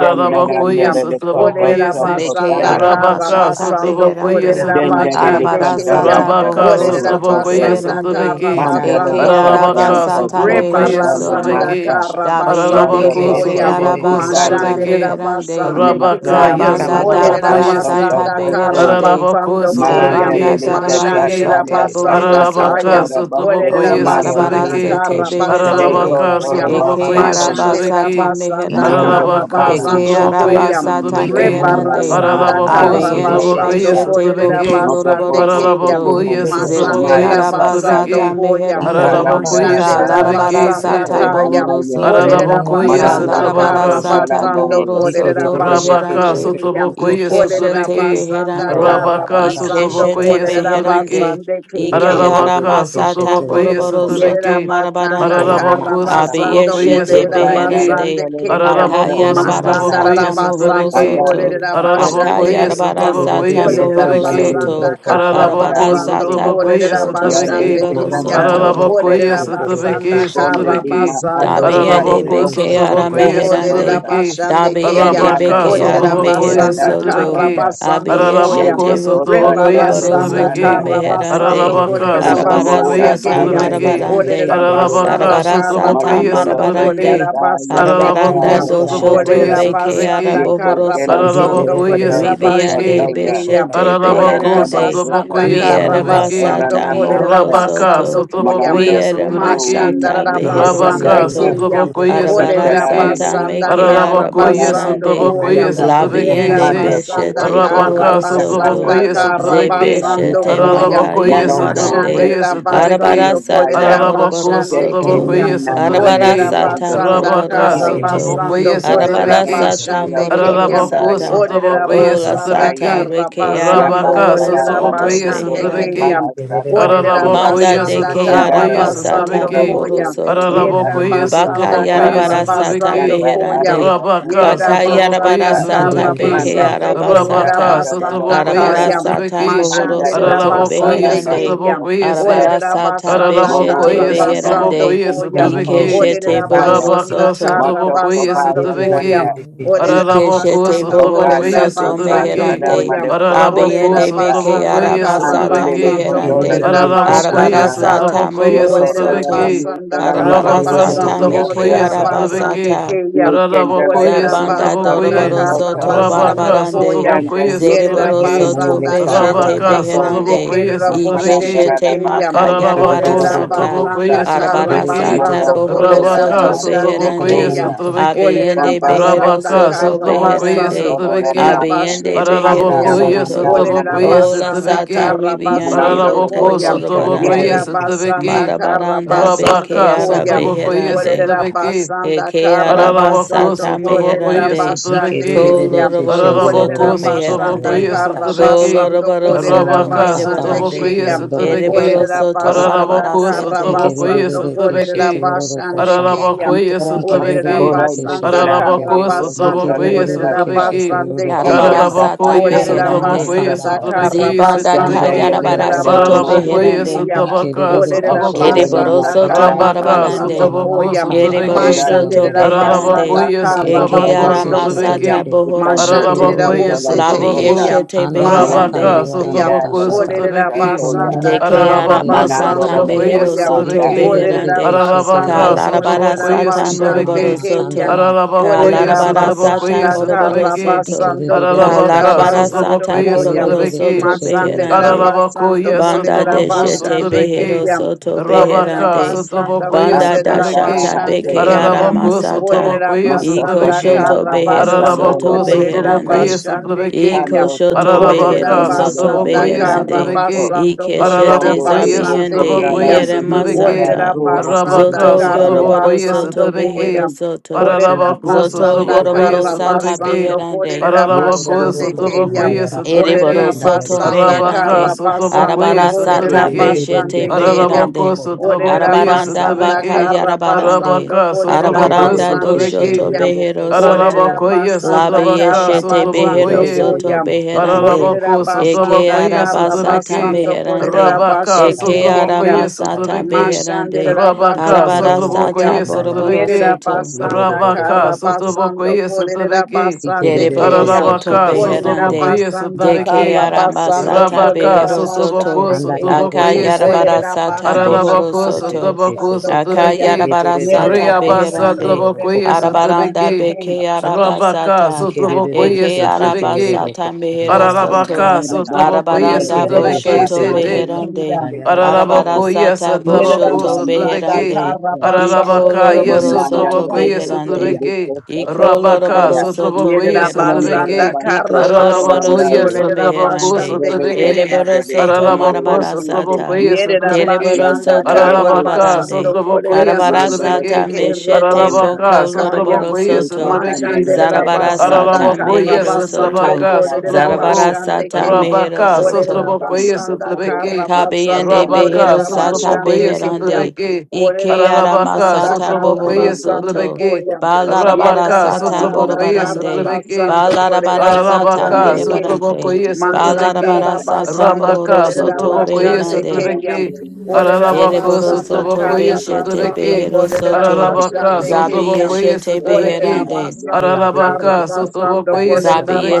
jende na
Yeko
Kayam.
nele
momomo
de koto
kumbandi
sotrabakoye
yerere
se.
Meke
keshete
Olerabasanda
sokotaya
arama
Rabaka
yanda
sata
Karabasando
sotrabakoye
beherande.
jende de de
sotrabeki.
Kolerabasande
Arabara
kantara
Kayam.
sata
tara
Rabaka
bohoro
buhu
soto
sotrabakoye
sose
Olerabasanda
beherande.
sotrabeki.
mandala de
Eke
Karabasando
araba
katolo
Koyam.
Ararabaka
sata
koso
sotrabakoye
mehero
dana
Rebarasanda
soto.
sotrabeki.
masa
Dabiende
Karabasando
rando
Ararabako
doko
beke
Koyam.
sotrabako
araba
to
sata
sotrabeki.
meherande.
Mashanderabasande
Rabaka
Matela
Kayam.
ya
Zabanda
delele koto
Olerera
darabara
sotrabakoye se.
soto
sata
basanda kara
koto.
Ikamamamakandarashata.
beherande.
Ararabako
basando koya.
Malandele
sotrebeki
Zabanda
de kata
darabara
sotrebeki
Mashanderera
kanda
sata bohoro
basanda
kakanto
kaya.
Ararabaka
soto.
ora baste
Olerera
O
sotrobokoye
kamara
larabara
basanda
si.
sotrebeki
sete
kara
De
basando
beherande.
Ararabaka
koto
koya.
lo
Eke
sotrobokoye
bastonto ya.
Mashanderera
arabasata
sotrebeki
basanda
Malondo
meherande.
kara
Ararabaka
kabali de
Eke
basando
kiste
sotrobokoye
koya.
inu
arabasata
yeso
sotrebeki
momo
maya
meherande.
komba
Rebarasanda
yala
dia
Ararabako
kara
dede
maria
Abeyende
shete.
basando
sotrobokoye
pesa.
beshete
kolerera
boko
sotrebeki
Moto
basande
loroboro
bobo
keya.
toto
soto.
bo
Ararabakoye
soto
Zete
Masanderera
maya
sotrobokoye
basando
kataya.
arabasata
sotrebeki
koya.
Ika
meherande.
Kalanda
Ika
Ararabakoye
Ka
Mashanderera
paha
larabara
sotrebeki
soto
basanda
sata
to
sete
kaya.
bohoro
namaya.
Iko
soto.
momo
Orera
mo
Ararabakoye
Ka
kumbande
Malondo
basanda
yerere
larabara
koso
kara
sotrabaka Sot
keshete.
sata
basando
bohoro
talandaye.
Yeke
korera
soto
yerere
Rabaka
basande
beherande.
keshete
kiyam.
sotraboko
boroko
ye
shata
Orera
yaka.
Ikeshete
sotrabeki.
basanda
beherande.
Rabasakata.
kara
Rabaka
Ikarababa kashanda
basando
sotraboko
Ikeshete
ye
yarabaka
korera
shete.
beherande.
sotrabeki.
basande
Yeke
kiyam.
Ike ara
yerere
Ararabaka,
masata
keshete
Sotobokoye,
boroboro
boroko shata.
Yerera
soto
Sotobeki,
Ika
basanda
marabarande.
mama
kara
Ararabako,
makanda baba
basando
Sotobokoye,
Ise
shete
Abiyeshete
korera
boroko shata.
Sotobeki,
kanele
beherande.
basande
tele de
kiyam.
koso.
Ika
Ararabako,
you.
mama
Akayarabara
Masanda
Sotobokoye,
rara
sata mohoro
Ikamamamandayarabashataya.
basando
Sotobeki,
Russia.
soto.
Andale
korera basande
Ararabakoye,
Sandolisa,
Akayarabara
kiyam.
Sotobokoye,
sata
Orera
mohoro
Ikerererekeshete
Sotobeki,
Yetandale
soto.
basanda kara
Brotosata
Ararabako,
Arabara
basando
Ike,
sata
rorokoshandayarabakataya.
Sotobokoye,
korera
boshoto
Yande
Ika
basande
Sotobeki,
zereboro
mama
kiyam.
manda re
Setandalo
soto.
Ararabakoye,
Orera
re
Loboho,
re re re re
Sotobeki,
re.
basanda
she te.
Bonde
Sotobeki,
Dima
Ika
kara
re re re re
Dabiende
re
Atsakate
Ararabako,
re she te
bekeara
re.
Okoshota
Sotobokoye,
Olerera
meherande.
Kondosa,
Sotobeki,
Ika
basande keya,
Dabiende
Arabaka,
Yandale
Ika
Dia
mama
bekeara
olerera
ma kanda
Sotobokoye,
mehero
ya
basanda
Sushanda
ra ra
soto.
kara
ra
Sotobeki,
Dusanda,
ra ra
basando
ra ra.
koya,
Abiyeshe
Ararabako,
Yondo
te roko
Kota
Sotobokoye,
Tale
lorobaro
Iko
rebarasanda
mama
Sotobeki,
ma
soto
Santa
kara
kanda ra
Sata,
she
basando
meherande.
te re re re
Ararabaka,
re
kolerera
Yondo
she te.
Arabara
Sotrabokoye,
basande
Mora
ta
Ye re
keya,
Basta
re re. re
Sotrabeki,
Dele
re she
marabarande.
olerera
te re re re
Dicendaya,
ko
basanda
Ararabaka,
sha
Arabara
ta
kara
ta
Sotrabokoye,
Malondo lo
ta.
basando
kosa
Sotrabeki,
kolerera
marabarande.
ta ye ke
Iko
basande
mama
ta
keya,
Arabaranda
Ararabako,
mo
ye
ko mba
sande
ndi
doshoto
Sotrabokoye,
re
ya
olerera
re. re re she.
bekeara
basanda
Sotrabeki,
Yeketa
bohoro
kara
Yekandeya, Yekendelo
Ye
soto.
te
Tule
basando
re re
Ararabakoye,
re re
Sando
kolerera
da
re. she te re re
Ribiande
basete
Sotrabeki,
koto
re
ya.
ko
keya,
sha
beshete
ta ta ta.
olerera
Ararabako,
Manandela
beherande.
basanda
Sotrabokoye,
Ika
kara
mama ma
Keshakoto
Sotrabeki,
kanda
basando
Rierabasata
ra.
kolerera
mohoro
Olanamase
Rabaka
soto.
basando koya,
Manondo
sotrobokoye
Riera
Koto
sotrobeki.
masata
She
Uisuku
re
behero
re re
Rabaka
re.
Kandaya
she
soto.
te
Mashandarabasandekeya.
re re re Ika mama mama
sotrobokoye
mama
Arabara
Astela
sotrobeki.
sata
Nilio
Olerabasanda
meke
Koto
Ararabokoye
Kotaranda
karabasando
araboharande.
koya.
sotrobokoye
Kapesa
sotrobeki
Labiende
se.
Panda Bo
Yerabasanda
beshete
Odeba
Rabaka
bohoro soto.
karabasanda
sotrobokoye
Atakandolo Broko
sotrobeki.
karabasando
Sata
Zebeshete
koya.
Ararabokoye
Manondo
makayarabarande.
sotrobokoye
Huku
Mashandarabasando
sotrobeki.
Arabara sata
Brasinaya
Araraboko
moroboro
Tete
soto.
kolerabasandekeya.
sotrobokoye
Nana Nande
Arabara
sotrobeki.
sata
Diondo
Olerabasanda
moroboro
Rabaka
Kotataya
soto.
karabasando
sotrobokoye
Arabara
Nodoralemo
sotrobeki.
sata
Oria
moroboro
kolerabasandekeya.
Araraboko
Kosundaya
sata.
Kato
sotrobokoye
Ola
Olerabasanda
Kotaya
sata
sotrobeki.
reke
Ya
ara
karabasando
Rabaka
mohoro
Yabatara
soto
sotrobokoye
Banasondolo
beherande.
sotrobeki.
kolerabasandekeya.
Bahasa koto
Olerera
Kotoya,
Manda
Ararabocoia,
de
basanda
ke
kara
Satrabocoia,
araba
Pandalolo
sata
basando
Ora
Satrabeki.
Bo
bohoro
koya.
Ora Kisa
soto.
Yerera
Ararabocoia,
Galilei
Baka
Kisa
basanda
Satrabocoia,
Tanya,
kara
yarabara sata
basando
Satrabeki.
Yanda
koya.
beherande.
Agada Santa
Rabaka,
Yerera
Baka
Lato
Satrabocoia,
yarabara
basanda
Costa,
sata
kara
Satrabeki.
beke
Manda
basando
araba
Tete
kolerera
Rabaka,
sata.
Galandolo
basanda
Satrabocoia,
Arabara
kaya.
Costa,
sata
Satrabeki.
mohoro
Manda
Mashanderera
soto
Tete
Ararabocoia,
basande
beherande.
keya.
Galandalo
Satrabocoia, Si.
Arabara
Olerera
Costa,
sata
basanda
beshete
Monondo
kara
Ararabocoia,
Landala
basando
beherande.
Satrabocoia,
Iko
koya.
Kisa
momo
Ike
To
mo
Satrabeki.
shete
kumbani
Olerera
Isetanda,
bohoro
de
basanda
Rabaka,
soto.
kara
Mato
Satrabocoia,
basando
Kobaya
de de de de
koya.
de de de
Satrabeki.
Sanda,
de de
Olerera
Araraboco,
Ikeshete
de
basando
bohoro
kolerera
Satrabocoia,
Kobanda
soto
Teba
basando
Satrabeki.
Sada
meherande.
koya.
Madokoto
Araraboco,
Olerera
Abiende
Sasa,
beke
basanda
Satrabocoia,
kara
arabasata
Bandolele
Satrabeki.
basando
Thank
kondola
meherande.
kolerera
kisa
basanda
Ararabokoye
sana.
kara.
Arabarasata
sotrabokoye
mohoro
Yoko
Olerera
ola la
soto.
sotrabeki.
musa
basanda
la
kara
nyala le
Arabaka
you.
Arabarasata
basando
bohoria
meke
sotrabokoye
kolerera
kasa.
basande
sotrabeki.
arabasata.
keya.
Yukenda la
Ararabokoye
Olerera
dola la
Zabanda
basanda
konto
sotrabokoye.
doroboro
sosa
kara
soto
kasa.
basando
Arabaka
barabarande,
koya.
Danda
sotrabokoye
sete
Yerera
zereboro
sele
sotrabeki.
le
soto
de
basanda
kasa
kara
beshete
Arabaka
basande
katoria.
beherande,
sotrabokoye
kerera
sotrabeki.
Paranda
boshete
la la
ikeshete
keya.
maka
baso koto
Ararabako
la
Olerera
yarabarasata,
sotoboko
tokusa.
basanda kara
yesotobeki.
arabarasata
Mato
basando
koto
bohoro
la
kolerera
Rabaka
soto
maso
basande
sotoboko
beherande,
keya.
kotoria.
yesotobeki.
Olerera
abiende
Kondala la
behero
basanda
Rabaka
kisa
soto
kara
sotoboko
tayo koto
basando
beherande,
la
kolerera
yesotobeki.
masa.
abiende
basete
Ata
behero
Ararabako
keya.
bananda
soto,
yesotoboko
Olerera
mario
ola
kosa.
basanda
sata
yesotobeki.
kara
ribiande
Manando
basando
la la
boko
Ararabako
koya.
sotoboko
koseta.
Yerera
lorobarande,
basanda
yesotobeki.
kara
marabaranda
basando
beke
Rabaka
ara
koya.
sotoboko
beherande,
Olerera
yesotobeki.
basanda
Eke
kara
araba
Ararabako
basando
sata
sotoboko
kolerera
meherande.
basande
yesotobeki.
Ko
Yikerere
keya.
loroboro
keshende
Olerera
soto
Ararabako
gororoko shata
sotoboko
basanda
meherande.
yarabaka
kara
Ko
shata.
yesotobeki.
basando
loroboro
Iko
kolerera
mama
soto
Arabaka
makata
basande
sotoboko
merebarande.
bashiki
keya.
yandoboko
yesotobeki.
Ereboro
shata
Olerera
soto
yarabaka.
basanda
barabara
Ararabako
kara
sete.
sotoboko
basando
Ikererereke
kolerera
shete
yesotobeki.
yororoko
basande
shanda.
keya.
Ararabako
Olerera
yesotobeki.
Ora
Ikererereke shete
basanda
Michela
yeke.
kara
Ararabako
Angelio
basando
sotoboko
Sandana de
kolerera
Yekererereke
Castro,
shete
yesotobeki.
basande
yororoko
Ondo
keya.
Yarabara
shata.
Ararabako
Tapa
sata
Ika
Olerera
Aria
mama
yesotoboko
beherande.
makanda
basanda
Castro,
kara
bakata.
yesotobeki
Zibanda
Anda
ka
basando
Dande
sotobeki.
Lele
bakia
yarabara
kolerera
Dele de
soto
toboko
Moro
Ararabako
basande
shata.
de
beherande.
keya.
Masa,
yesotoboka
Ikererereke
Olerera
shete
Batora
sotoboko.
di
Ereboro
basanda
yororoko
masala
soto
la
shata.
kara
Dele
Arabaka
de
Ika
basando
marabarande.
Costa,
mama
sotoboko
koya.
makanda
Ereboro
Onda
sotobeki.
bashiki
Te
soto
Mashanderera
yondoboko
Satan
ta.
la
beherande.
basanda
Ararabakoye
Lasta
kara
Eke
sotabako
Cobroso
Ikererereke
basando
arama
shete
Sete,
koya.
sata
sotabeki.
yeke.
bohoro
Decante
soto.
Mashanderera
Ararabakoye
bose
Yekererereke
Isotolanta
Labi
shete.
Fonda,
tekeya.
sotabako.
yeshete
Anda
Mas
Molonda
beherande.
de
babakanda
Rabaka
Yam.
Tenda
yarabaka
la
sotabako
La
shata.
Orera
Costa
sotabeki.
Iko momo
Soya,
De
basanda
moko
que
kara
Ararabako
mandiyereke
arabasata
Manandola
basando
la
keshete.
sotabakoye
mejero
Costa
koyam.
soto
Tan,
sotabeki.
Orera
bejerande.
Ararabaka
basando
Calarabara
Yetererererekesheterorokosata.
korera
sotabakoye
sata
basande
moroboro
sotabeki.
keyam.
soto.
Ikamamakandaha.
Ararabakoye
Orera
Calarabara sata
sotabakoye
basanda
Andayarabokosatayaka.
moroboro
kara
sotabeki.
soto.
basando korera
Ararabaka
Calarabara
Ikerererekeshete.
basando
sata
sotabakoye
koyam.
moroboro
sotabeki.
soto
Yekerererekeshete yeke.
Masandera
bejerande.
basando
Ararabakoye
Banda
korera
de
sotabako
shete
basande
behero
sotabeki.
keyam.
Ikondarabashatayarabaka.
soto
Orera
Rabaka
beherande.
Thank
basanda
sotabakoye
Ikomomomoko.
Banda da
korera
Achata
sotabeki.
shata
Baja
basande
beke
Sete,
ara
keyam.
Ararabaku
masata.
Orera
sutlabakwe
Moto
Iko
basanda
sutlabeki.
Cotola
shoto
kara
Baja
behero
Sana
basando
soto
la
Ararabaku
korera
De
sutlabakwe
beherande.
basande
sutlabeki.
Iko
keyam.
Ando to
shoto
bote
Olerera
li
behero
Ararabaka
mada
soto
la
basanda
sutlabakwe
media
kara
beherande.
soso.
sutlabeki.
basando
Ike
kolerera
shete
Rondo to
Ararabakwe
basande
boko
zabiende
sutlabakwe
keyam.
iere
narando li de
sutlabeki.
Olerera
masata.
casoro
basanda
costa
Zoto
Rabaka
kara
taya.
yorobaro
sutlabakwe
basando
soto
Ikerererekesheterorokosatayaka.
sutlabeki.
behero
koyam.
soto.
Olerera
Ararabaku
Zoto
basanda
sutlabakwe
yorobaro
kara
sata
basando
sutlabeki.
Ikerererekeshete.
beherande.
kolerera
Ararabaku
basande keyam.
sutlabakwe
Yerorororokosandayarabaka.
Olerera
Ereboro
sutlabeki.
soto
basanda
Sandayarerekeshete.
Arabaka
kara
meherande.
basando
sutlabakwe
Arabara
kolerera
sata
sutlabeki.
Ikererereke
basande
beshete
shete.
keyam.
Ararabaku
beherande.
Olerera
sutlabakwe
Arabaranda
basanda
baka
sutlabeki.
kara
yarabarande.
basando
Arabaka,
Ikerererekeshe
kolerera
Sotraboko,
Arabaranda
basande
Sotrabeki,
doshoto
you.
keyam.
behero
Olerera
soto.
Arabako, yes,
basanda
Labi
Sotrabaka,
karra
yeshete
basando
behero
Sotrabokoye,
soto
koyam.
beherande.
Olerera
Ararabako
Eke
sotrabako
basanda
ye
kara
arabasata
sotrabeke.
basando kolerera
meherande.
Rabaka
bashete
Eke
sotrabako
keya.
ye
aramasata
sotrabeke.
beherande.
Mashandera
Rabaka
basando
Arabara
sotrabako
koya.
sata
ye
boroboro
Yerera
sotrabeke.
soto.
basanda
Rabaka
kara
sotrabako
basando
ye
kolerera
sotrabeke.
basande
Deriboro
keya.
soto
Ararabaka
Olerera
sotrabako
beherande.
ye
basanda
De
kara
sotrabeke.
keara
basando
masata
Rabaka
kolerera
behero soto.
sotrabako
basande keya.
sotrabako ye se.
Akayarabara
Olerera
sata
basanda
bohoro
Ararabako
kara
soto.
sotrabako
basando koya.
sotrabeke.
Akayarabara
Yerera
sata
Reabasa
basando
beherande.
trabako
kolerera
ye
Arabaranda
basande
sotrabeke.
keya.
beke
Rabaka
arabasata.
sotrabako ye
Ikererereke
Eke
sotrabeke.
shetegeroroko
basata mehero
Ando
soto.
Ararabaka,
de
shandayarabakashata.
Sotrabokoye,
basando
Arabaranda
la
Ikerere
Yerera
Sotrabeke,
sopata
boshoto
basande
Sete,
shetegeroroko
maria
beherande.
keya.
sacete
shandayarabakashata.
Arabara
sando.
Ararabokoye,
sata
Yete
Sotraboko,
boshoto
lindo la
Yerabasanda
Sotrabeke,
sete
beherande.
se.
Karabasanda
Iko
Ararabaka, yes,
loroboro
Mananda
soto
la de
Sotrabokoye,
Kolerabasanda
sete
beherande.
li
Kaya.
de
Sotrabeke,
costa soco
Rabaka,
taya.
Ikoloroboro soto
Sotrabokoye,
Rondo
meherande.
la
Yerabasanda
Sotrabeke,
basete
Ikoloroboro
Karabasanda
Ararabokoye,
polandaye.
soto
Sotraboko,
meherande.
Kolerabasanda
Dove
Kaya.
Sotrabeke,
Ereboro
pesado de
soto
sanere
Araraboko,
marabara
esiste.
sata.
Sotrabokoye,
Yerera
Sotrabeke,
Dereboro
Yanda
basanda
la
soto
de
kara
costa.
Ararabaka,
basando
borobarande.
korera
Sotrabokoye,
Arabara
Yanda la
sata
de
basande
Sotrabeke,
ke robo
meshete
costa
Ararabaka,
shanda
boko
kaya.
loroboro
Sotrabokoye,
Yeko
soto.
Rada
Sotrabeke,
sanda
is
la
Mashanderera
Secretary
kosa
Zarabara
on the
basanda
sata
kosi,
Ararabako,
kara
yes,
mehero
basando
soto.
anda
Trabaka,
la la
korera
bolo
Zarabara
Sotraboko,
kosa
basande
sata
ke.
mira,
mehero
Rabaka,
Orera
soto.
Sotraboko,
donde
yes,
de
basanda
poho la
kara
Trebeki,
tua
Kabeyende
basando
costando la
Rabaka,
behero
korera
lucando
sata
de la
Sotraboko,
basande
yes,
ke
kosa
ya.
beherande.
kosi,
Trebeki,
da
Ike
Orera
arama
ti
Ararabaka,
basanda
sata
casa la
kara
Sotraboko,
bohoro
yes,
mira,
basando
soto.
Trebeki,
kosa
koya.
kosi,
Balarabara
Yerera
Rabaka,
sata
anda
Sotraboko,
basanda
yes,
kara
borobarande.
Sotrabeki,
basando
Balarabara
korera
sata
donde
Ararabaka,
basande
le
ke.
kosa la
merebarande.
la
Sotrobokoye,
kosa
Sotrobeke,
Balarabara
kosa,
sata
Masandarabasando
mohoro
Rabaka,
donde
soto
la
Sotrobokoye,
kosa de
Korerabashande
beherande.
la
Kayam.
Sotrobeke,
bolo mira,
Ararabako,
Ereboro
Orerabasanda
soto
donde de la kosa kosa mira,
Sotrobokoye,
ya,
beshete
Karabasando
Sotrobeke,
behero soto.
Ararabaka,
Korerabashande
Zabi
Kayam.
Sotrobokoye,
yeshete
Sotrobeke,
beherande.
Orerabasanda
Ararabaka,
ya
Karabasando
kosa
Sotrobokoye,
la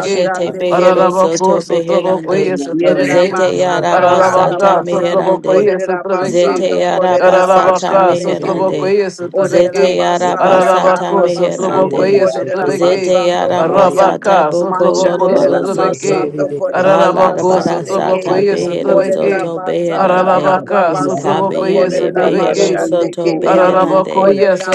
Uh,
Kayam.
behero
Ararabako,
soto
Sotrobokoye,
beherande.
Candela
Sotrobeke,
Zete
Yerabasanda
yaraba sata
Ararabaka,
Karabasando
meherande.
Sotrobokoye, Sotrobeke,
Zete
Korerabasando
yaraba sata
Ararabaka,
Korerabashande Kayam.
meherande.
Sotrobokoye,
Ikerere
Orera
Zete
Sotrobeke,
yaraba
basanda
sata
kara
Ararabako,
basando
meherande.
Sotrobokoye,
korera
Sotrobeke,
Zete
basando koya.
yaramasata
Arabaka,
boko
Sotraboko,
Machandera
loroboro
Sotrabeke,
soto.
basando korera
Arabako,
Balarabara
basande ke.
sata
Sotraboko, yes,
behero
Orera
Sotrabeke,
soto
basanda
beherande.
kara
Arabaka, Sotraboko,
basando
yes,
Kabiyende
korera
behero
Sotrabeke,
do
basande
soto
Ruku
keya.
Ura
beherande.
Arabako,
Mate,
yes,
Orera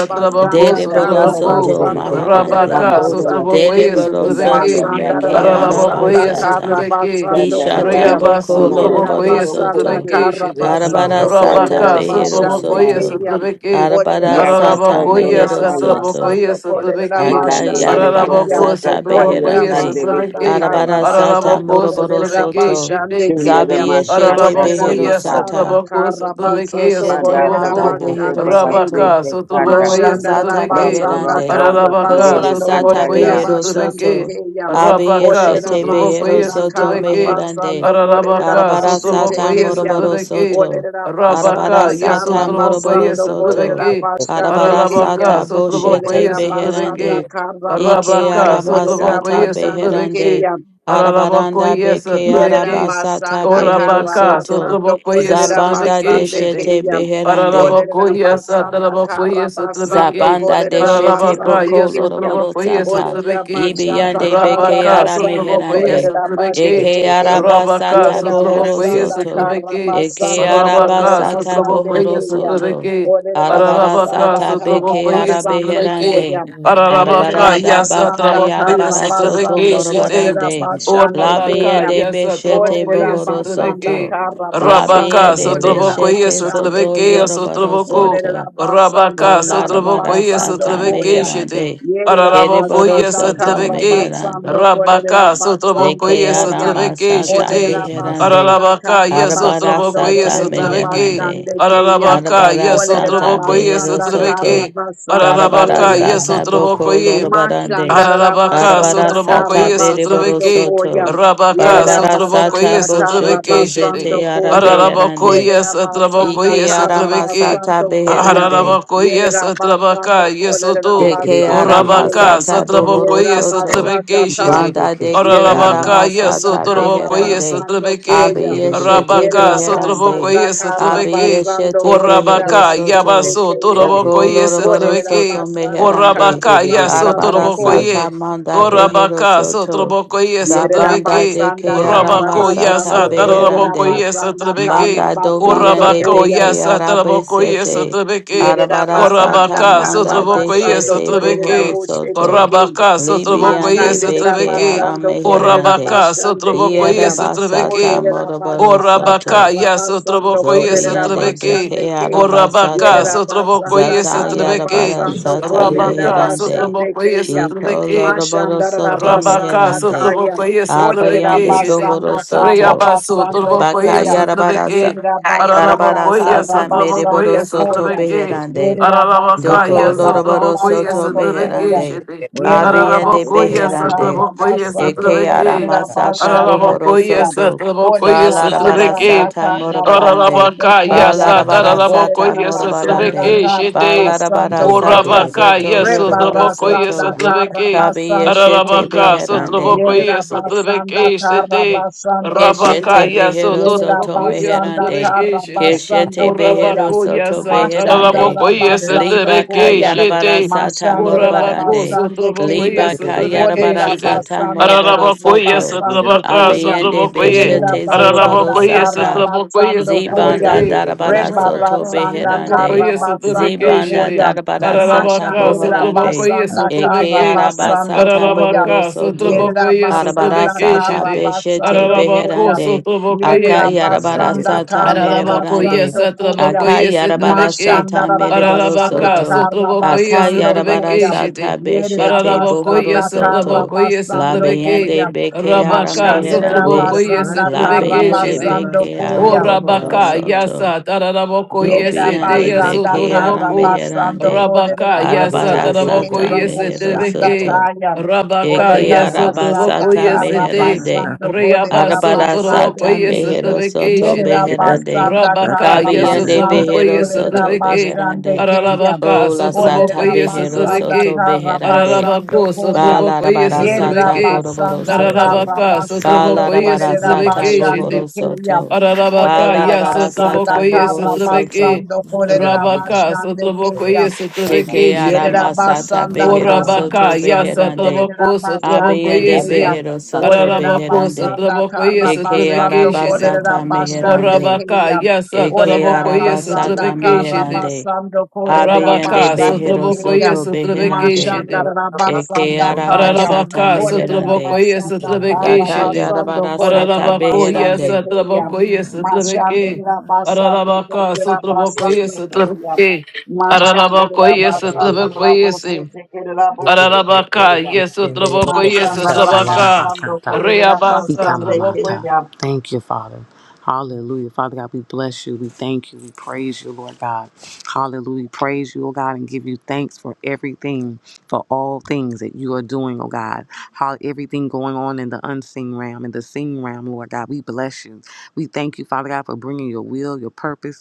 Yes,
basanda
Dere boro
kara
Candela de
Sotraboko,
soto
Sol,
basando korera
maharande.
Rabaka,
Pandora la
basande
Sotrobokoye,
ke.
Brisi
Dereboro
Sandaya,
Sotrebeke,
soto meke
Masandara
Candela
basanda
Paralabokoye,
Moseta,
arabasata.
kara
Sotrebeke,
basando
Candela
Ishata
koya.
Dama
boko
Reabaso,
Samara
Yerera
loroboro
Trobokoye,
Basoko,
basanda
soto.
Sotrebeke,
kara
Shite,
Arabara
basando
sata
korera
Rabaka,
Candela
behero
basande
Papa,
Sotrobokoye,
soto.
keya.
Sotrebeke,
Arabara
Olerera
Yata
sata
basanda
koto
Paralabokoye,
la
mehero
karra
soto.
Sotrobokoye,
basando kolerera
Sotrebeke,
Marandele
basande
Akayarabara
koto
Paralaboko,
keyam.
sata
sataya
Olerera
Sotrobokoye,
beherande.
sandele
basanda
Sotrebeke,
kese.
karra
Arabara sata
basando
Paralaboko,
moroboro
kolerera
Sotrebeke,
soto.
Shite,
basande
Tuno de
Zabi
keyam.
yeshete
maskata
Olerera
Ararabako,
behero
yes,
terita.
basanda
sata.
Atlabako,
karra
Sotlabeke,
basando
Ikeshete
Panda
kolerera
manda
Sotlaboko,
dehero
basande keyam.
bahasi
soto.
Rabaka,
kanda.
Sotlaboko,
Kola
yes,
Mashandara
sata
Sotlabeke,
Proto
basanda
beherande.
rabroka
kara
Ararabaka,
sidele
Kola
basando
sata
kanda
Sotlaboko,
kolerera
yes,
behero
basande
Sotlabeke,
soto.
keyam.
Rabaka,
Olerera
Abiyeshete
Sotlaboko,
behero
basanda
yes,
soto
kara
Sotlabeke,
meherande.
basando kolerera
Ararabaka,
Arabara sata
basete
Sotlaboko, yes,
keyam.
moroboro
Sotlabeke,
soto.
Olerera
Arabara
basanda
Rabaka, yes,
sata
kara
Sotlaboko,
moroboro
yes,
basando
soto.
kolerera
Sotlabeke,
basande
Arabara
Ararabaka,
keyam.
sata
Sotlaboko,
boshete
Olerera
yes,
basanda
beherande.
Sotlabeke,
kara
Ike
basando
Rabaka,
kolerera
Sotlaboko,
aramasata
yes,
basande
beherande.
Sotlabeke,
keyam.
Ararabako,
Arabaranda
yes,
beke
Yerera
Sotlabeke,
arabasata
basanda
behero
kara
Orabaka,
soto.
basando
Sotrobokoye,
korerera
Zabanda de
Sotrabeke,
basande
shete
Shede,
keya.
beherande.
Olerera
Paralabokoye,
basanda
Satrabokoye,
kara basando
Sotrabeke,
Zabanda de
korerera
shete
Paralabaka,
basande
boko
yes,
keya.
loroboro
Sotrobokoye,
sata.
Olerera
Sotrabeke,
basanda
Ibiyande
kara
beke
Rabaka,
ara
basando
Sotrobokoye,
meherande.
korerera
Sotrabeke,
Eke
basete
ara
ke.
Rabaka,
basata
Yerera
bohoro
Sotrobokoye,
basanda
soto.
kara
Sotrabeke,
Eke
basando
ara
korre
Arabaka,
basata
basande
Sotrobokoye,
bohoro
keya.
soto.
Sotrobeke,
Olerera
Arabara
Arabaka,
basanda
sata
kara
beke
Sotrobokoye,
ara
basando
Sotrobeke,
beherande.
koya.
Arabaka,
Yerera
Arabaranda
yes,
baka
basanda
Sotrobokoye,
kara
yarabara soto
Sotrobeke,
basando
Shite,
korerera
morobarande.
basande keya.
Orabaka,
Labiende
yes,
beshete
Sotrobokoye,
Olerera
bohoro
basanda
soto.
Sotrobeke,
kara basando
Rabaka,
Labiende
kolerera
Sotrobokoye,
beshete
basande
zoto
Sotrobeke,
ke.
yoroboro
Sotroboko,
soto.
Olerera basanda
Rabaka,
kara
Kolarabara
Sotrobokoye,
basando
sata
Sotrobeke,
koya.
Shite,
meherande.
Yerera
Arabako,
Kereboro
yes,
basanda
soto
kara
Sotrobeke,
meherande.
basando kolerera
Rabaka,
basando
Deke
Sotrobokoye,
koya.
arama
Sotrobeke,
sata
Shite,
Olerera
beherande,
basanda
Ararabaka,
kara
yes,
Arabara
Otraboko,
basando
yes,
sata
kolerera
Otrabeke.
meherande.
basande keya.
Ararabaka,
Arabara
yes,
Olerera
sata
Otraboko, yes,
behero
basanda kara
soto.
Otrabeke.
basando
Darabara
Ararabaka,
koya.
yes,
sata
Otraboko,
boko
yes.
lorobarande.
Ararabaka,
Darabara
Machandarabasanda
Sotraboko,
sata
yes,
bereboro
Karabasando
Otrabeke,
Koyam.
soto.
Rabaka,
Barabara
Sotraboko,
Yerabasanda
sata
yes, Otrabeke,
boshoto
Shede,
zete
Karabasando Koyam.
Ararabako,
arabeherande.
yes, Otraboko,
Yerabasanda
Ike
yes,
arama
Otrabeke,
sata
Karabasando Koyam.
beherande.
Ararabako, yes, Otrabaka,
Yerabasando
yes,
de
Oto,
Thank
que
Kolerabasando
Urabaka,
Koyam.
aramasata
Sotraboko,
bohoro
yes,
soto
Yerabasanda
Otrabeke,
Kar.
banda de que
Ararabaka, yes,
Yerabasanda
aramasata
Otoroboko, yes,
beherande
Karabasando
Trebeke,
Koyam.
abiyeshete
Rabaka, Sotroboko,
beherande
Yerabasanda
yes, Trebeke,
Karabasando
abiyeshete behero
Orabaka,
Kolerabasande
soto
Yabaso,
Koyam.
Toroboko, yes,
okoloroboro
Orela
Trebeke,
soto
basanda
meherande
kara
Orabaka, yes,
basando
arabara
Otoroboko,
ko.
ye,
sata manda behero
Orabaka,
soto
Sotroboko, yes,
Yerera
zabanda
Trebeke,
de
basanda
que
kara
Orabako, yes,
aramasata
basando ko. Orela
Taraboko,
beherande
yes,
basanda kara
Trebeke,
Banda dobi
basando
yende
ko.
Orabako,
ya.
beke
yes,
arabe
Taraboko, yes,
sete.
Trebeke,
Yerera
Arabara
basanda
sata
Orabaka,
kara
manda de
Sotroboko, yes,
basando
shete
korerera
buhoro
Trebeke,
boshe
soto.
teke.
Orabaka,
Libi
Sotroboko,
yende
yes,
Masandera
beke
Trebeke,
basando korerera
arameherande.
Orabaka,
basande
Sotraboko,
keya.
yes,
Ierabasata
Sotrabeke,
Orerera
moroboro
basanda
soto.
Orabaka, yes,
karabasando basando
Sotraboko, yes,
Zobi
korerera
yende
Sotrabeke,
basande
beke
ke.
Orabaka,
arabasata.
Yerera
Sotraboko,
basanda
yes,
Zata
kara
Sotrabeke,
yarabara sata
korerera
Rabaka,
meherande.
basande
Sotraboko, yes,
keya.
Iko
Sotrabeke,
loroboro
Mashandara
soto
Rabaka,
basanda
meherande.
kaya.
Sotraboko, yes,
Orerera
Arbayande
Sotrabeke,
basanda
buhoro
kara
soto.
Reabaso,
Baka
Turbocoia,
koya.
Satrabeke,
Yerera basanda
Darabara
Ararabacoia,
kara
sata meriboro
Satrabocoia,
soto
koya.
Satrabeke,
beherande.
Yerera basanda
Doko
Ararabacaia,
karra
loroboro
Satrabocoia,
soto
basando
Satrabeke,
koya.
meherande.
Shitty,
Yerera
Abiende
Rabasa,
Ararabacoia,
basanda
beherande.
karra
Satrabocoia,
basando
Eke
Satrabeke,
arama
kolerera
sata
basande
bohoro
Ararabacoia,
kuya.
soto.
Satrabocoia,
Olerera
Balarabara
basanda
Satrabeke,
sata
karra
morobarande.
basando
Ararabacaia,
koya.
Balarabara sata
Olerera
Satarabacoia,
basanda
morobarande.
Satrabeke,
karra
Shitty,
Balarabara
basando koya.
sata
Urabaka,
zoto
yes,
you.
yoroboro
Rebara
Otraboko, yes,
soto.
karra
Otrabeke,
Kabi
basando
yeshete
koya.
Ararabaka,
beherande.
Sotraboko,
Yerera
yes,
Thank
basanda
you.
karra
Otrabeke,
basando
Keshete
koya.
Rabakaya
behero
soto
Yerera
soto
rabokoye
basanda
meherande.
sotereke
karra
shete.
Keshete
basando koya.
behero
Orabakoya
soto
sata
beherande.
Mashandara
rabokoye
basando
Liba
sotereke
koyam.
kayarabara
shete.
sata
Mashandara
Orabako
morobarande.
basande
sotrabokoye
keyam.
Liba
sotereke
kayarabara
Odera
shete.
sata
basanda
moroboro
karra
Arabakoye
soto.
basando
sotrabaka
koyam.
Abeyende
sotrabokoye.
Yerera
beshete zoroboro
basanda
Arabakoye
karra
sata.
sotrabokoye
basando koyam.
Zibanda
sotereke.
darabara
Rebara
soto
Rabaka
sanda
beherande.
karra
sotrabokoye
basando
sotereke
Zibanda
shete.
koyam.
darabara sata
Arabaka
Mashandara
boharande.
sotrabokoye
basanda karra
Eke
sotereke.
araba
basando
sata
koyam.
mohoro
Arabaka
soto.
Yerera
sotrabokoye
basanda
sotereke
Arabarasata
karra
shete.
beshete
basando
Ararabako
koyam.
beherande.
sotraboko ye.
Yerera basanda
Akayarabarasata
karra
Ararabakoye
merebarande.
basando koyam.
satrabakoye satrabeke.
Akayarabarasata
Mashandarabasanda
Ararabaka
mereborosoto.
sotrabakoye
Karabasando
satrabeke
Koyam.
shite.
Akayarabarasata beshete
Yerabasanda
Ararabakoye
bohorosoto.
satrabakoye
Karabasando
satrabeke.
Labiende
Koyam.
bekeara
Rabaka
meherande.
sotrabakoye
Mashandarabasanda
satrabeke
Labiende
shite.
Karabasando
bekeara
O
Koyam.
rabaka
bohorosoto.
yasa tararabakoye sete
Dobiende
yaso
Yerabasanda
bekeara
torabako.
Karabasando
meherande.
Rabaka yasa
Koderabasande
Arabarasata
tarabakoye
Kerabosanda
meherosoto.
satrabeke.
Kayam.
Rabaka
Eke
yaso
Olerabasanda
arabasata
trabakoye sete.
meherande.
Karabasando
Reabaso
Koderabasande
Arabarasata
tarabakoye
Kayam.
mehero
satrabeke
soto
Yerera
shite.
Glory to
beherande.
basanda
Rabaka,
karna
yes,
Kabiyende
basando
Otroboko,
behero
yes,
kolerera
soto
Otrobeke,
basande
beherande.
keyam.
Ararabaka,
Ola sata
Olerera
Sotroboko, yes,
Shaba.
behero
basanda
soto
Otrobeke,
karra
beherande.
basando
Ararabako,
koyam.
Sotroboko, yes,
Yerera
Balarabarasata
Otrobeke,
boroboro
basanda
soto.
karra
Ararabaka,
basando
Sotroboko, yes,
kolerera
Balarabarasata
Otrobeke,
basande
Shitty,
bohoro
keyam.
soto.
Ararabaka,
Olerera
yes,
basanda
Otroboko,
Balarabarasata
yes,
karra
bohoro soto.
Otrobeke,
basando kolerera
Rabaka,
basande
Sotroboko,
keyam.
yes, Otrobeke,
Shaba.
Deke
Shitty,
aramasata
Yerabasanda
behero soto
Orabaka, yes,
Karabasando
beherande.
Otroboko, Sotroboko,
Korerabasande
Abiyende
yes, eh,
Kayan.
behero soto
Ararabako,
beherande.
Orerabasanda
Sotroboko, yes,
Eke
Otrobeke,
Karabasando
Shitty,
arabasata
Korerabasande
meherande.
Orabaka,
Kayan.
yes, uh,
Eke
Daraboko, yes,
Orerabasanda
arabasata
Trebekation,
meherande.
Karabasando
Abiyande
Rabaka,
Korerabasande
behero
Sotraboko,
Kayan.
yes,
soto beherande.
Mashanda
Trebekation,
Eke
Rabasanda Kayan.
arabasata
Arabaka,
meherande.
Sotraboko, yes,
Orerabasanda
Daka
Trebekation,
Karabasando
yarabarasata
Arabako, yes,
Korerabasande
beherande.
Kayan.
Traboko, yes, uh,
Mashanda
Trebeke,
Rabasando
Arabaka, Sotraboko, yes,
Korerabasando
uh,
Koyan.
Trebeke,
Mashandira
Arabako, yes,
basando
Traboko,
la
yes,
bose te kere la boshe te
Arabaka,
peya.
yes, Traboko, yes,
Masandara
Trabaka,
basando korera
Reabasa,
basande
Traboko.
Ikamamata.
keya.
Thank you, Father. Hallelujah. Father God, we bless you. We thank you. We praise you, Lord God. Hallelujah. Praise you, oh God, and give you thanks for everything, for all things that you are doing, oh God. How everything going on in the unseen realm, in the seen realm, Lord God. We bless you. We thank you, Father God, for bringing your will, your purpose.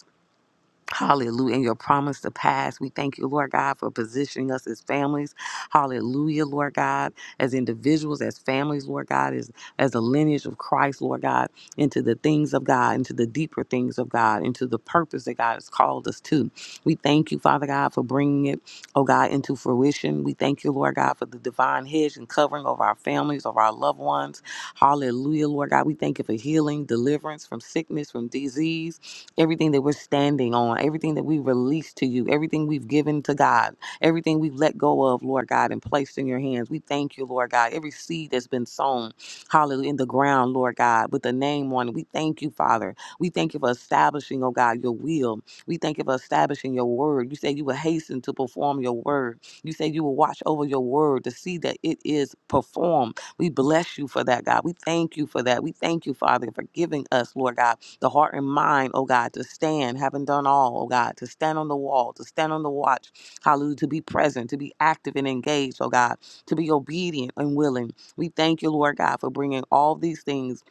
Hallelujah. And your promise to pass. We thank you, Lord God, for positioning us as families. Hallelujah, Lord God, as individuals, as families, Lord God, as, as a lineage of Christ, Lord God, into the things of God, into the deeper things of God, into the purpose that God has called us to. We thank you, Father God, for bringing it, oh God, into fruition. We thank you, Lord God, for the divine hedge and covering over our families, over our loved ones. Hallelujah, Lord God. We thank you for healing, deliverance from sickness, from disease everything that we're standing on, everything that we release to you, everything we've given to God, everything we've let go of, Lord God, and placed in your hands. We thank you, Lord God. Every seed that's been sown, hallelujah, in the ground, Lord God, with the name on it. We thank you, Father. We thank you for establishing, oh God, your will. We thank you for establishing your word. You say you will hasten to perform your word. You say you will watch over your word to see that it is performed. We bless you for that, God. We thank you for that. We thank you, Father, for giving us, Lord God the heart and mind, oh God, to stand, having done all, oh God, to stand on the wall, to stand on the watch, hallelujah, to be present, to be active and engaged, oh God, to be obedient and willing. We thank you, Lord God, for bringing all these things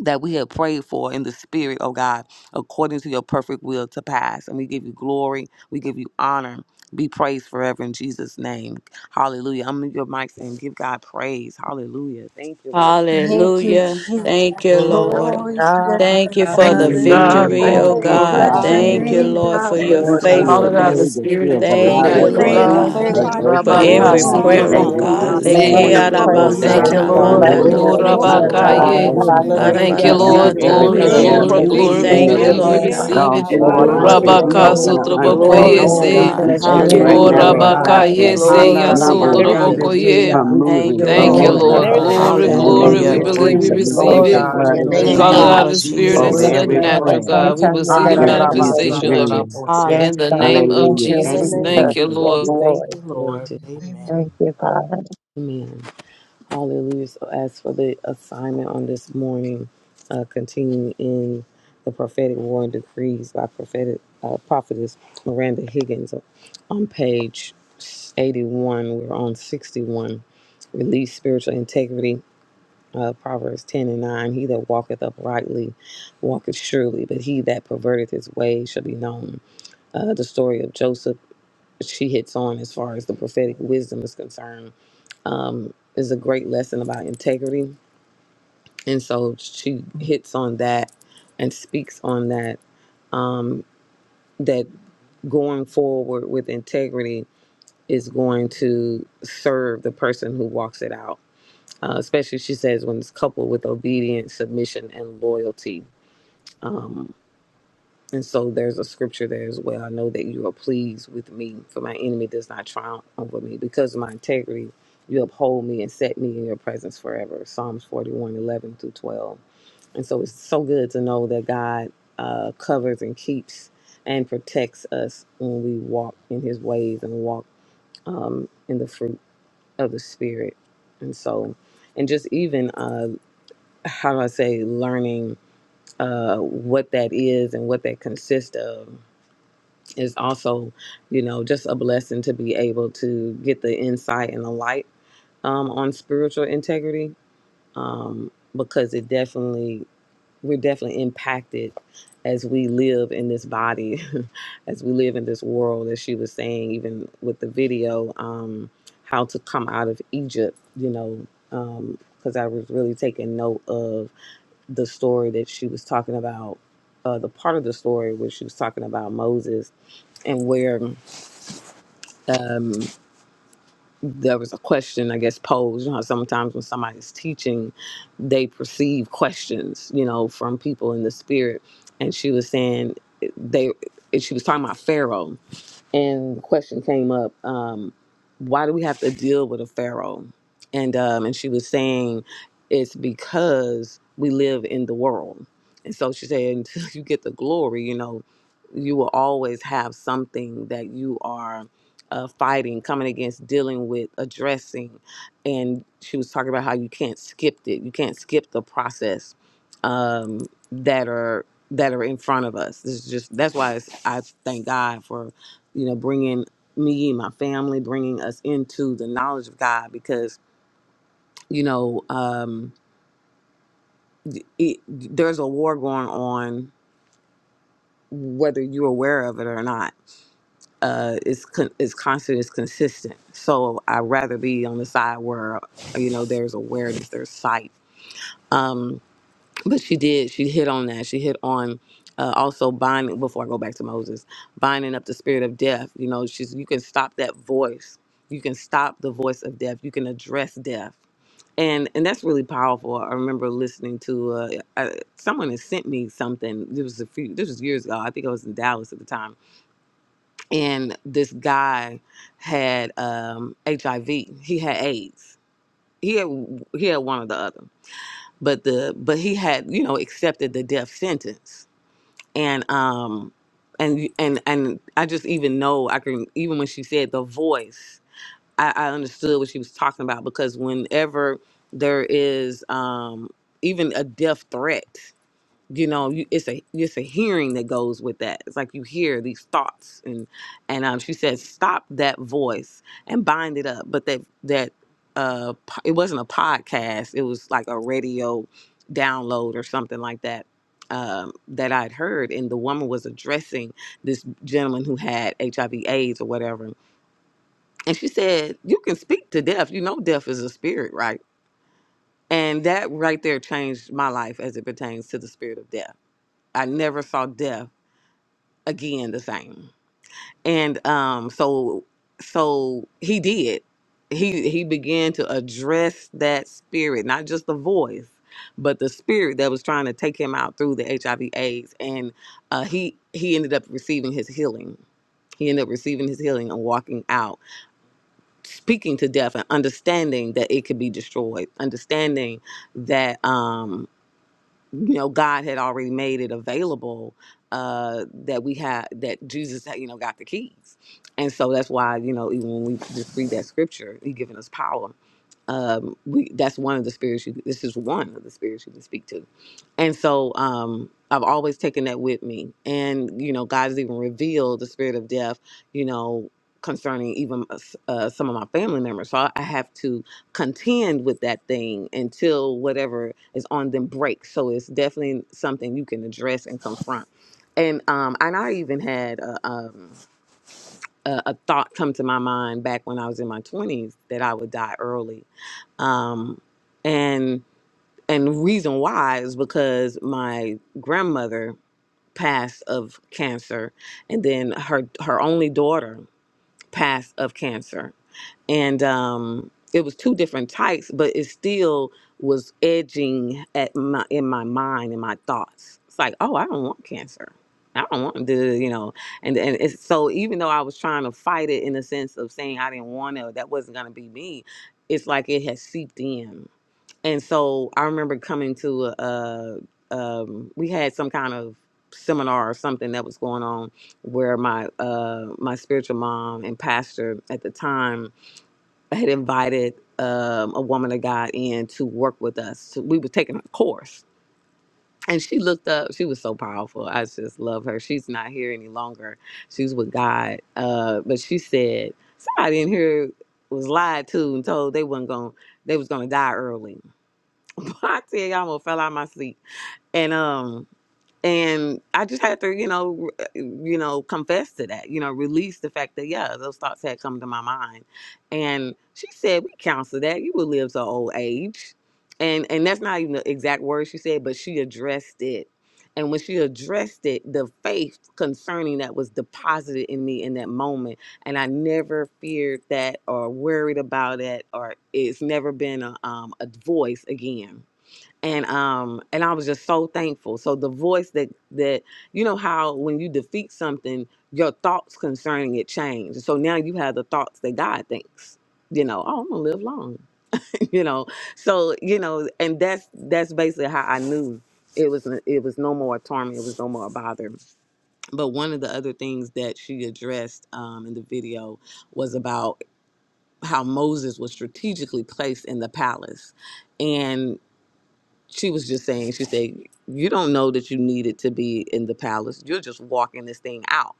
that we have prayed for in the spirit, oh God, according to your perfect will to pass. And we give you glory, we give you honor. Be praised forever in Jesus' name. Hallelujah. I'm in your mics and give God praise. Hallelujah. Thank you, Lord. Thank
Thank
you,
you,
Jesus.
Hallelujah.
Jesus.
Thank you, Lord.
Thank
Glory
you,
to
Jesus.
your
God,
Thank
name,
you
Thank
God.
you,
for
Thank
the
Jesus.
you, God.
Hallelujah.
victory,
hallelujah,
Thank
oh
Thank
you,
Oh, we
you,
Lord. We
God.
bless your
Thank
believe
Father.
you,
Thank
you.
Jesus.
you,
Hallelujah.
name,
Lord,
hallelujah.
God.
for
We
Thank you,
Thank
your
Thank
Thank
you
bless
Lord
Thank
you,
you,
for
you,
God,
Lord.
Lord.
Lord.
your
for
Father
God.
the
God, the
faithfulness.
day that
victory.
you
spirit
have
Thank
oh,
into the
you
We
for
Thank
allowed
you,
us
Thank
what
natural
you.
Hallelujah.
you're
decree
to
Lord
and
doing,
God.
Praise you,
declare
God,
Thank
Thank
that
God,
the
you.
you,
magnify
you
Jesus.
Lord.
your
be
for
graces
Thank
in
we
you,
name,
Rabaka,
every
this
Lord
Thank
have
you,
glorified
God.
in
Jesus.
prayer,
today.
season,
oh
our
Thank
God.
We
Lord
you, Lord.
thank
God.
God.
lives
you
We
for
Sitrabokuyesi.
Lord,
Leke
what
thank
we
today,
you're
You
you,
are
Lord
doing
Lord
Thank
praise
you
God.
Thank
for
God.
throughout
you,
worthy,
you.
the
arabasata
you
I
every
are
Lord.
love
prayer
That
land.
manda
you,
We
Glory,
is
worthy,
Oh,
prayed,
just
a
Lord.
you
glory,
dohoro
thank
Lord.
Thank
are
you,
prayer,
Father
you,
glory,
Lord
Rabaka,
God,
soto.
God,
we
God,
worthy,
I
that
yeah.
God.
in
you
glory,
thank
was
are
we're
you
prayed in
for
glory,
the
Jesus' name.
Thank
afraid.
worthy.
Hallelujah.
you,
spirit,
We
let it be
thank
answering
Lord.
you,
Arabarasata
Thank
every
Lord
We
you,
Glory,
God,
thank
Thank
glory,
manifested
glory,
you
for
prayer,
in
glory,
for
the
Jesus.
beshete.
glory,
We
moving
glory.
in
victory
natural,
you,
a
We
petition
in
Thank
God.
thank
that
you,
is
you,
mighty
believe
glory,
we
every
Lord
Jesus.
Lord
way
We
area
God.
God.
glory.
receive
of
gone
it.
our
bless
in
your
the
forth,
Glory
name,
life
to
lives.
whether it's
of
your
God.
Glory,
your
Rabaka,
name.
spoken or
Hallelujah.
glory,
people,
Thank
In the
you,
God.
Thank
glory,
Jesus.
Glory
name
unspoken.
you,
to
of
Lord, we
glory,
Sotrabokuyesi.
Jesus.
God.
We
Jesus,
bless
Thank
we
thank
you
your
glory.
you
for
give
Yes,
you
the
right
Thank
Oh,
you,
name,
now,
Lord
glory,
victory,
Hallelujah.
Lord
Lord.
honor,
Jesus.
God.
God,
Rabaka,
God.
God. We
In
for
Thank
yes,
you,
thank you,
Jesus'
Jesus.
Glory
Lord
name.
to
God, for
your
moving,
everything
name.
that you're
Hallelujah,
yes,
doing in
Handarabashandekeya.
from
God.
our
We
lives
give
Thank
moving,
you,
you
from
Yeah,
Thank you,
that
Lord.
is
glory,
our
and
Lord.
moving.
God.
most
everything
high
that
Glory,
you're
In
Hallelujah.
the
We
going to
give
glory.
Thank
Thank
do,
name
you,
We
of
you,
you
Hallelujah.
Lord
Lord.
believe
Jesus,
God.
we
Jesus.
We
praise,
we
receive
Lord
plead the
Glory
it.
to
God,
appreciate you,
blood
your
of
in the
There
Lord
We
name,
is
Thank
call
God.
none
you,
it
name
Jesus
of
God.
out
like
of the
Lord
you.
You're
spirit
Oh,
Glory
over
Jesus
Jesus.
into
to
yeah,
that
your
that
the
worthy,
every
we
is
Lord
our
name.
natural,
pray.
God,
most
prayer.
and
high
we
God. We
thank
will
Yeah,
see
you.
the
In
that is our
Hallelujah.
Jesus'
most
Thank
manifestation
high.
you,
of it
name.
Jesus.
Andarabasandorabose.
Yes,
in the
Hallelujah.
God.
name of
Thank
Hallelujah.
Glory
you,
In
to
the
Thank
Jesus.
you,
name
Thank
of
Jesus.
Thank you,
Jesus.
Jesus,
Yes,
we
Lord.
thank
Lord.
you,
you. Glory
Lord.
to
Amen.
Thank you, God.
Amen. Hallelujah. So as for the assignment on this morning, uh, continuing in the prophetic war and decrees by prophetic uh, prophetess Miranda Higgins on page 81, we're on 61. Release spiritual integrity. Uh, Proverbs 10 and 9 He that walketh uprightly walketh surely, but he that perverteth his way shall be known. Uh, the story of Joseph, she hits on as far as the prophetic wisdom is concerned, is a great lesson about integrity and so she hits on that and speaks on that that going forward with integrity is going to serve the person who walks it out. Uh, especially, she says, when it's coupled with obedience, submission, and loyalty. Um, and so there's a scripture there as well. I know that you are pleased with me, for my enemy does not triumph over me. Because of my integrity, you uphold me and set me in your presence forever. Psalms forty one eleven 11 through 12. And so it's so good to know that God uh, covers and keeps and protects us when we walk in his ways and walk um, in the fruit of the Spirit. And so, and just even, uh, how do I say, learning uh, what that is and what that consists of is also, you know, just a blessing to be able to get the insight and the light um, on spiritual integrity um, because it definitely we're definitely impacted as we live in this body, *laughs* as we live in this world, as she was saying, even with the video, um, how to come out of Egypt, you know, because I was really taking note of the story that she was talking about, uh, the part of the story where she was talking about Moses and where. there was a question I guess posed. You know, how sometimes when somebody's teaching, they perceive questions, you know, from people in the spirit. And she was saying eh, they, and she was talking about Pharaoh, and the question came up, um, why do we have to deal with a Pharaoh? And um, and she was saying it's because we live in the world, and so she said *laughs* until you get the glory, you know, you will always have something that you are uh, fighting, coming against, dealing with, addressing. And she was talking about how you can't skip it. You can't skip the process um, that are that are in front of us. This is just that's why it's, I thank God for you know bringing me, my family, bringing us into the knowledge of God because you know um, it, there's a war going on whether you're aware of it or not uh, is con- is constant, is consistent. So I'd rather be on the side where you know there's awareness, there's sight. Um, but she did. She hit on that. She hit on uh, also binding. Before I go back to Moses, binding up the spirit of death. You know, she's you can stop that voice. You can stop the voice of death. You can address death. And, and that's really powerful. I remember listening to uh, I, someone had sent me something. This was a few. This was years ago. I think I was in Dallas at the time and this guy had um HIV. He had AIDS. He had he had one or the other. But the but he had, you know, accepted the death sentence. And um and and and I just even know I can even when she said the voice, I, I understood what she was talking about because whenever there is um even a death threat you know you, it's a it's a hearing that goes with that it's like you hear these thoughts and and um, she said stop that voice and bind it up but that that uh po- it wasn't a podcast it was like a radio download or something like that um, that I'd heard, and the woman was addressing this gentleman who had HIV AIDS or whatever. And she said, You can speak to death. You know, death is a spirit, right? And that right there changed my life as it pertains to the spirit of death. I never saw death again the same. And um so so he did. He he began to address that spirit, not just the voice, but the spirit that was trying to take him out through the HIV AIDS and uh he he ended up receiving his healing. He ended up receiving his healing and walking out, speaking to death and understanding that it could be destroyed, understanding that um you know god had already made it available uh that we had that jesus had, you know got the keys and so that's why you know even when we just read that scripture he given us power um we that's one of the spirits you this is one of the spirits you can speak to and so um i've always taken that with me and you know god has even revealed the spirit of death you know concerning even uh, some of my family members so i I have to contend with that thing until whatever is on them breaks so it's definitely something you can address and confront and um and i even had a um a, a thought come to my mind back when i was in my 20s that i would die early um, and and the reason why is because my grandmother passed of cancer, and then her her only daughter passed of cancer, and um, it was two different types, but it still was edging at my in my mind and my thoughts. It's like, oh, I don't want cancer. I don't want to, you know, and and it's, so even though I was trying to fight it in the sense of saying I didn't want to, that wasn't gonna be me. It's like it had seeped in, and so I remember coming to a, a um, we had some kind of seminar or something that was going on where my uh, my spiritual mom and pastor at the time had invited um, a woman of God in to work with us. So we were taking a course. And she looked up. She was so powerful. I just love her. She's not here any longer. She's with God. Uh, but she said somebody in here was lied to and told they wasn't going. to They was going to die early *laughs* I tell you, I almost fell out of my sleep, And um, and I just had to, you know, r- uh, you know, confess to that, you know, release the fact that yeah, those thoughts had come to my mind. And she said, "We counsel that you will live to old age," and and that's not even the exact word she said, but she addressed it. And when she addressed it, the faith concerning that was deposited in me in that moment. And I never feared that or worried about it, or it's never been a, um, a voice again and um and I was just so thankful. So the voice that that you know how when you defeat something, your thoughts concerning it change. So now you have the thoughts that God thinks. You know, oh, I'm gonna live long. *laughs* you know, so you know, and that's that's basically how I knew it was it was no more torment, it was no more bother. But one of the other things that she addressed um, in the video was about how Moses was strategically placed in the palace she was just saying, she said, You don't know that you needed to be in the palace. You're just walking this thing out.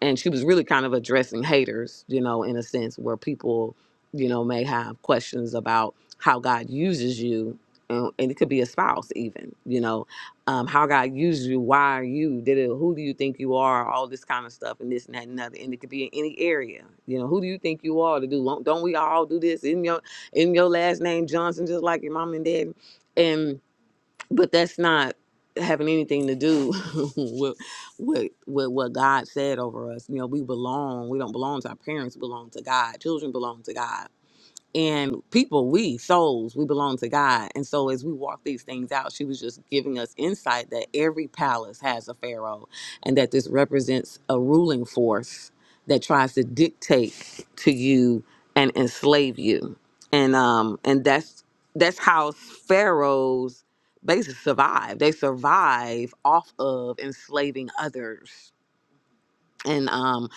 And she was really kind of addressing haters, you know, in a sense where people, you know, may have questions about how God uses you. And and it could be a spouse, even, you know, um, how God uses you, why are you, did it, who do you think you are, all this kind of stuff, and this and that and other. And it could be in any area, you know, who do you think you are to do? Don't we all do this in your in your last name, Johnson, just like your mom and dad? And but that's not having anything to do *laughs* with, with with what God said over us. You know, we belong. We don't belong to our parents. We belong to God. Children belong to God and people we souls we belong to god and so as we walk these things out she was just giving us insight that every palace has a pharaoh and that this represents a ruling force that tries to dictate to you and enslave you and um and that's that's how pharaohs basically survive they survive off of enslaving others and um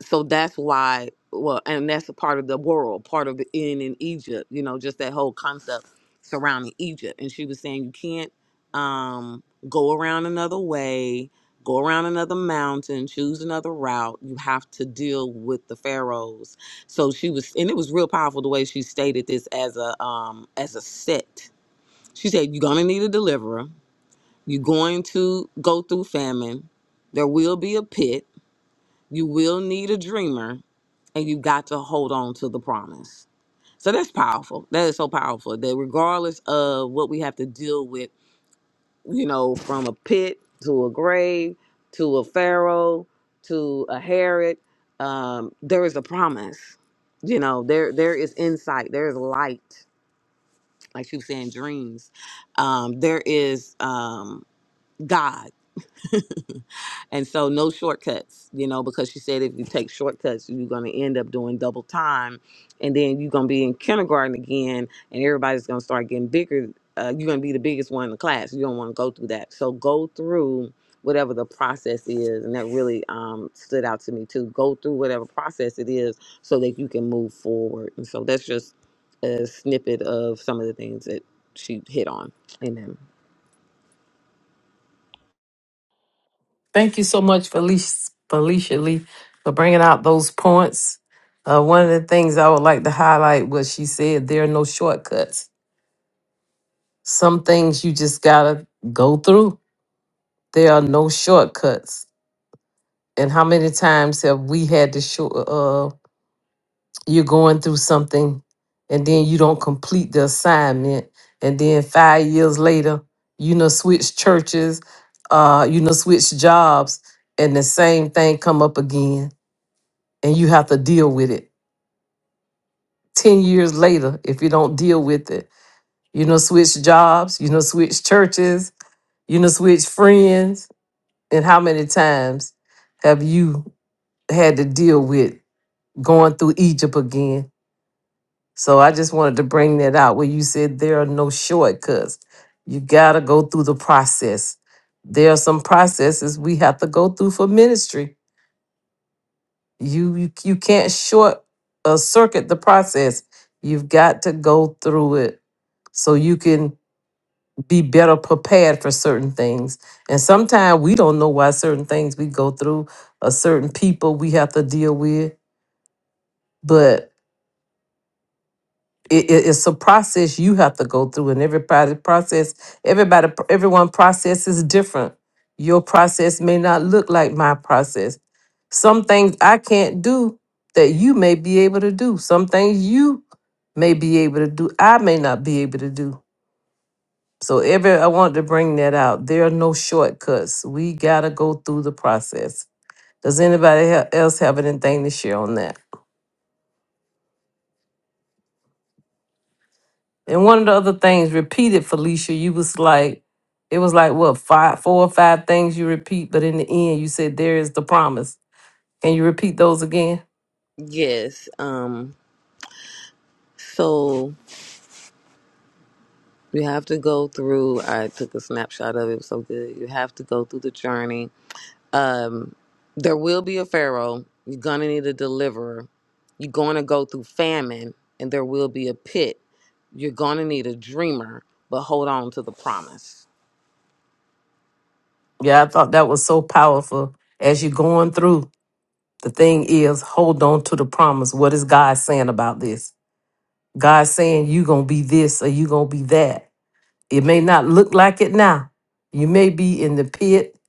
so that's why well and that's a part of the world part of the in in egypt you know just that whole concept surrounding egypt and she was saying you can't um go around another way go around another mountain choose another route you have to deal with the pharaohs so she was and it was real powerful the way she stated this as a um as a set she said you're gonna need a deliverer you're going to go through famine there will be a pit you will need a dreamer and you got to hold on to the promise. So that's powerful. That is so powerful that regardless of what we have to deal with, you know, from a pit to a grave to a pharaoh to a Herod, um, there is a promise. You know, there there is insight, there is light, like she was saying, dreams. Um, there is um, God. And so no shortcuts, you know, because she said if you take shortcuts, you're going to end up doing double time. And then you're going to be in kindergarten again, and everybody's going to start getting bigger. Uh, you're going to be the biggest one in the class. You don't want to go through that. So go through whatever the process is. And that really um, stood out to me, too. Go through whatever process it is so that you can move forward. And so that's just a snippet of some of the things that she hit on. Amen.
Thank you so much, Felicia, Felicia Lee, for bringing out those points. Uh, one of the things I would like to highlight was she said there are no shortcuts. Some things you just got to go through. There are no shortcuts. And how many times have we had to short? uh, you're going through something and then you don't complete the assignment and then five years later you know switch churches uh you know switch jobs and the same thing come up again and you have to deal with it 10 years later if you don't deal with it you know switch jobs you know switch churches you know switch friends and how many times have you had to deal with going through egypt again So I just wanted to bring that out where you said there are no shortcuts. You got to go through the process. There are some processes we have to go through for ministry. You you, you can't short uh, circuit the process. You've got to go through it so you can be better prepared for certain things. And sometimes we don't know why certain things we go through or certain people we have to deal with, but. it, it- it's a process you have to go through and everybody process everybody everyone process is different your process may not look like my process some things i can't do that you may be able to do some things you may be able to do i may not be able to do so every i want to bring that out there are no shortcuts we gotta go through the process does anybody ha- else have anything to share on that And one of the other things repeated, Felicia, you was like, it was like what five, four or five things you repeat, but in the end, you said there is the promise. Can you repeat those again?
Yes. Um, so You have to go through. I took a snapshot of it. It was so good. You have to go through the journey. Um, there will be a pharaoh. You're gonna need a deliverer. You're gonna go through famine, and there will be a pit. You're gonna need a dreamer, but hold on to the promise.
Yeah, I thought that was so powerful. As you're going through, the thing is, hold on to the promise. What is God saying about this? God saying you gonna be this or you gonna be that. It may not look like it now. You may be in the pit.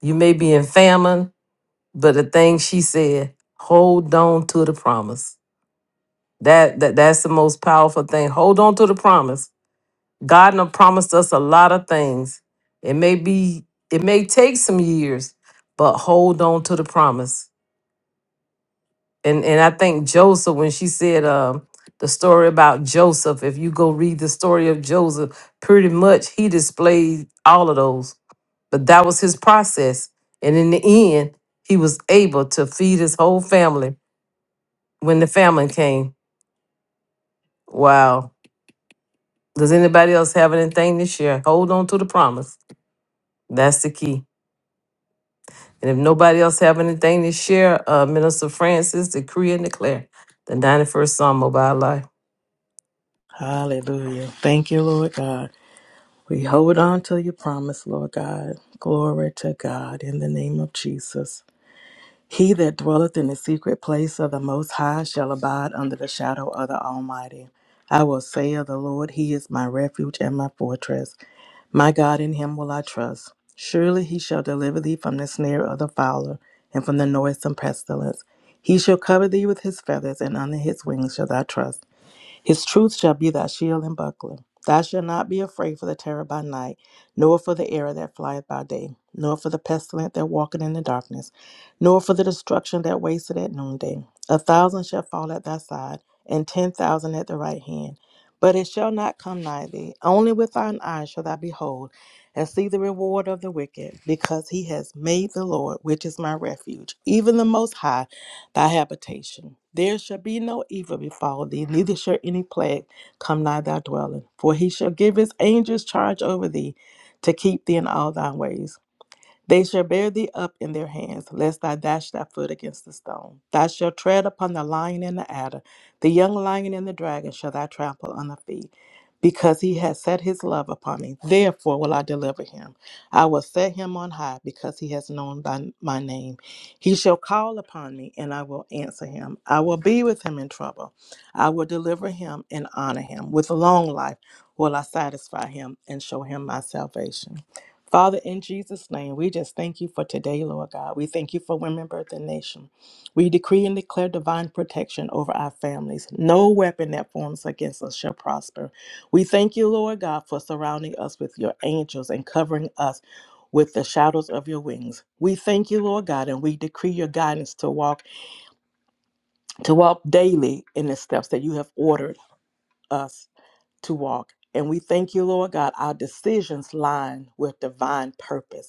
You may be in famine. But the thing she said, hold on to the promise That that that's the most powerful thing. Hold on to the promise. God done promised us a lot of things. It may be it may take some years, but hold on to the promise. And and I think Joseph when she said um the story about Joseph, if you go read the story of Joseph, pretty much he displayed all of those. But that was his process. And in the end, he was able to feed his whole family when the famine came. Wow Does anybody else have anything to share? Hold on to the promise. That's the key. And if nobody else have anything to share, uh, Minister Francis, decree and declare the 91st Psalm of our life.
Hallelujah. Thank you, Lord God. We hold on to your promise, Lord God. Glory to God in the name of Jesus. He that dwelleth in the secret place of the Most High shall abide under the shadow of the Almighty. I will say of the Lord, He is my refuge and my fortress. My God, in Him will I trust. Surely He shall deliver thee from the snare of the fowler and from the noisome pestilence. He shall cover thee with His feathers, and under His wings shall thou trust. His truth shall be thy shield and buckler. Thou shalt not be afraid for the terror by night, nor for the arrow that flieth by day, nor for the pestilence that walketh in the darkness, nor for the destruction that wasteth at noonday. A thousand shall fall at thy side, and ten thousand at the right hand, but it shall not come nigh thee. Only with thine eyes shall thou behold, and see the reward of the wicked, because he has made the Lord, which is my refuge, even the Most High, thy habitation. There shall be no evil befall thee neither shall any plague come nigh thy dwelling. For he shall give his angels charge over thee to keep thee in all thy ways. They shall bear thee up in their hands, lest thou dash thy foot against the stone. Thou shalt tread upon the lion and the adder, the young lion and the dragon shall thou trample on the feet. Because he has set his love upon me, therefore will I deliver him. I will set him on high, because he has known by my name. He shall call upon me, and I will answer him. I will be with him in trouble. I will deliver him and honor him. With long life will I satisfy him and show him my salvation. Father, in Jesus' name, we just thank you for today, Lord God. We thank you for Women Birth and Nation. We decree and declare divine protection over our families. No weapon that forms against us shall prosper. We thank you, Lord God, for surrounding us with your angels and covering us with the shadows of your wings. We thank you, Lord God, and we decree your guidance to walk to walk daily in the steps that you have ordered us to walk. And we thank you, Lord God, our decisions line with divine purpose.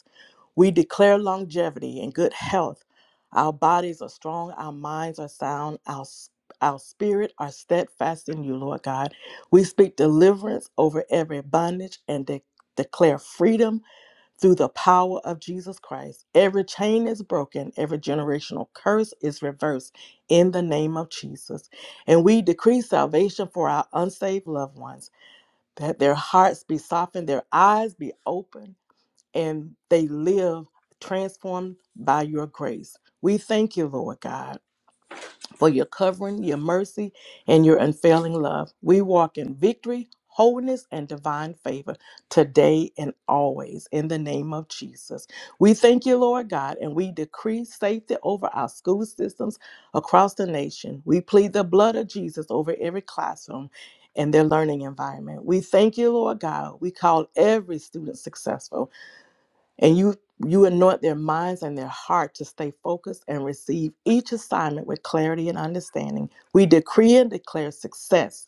We declare longevity and good health. Our bodies are strong, our minds are sound, our, s- our spirit are steadfast in you, Lord God. We speak deliverance over every bondage and de- declare freedom through the power of Jesus Christ. Every chain is broken, every generational curse is reversed in the name of Jesus. And we decree salvation for our unsaved loved ones, that their hearts be softened, their eyes be opened and they live transformed by your grace. We thank you, Lord God, for your covering, your mercy, and your unfailing love. We walk in victory, wholeness, and divine favor today and always in the name of Jesus. We thank you, Lord God, and we decree safety over our school systems across the nation. We plead the blood of Jesus over every classroom. And their learning environment. We thank you, Lord God. We call every student successful and you you anoint their minds and their heart to stay focused and receive each assignment with clarity and understanding. We decree and declare success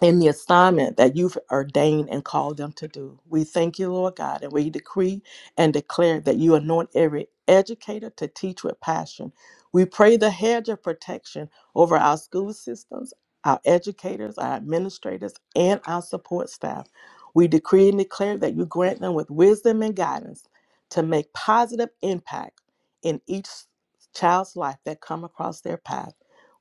in the assignment that you've ordained and called them to do. We thank you, Lord God, and we decree and declare that you anoint every educator to teach with passion. We pray the hedge of protection over our school systems, our educators, our administrators, and our support staff. We decree and declare that you grant them with wisdom and guidance to make positive impact in each child's life that come across their path.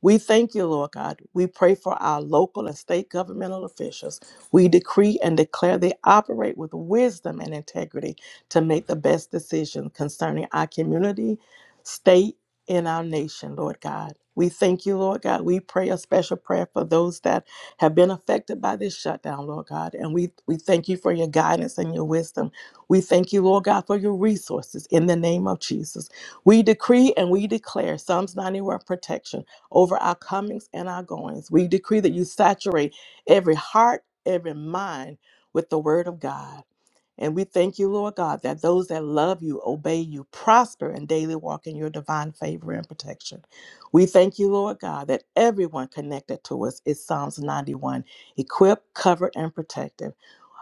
We thank you, Lord God. We pray for our local and state governmental officials. We decree and declare they operate with wisdom and integrity to make the best decision concerning our community, state, and our nation, Lord God. We thank you, Lord God. We pray a special prayer for those that have been affected by this shutdown, Lord God. And we, we thank you for your guidance and your wisdom. We thank you, Lord God, for your resources in the name of Jesus. We decree and we declare Psalms 91 protection over our comings and our goings. We decree that you saturate every heart, every mind with the word of God. And we thank you, Lord God, that those that love you, obey you, prosper, and daily walk in your divine favor and protection. We thank you, Lord God, that everyone connected to us is Psalms 91, equipped, covered, and protected.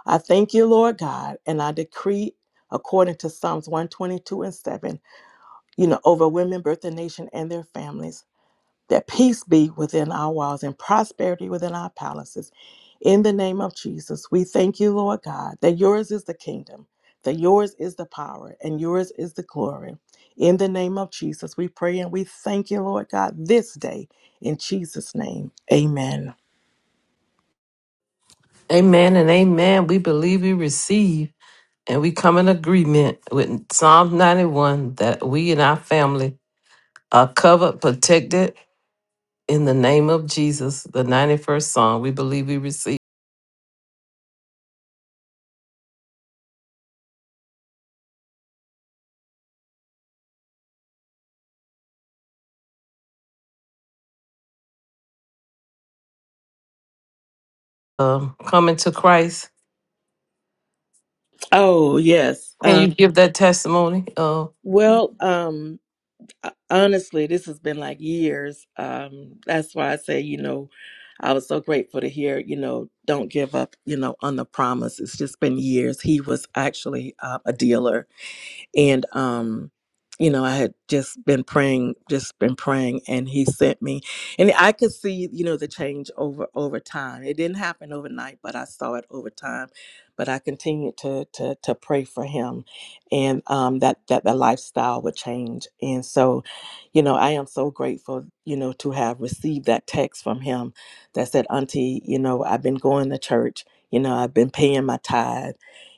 I thank you, Lord God, and I decree according to Psalms 122 and 7, you know, over women, birth, the nation, and their families that peace be within our walls and prosperity within our palaces. In the name of Jesus, we thank you, Lord God, that yours is the kingdom, that yours is the power, and yours is the glory. In the name of Jesus, we pray and we thank you, Lord God, this day. In Jesus' name, amen.
Amen and amen. We believe we receive and we come in agreement with Psalm 91 that we and our family are covered, protected in the name of Jesus, the 91st Psalm. We believe we receive. Um, coming to Christ.
Oh, yes.
Can
Um,
you give that testimony? Uh,
well, um, Uh, Honestly, this has been like years. Um, that's why I say, you know, I was so grateful to hear, you know, don't give up, you know, on the promise. It's just been years. He was actually uh, a dealer and um you know i had just been praying just been praying and he sent me and i could see you know the change over over time it didn't happen overnight but i saw it over time but i continued to to to pray for him and um that that the lifestyle would change and so you know i am so grateful you know to have received that text from him that said auntie you know i've been going to church you know i've been paying my tithe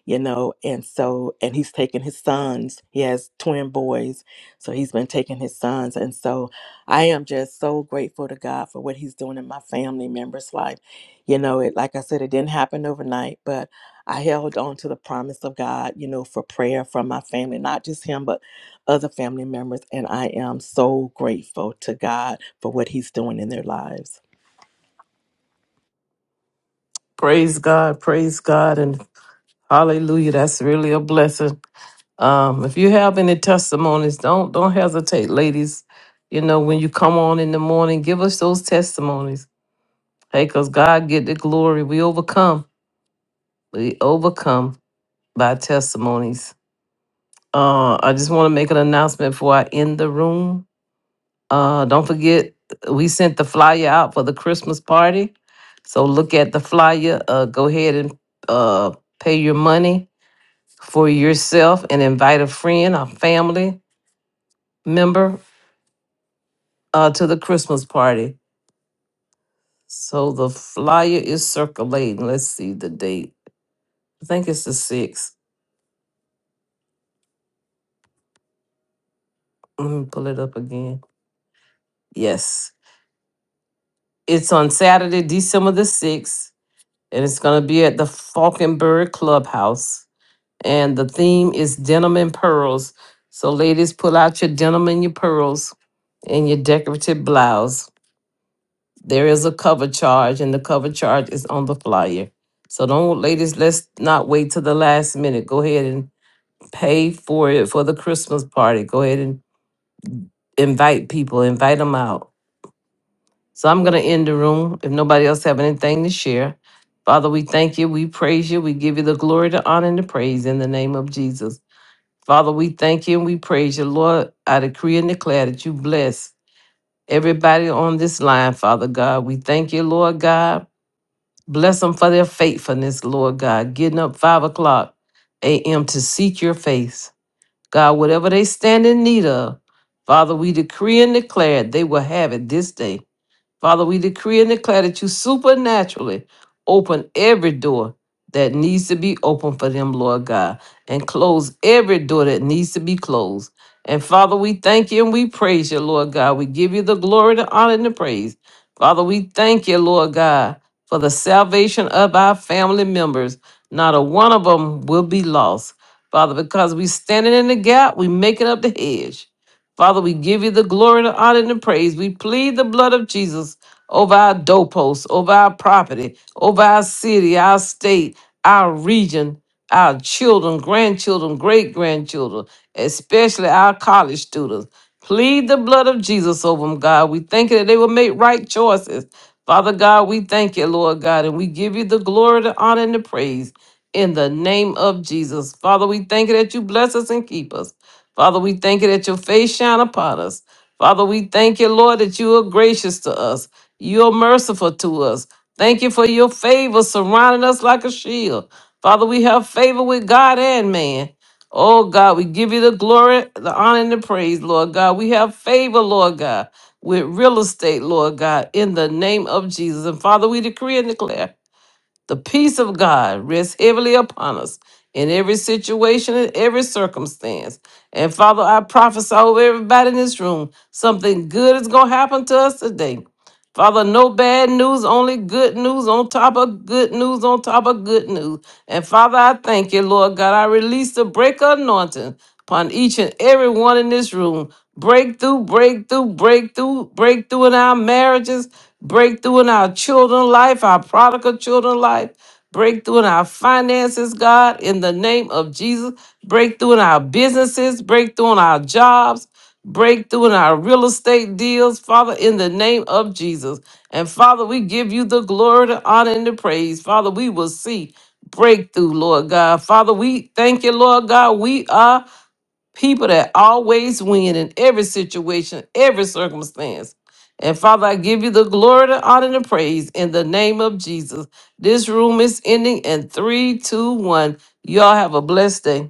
you know and so and he's taking his sons he has twin boys so he's been taking his sons and so i am just so grateful to god for what he's doing in my family members life you know it like i said it didn't happen overnight but i held on to the promise of god you know for prayer from my family not just him but other family members and i am so grateful to god for what he's doing in their lives
praise God, praise God, and Hallelujah. That's really a blessing. Um, if you have any testimonies, don't don't hesitate, ladies. You know, when you come on in the morning, give us those testimonies. Hey, because God get the glory. We overcome. We overcome by testimonies. Uh, I just want to make an announcement before I end the room. Uh, don't forget, we sent the flyer out for the Christmas party. So look at the flyer. Uh, go ahead and uh, pay your money for yourself and invite a friend or family member uh, to the Christmas party. So the flyer is circulating. Let's see the date. I think it's the 6th. Let me pull it up again. Yes. It's on Saturday, December the 6th, and it's going to be at the Falkenberg Clubhouse. And the theme is denim and pearls. So, ladies, pull out your denim and your pearls and your decorative blouse There is a cover charge, and the cover charge is on the flyer. So don't, ladies, let's not wait till the last minute. Go ahead and pay for it for the Christmas party. Go ahead and invite people, invite them out. So I'm going to end the room if nobody else have anything to share. Father, we thank you. We praise you. We give you the glory, the honor, and the praise in the name of Jesus. Father, we thank you and we praise you. Lord, I decree and declare that you bless everybody on this line, Father God. We thank you, Lord God Bless them for their faithfulness, Lord God, getting up 5 o'clock a.m. to seek your face. God, whatever they stand in need of, Father, we decree and declare they will have it this day. Father, we decree and declare that you supernaturally open every door that needs to be open for them, Lord God, and close every door that needs to be closed. And Father, we thank you and we praise you, Lord God. We give you the glory, the honor, and the praise. Father, we thank you, Lord God, for the salvation of our family members. Not a one of them will be lost. Father, because we standing in the gap, we making up the hedge. Father, we give you the glory, the honor, and the praise. We plead the blood of Jesus over our doorposts, over our property, over our city, our state, our region, our children, grandchildren, great grandchildren, especially our college students. Plead the blood of Jesus over them, God. We thank you that they will make right choices. Father God, we thank you, Lord God, and we give you the glory, the honor, and the praise in the name of Jesus. Father, we thank you that you bless us and keep us. Father, we thank you that your face shine upon us. Father, we thank you, Lord, that you are gracious to us. You are merciful to us. Thank you for your favor surrounding us like a shield. Father, we have favor with God and man. Oh God, we give you the glory, the honor, and the praise, Lord God. We have favor, Lord God, with real estate, Lord God, in the name of Jesus. And Father, we decree and declare the peace of God rests heavily upon us in every situation and every circumstance. And Father, I prophesy over everybody in this room something good is going to happen to us today. Father, no bad news, only good news on top of good news on top of good news. And Father, I thank you, Lord God. I release the break anointing upon each and every one in this room. Breakthrough, breakthrough, breakthrough, breakthrough in our marriages, breakthrough in our children life, our prodigal children life, breakthrough in our finances, God, in the name of Jesus, breakthrough in our businesses, breakthrough in our jobs, breakthrough in our real estate deals, Father, in the name of Jesus. And Father, we give you the glory, the honor, and the praise. Father, we will see breakthrough, Lord God. Father, we thank you, Lord God. We are people that always win in every situation, every circumstance. And Father, I give you the glory, the honor, and the praise in the name of Jesus. This room is ending in three, two, one. Y'all have a blessed day.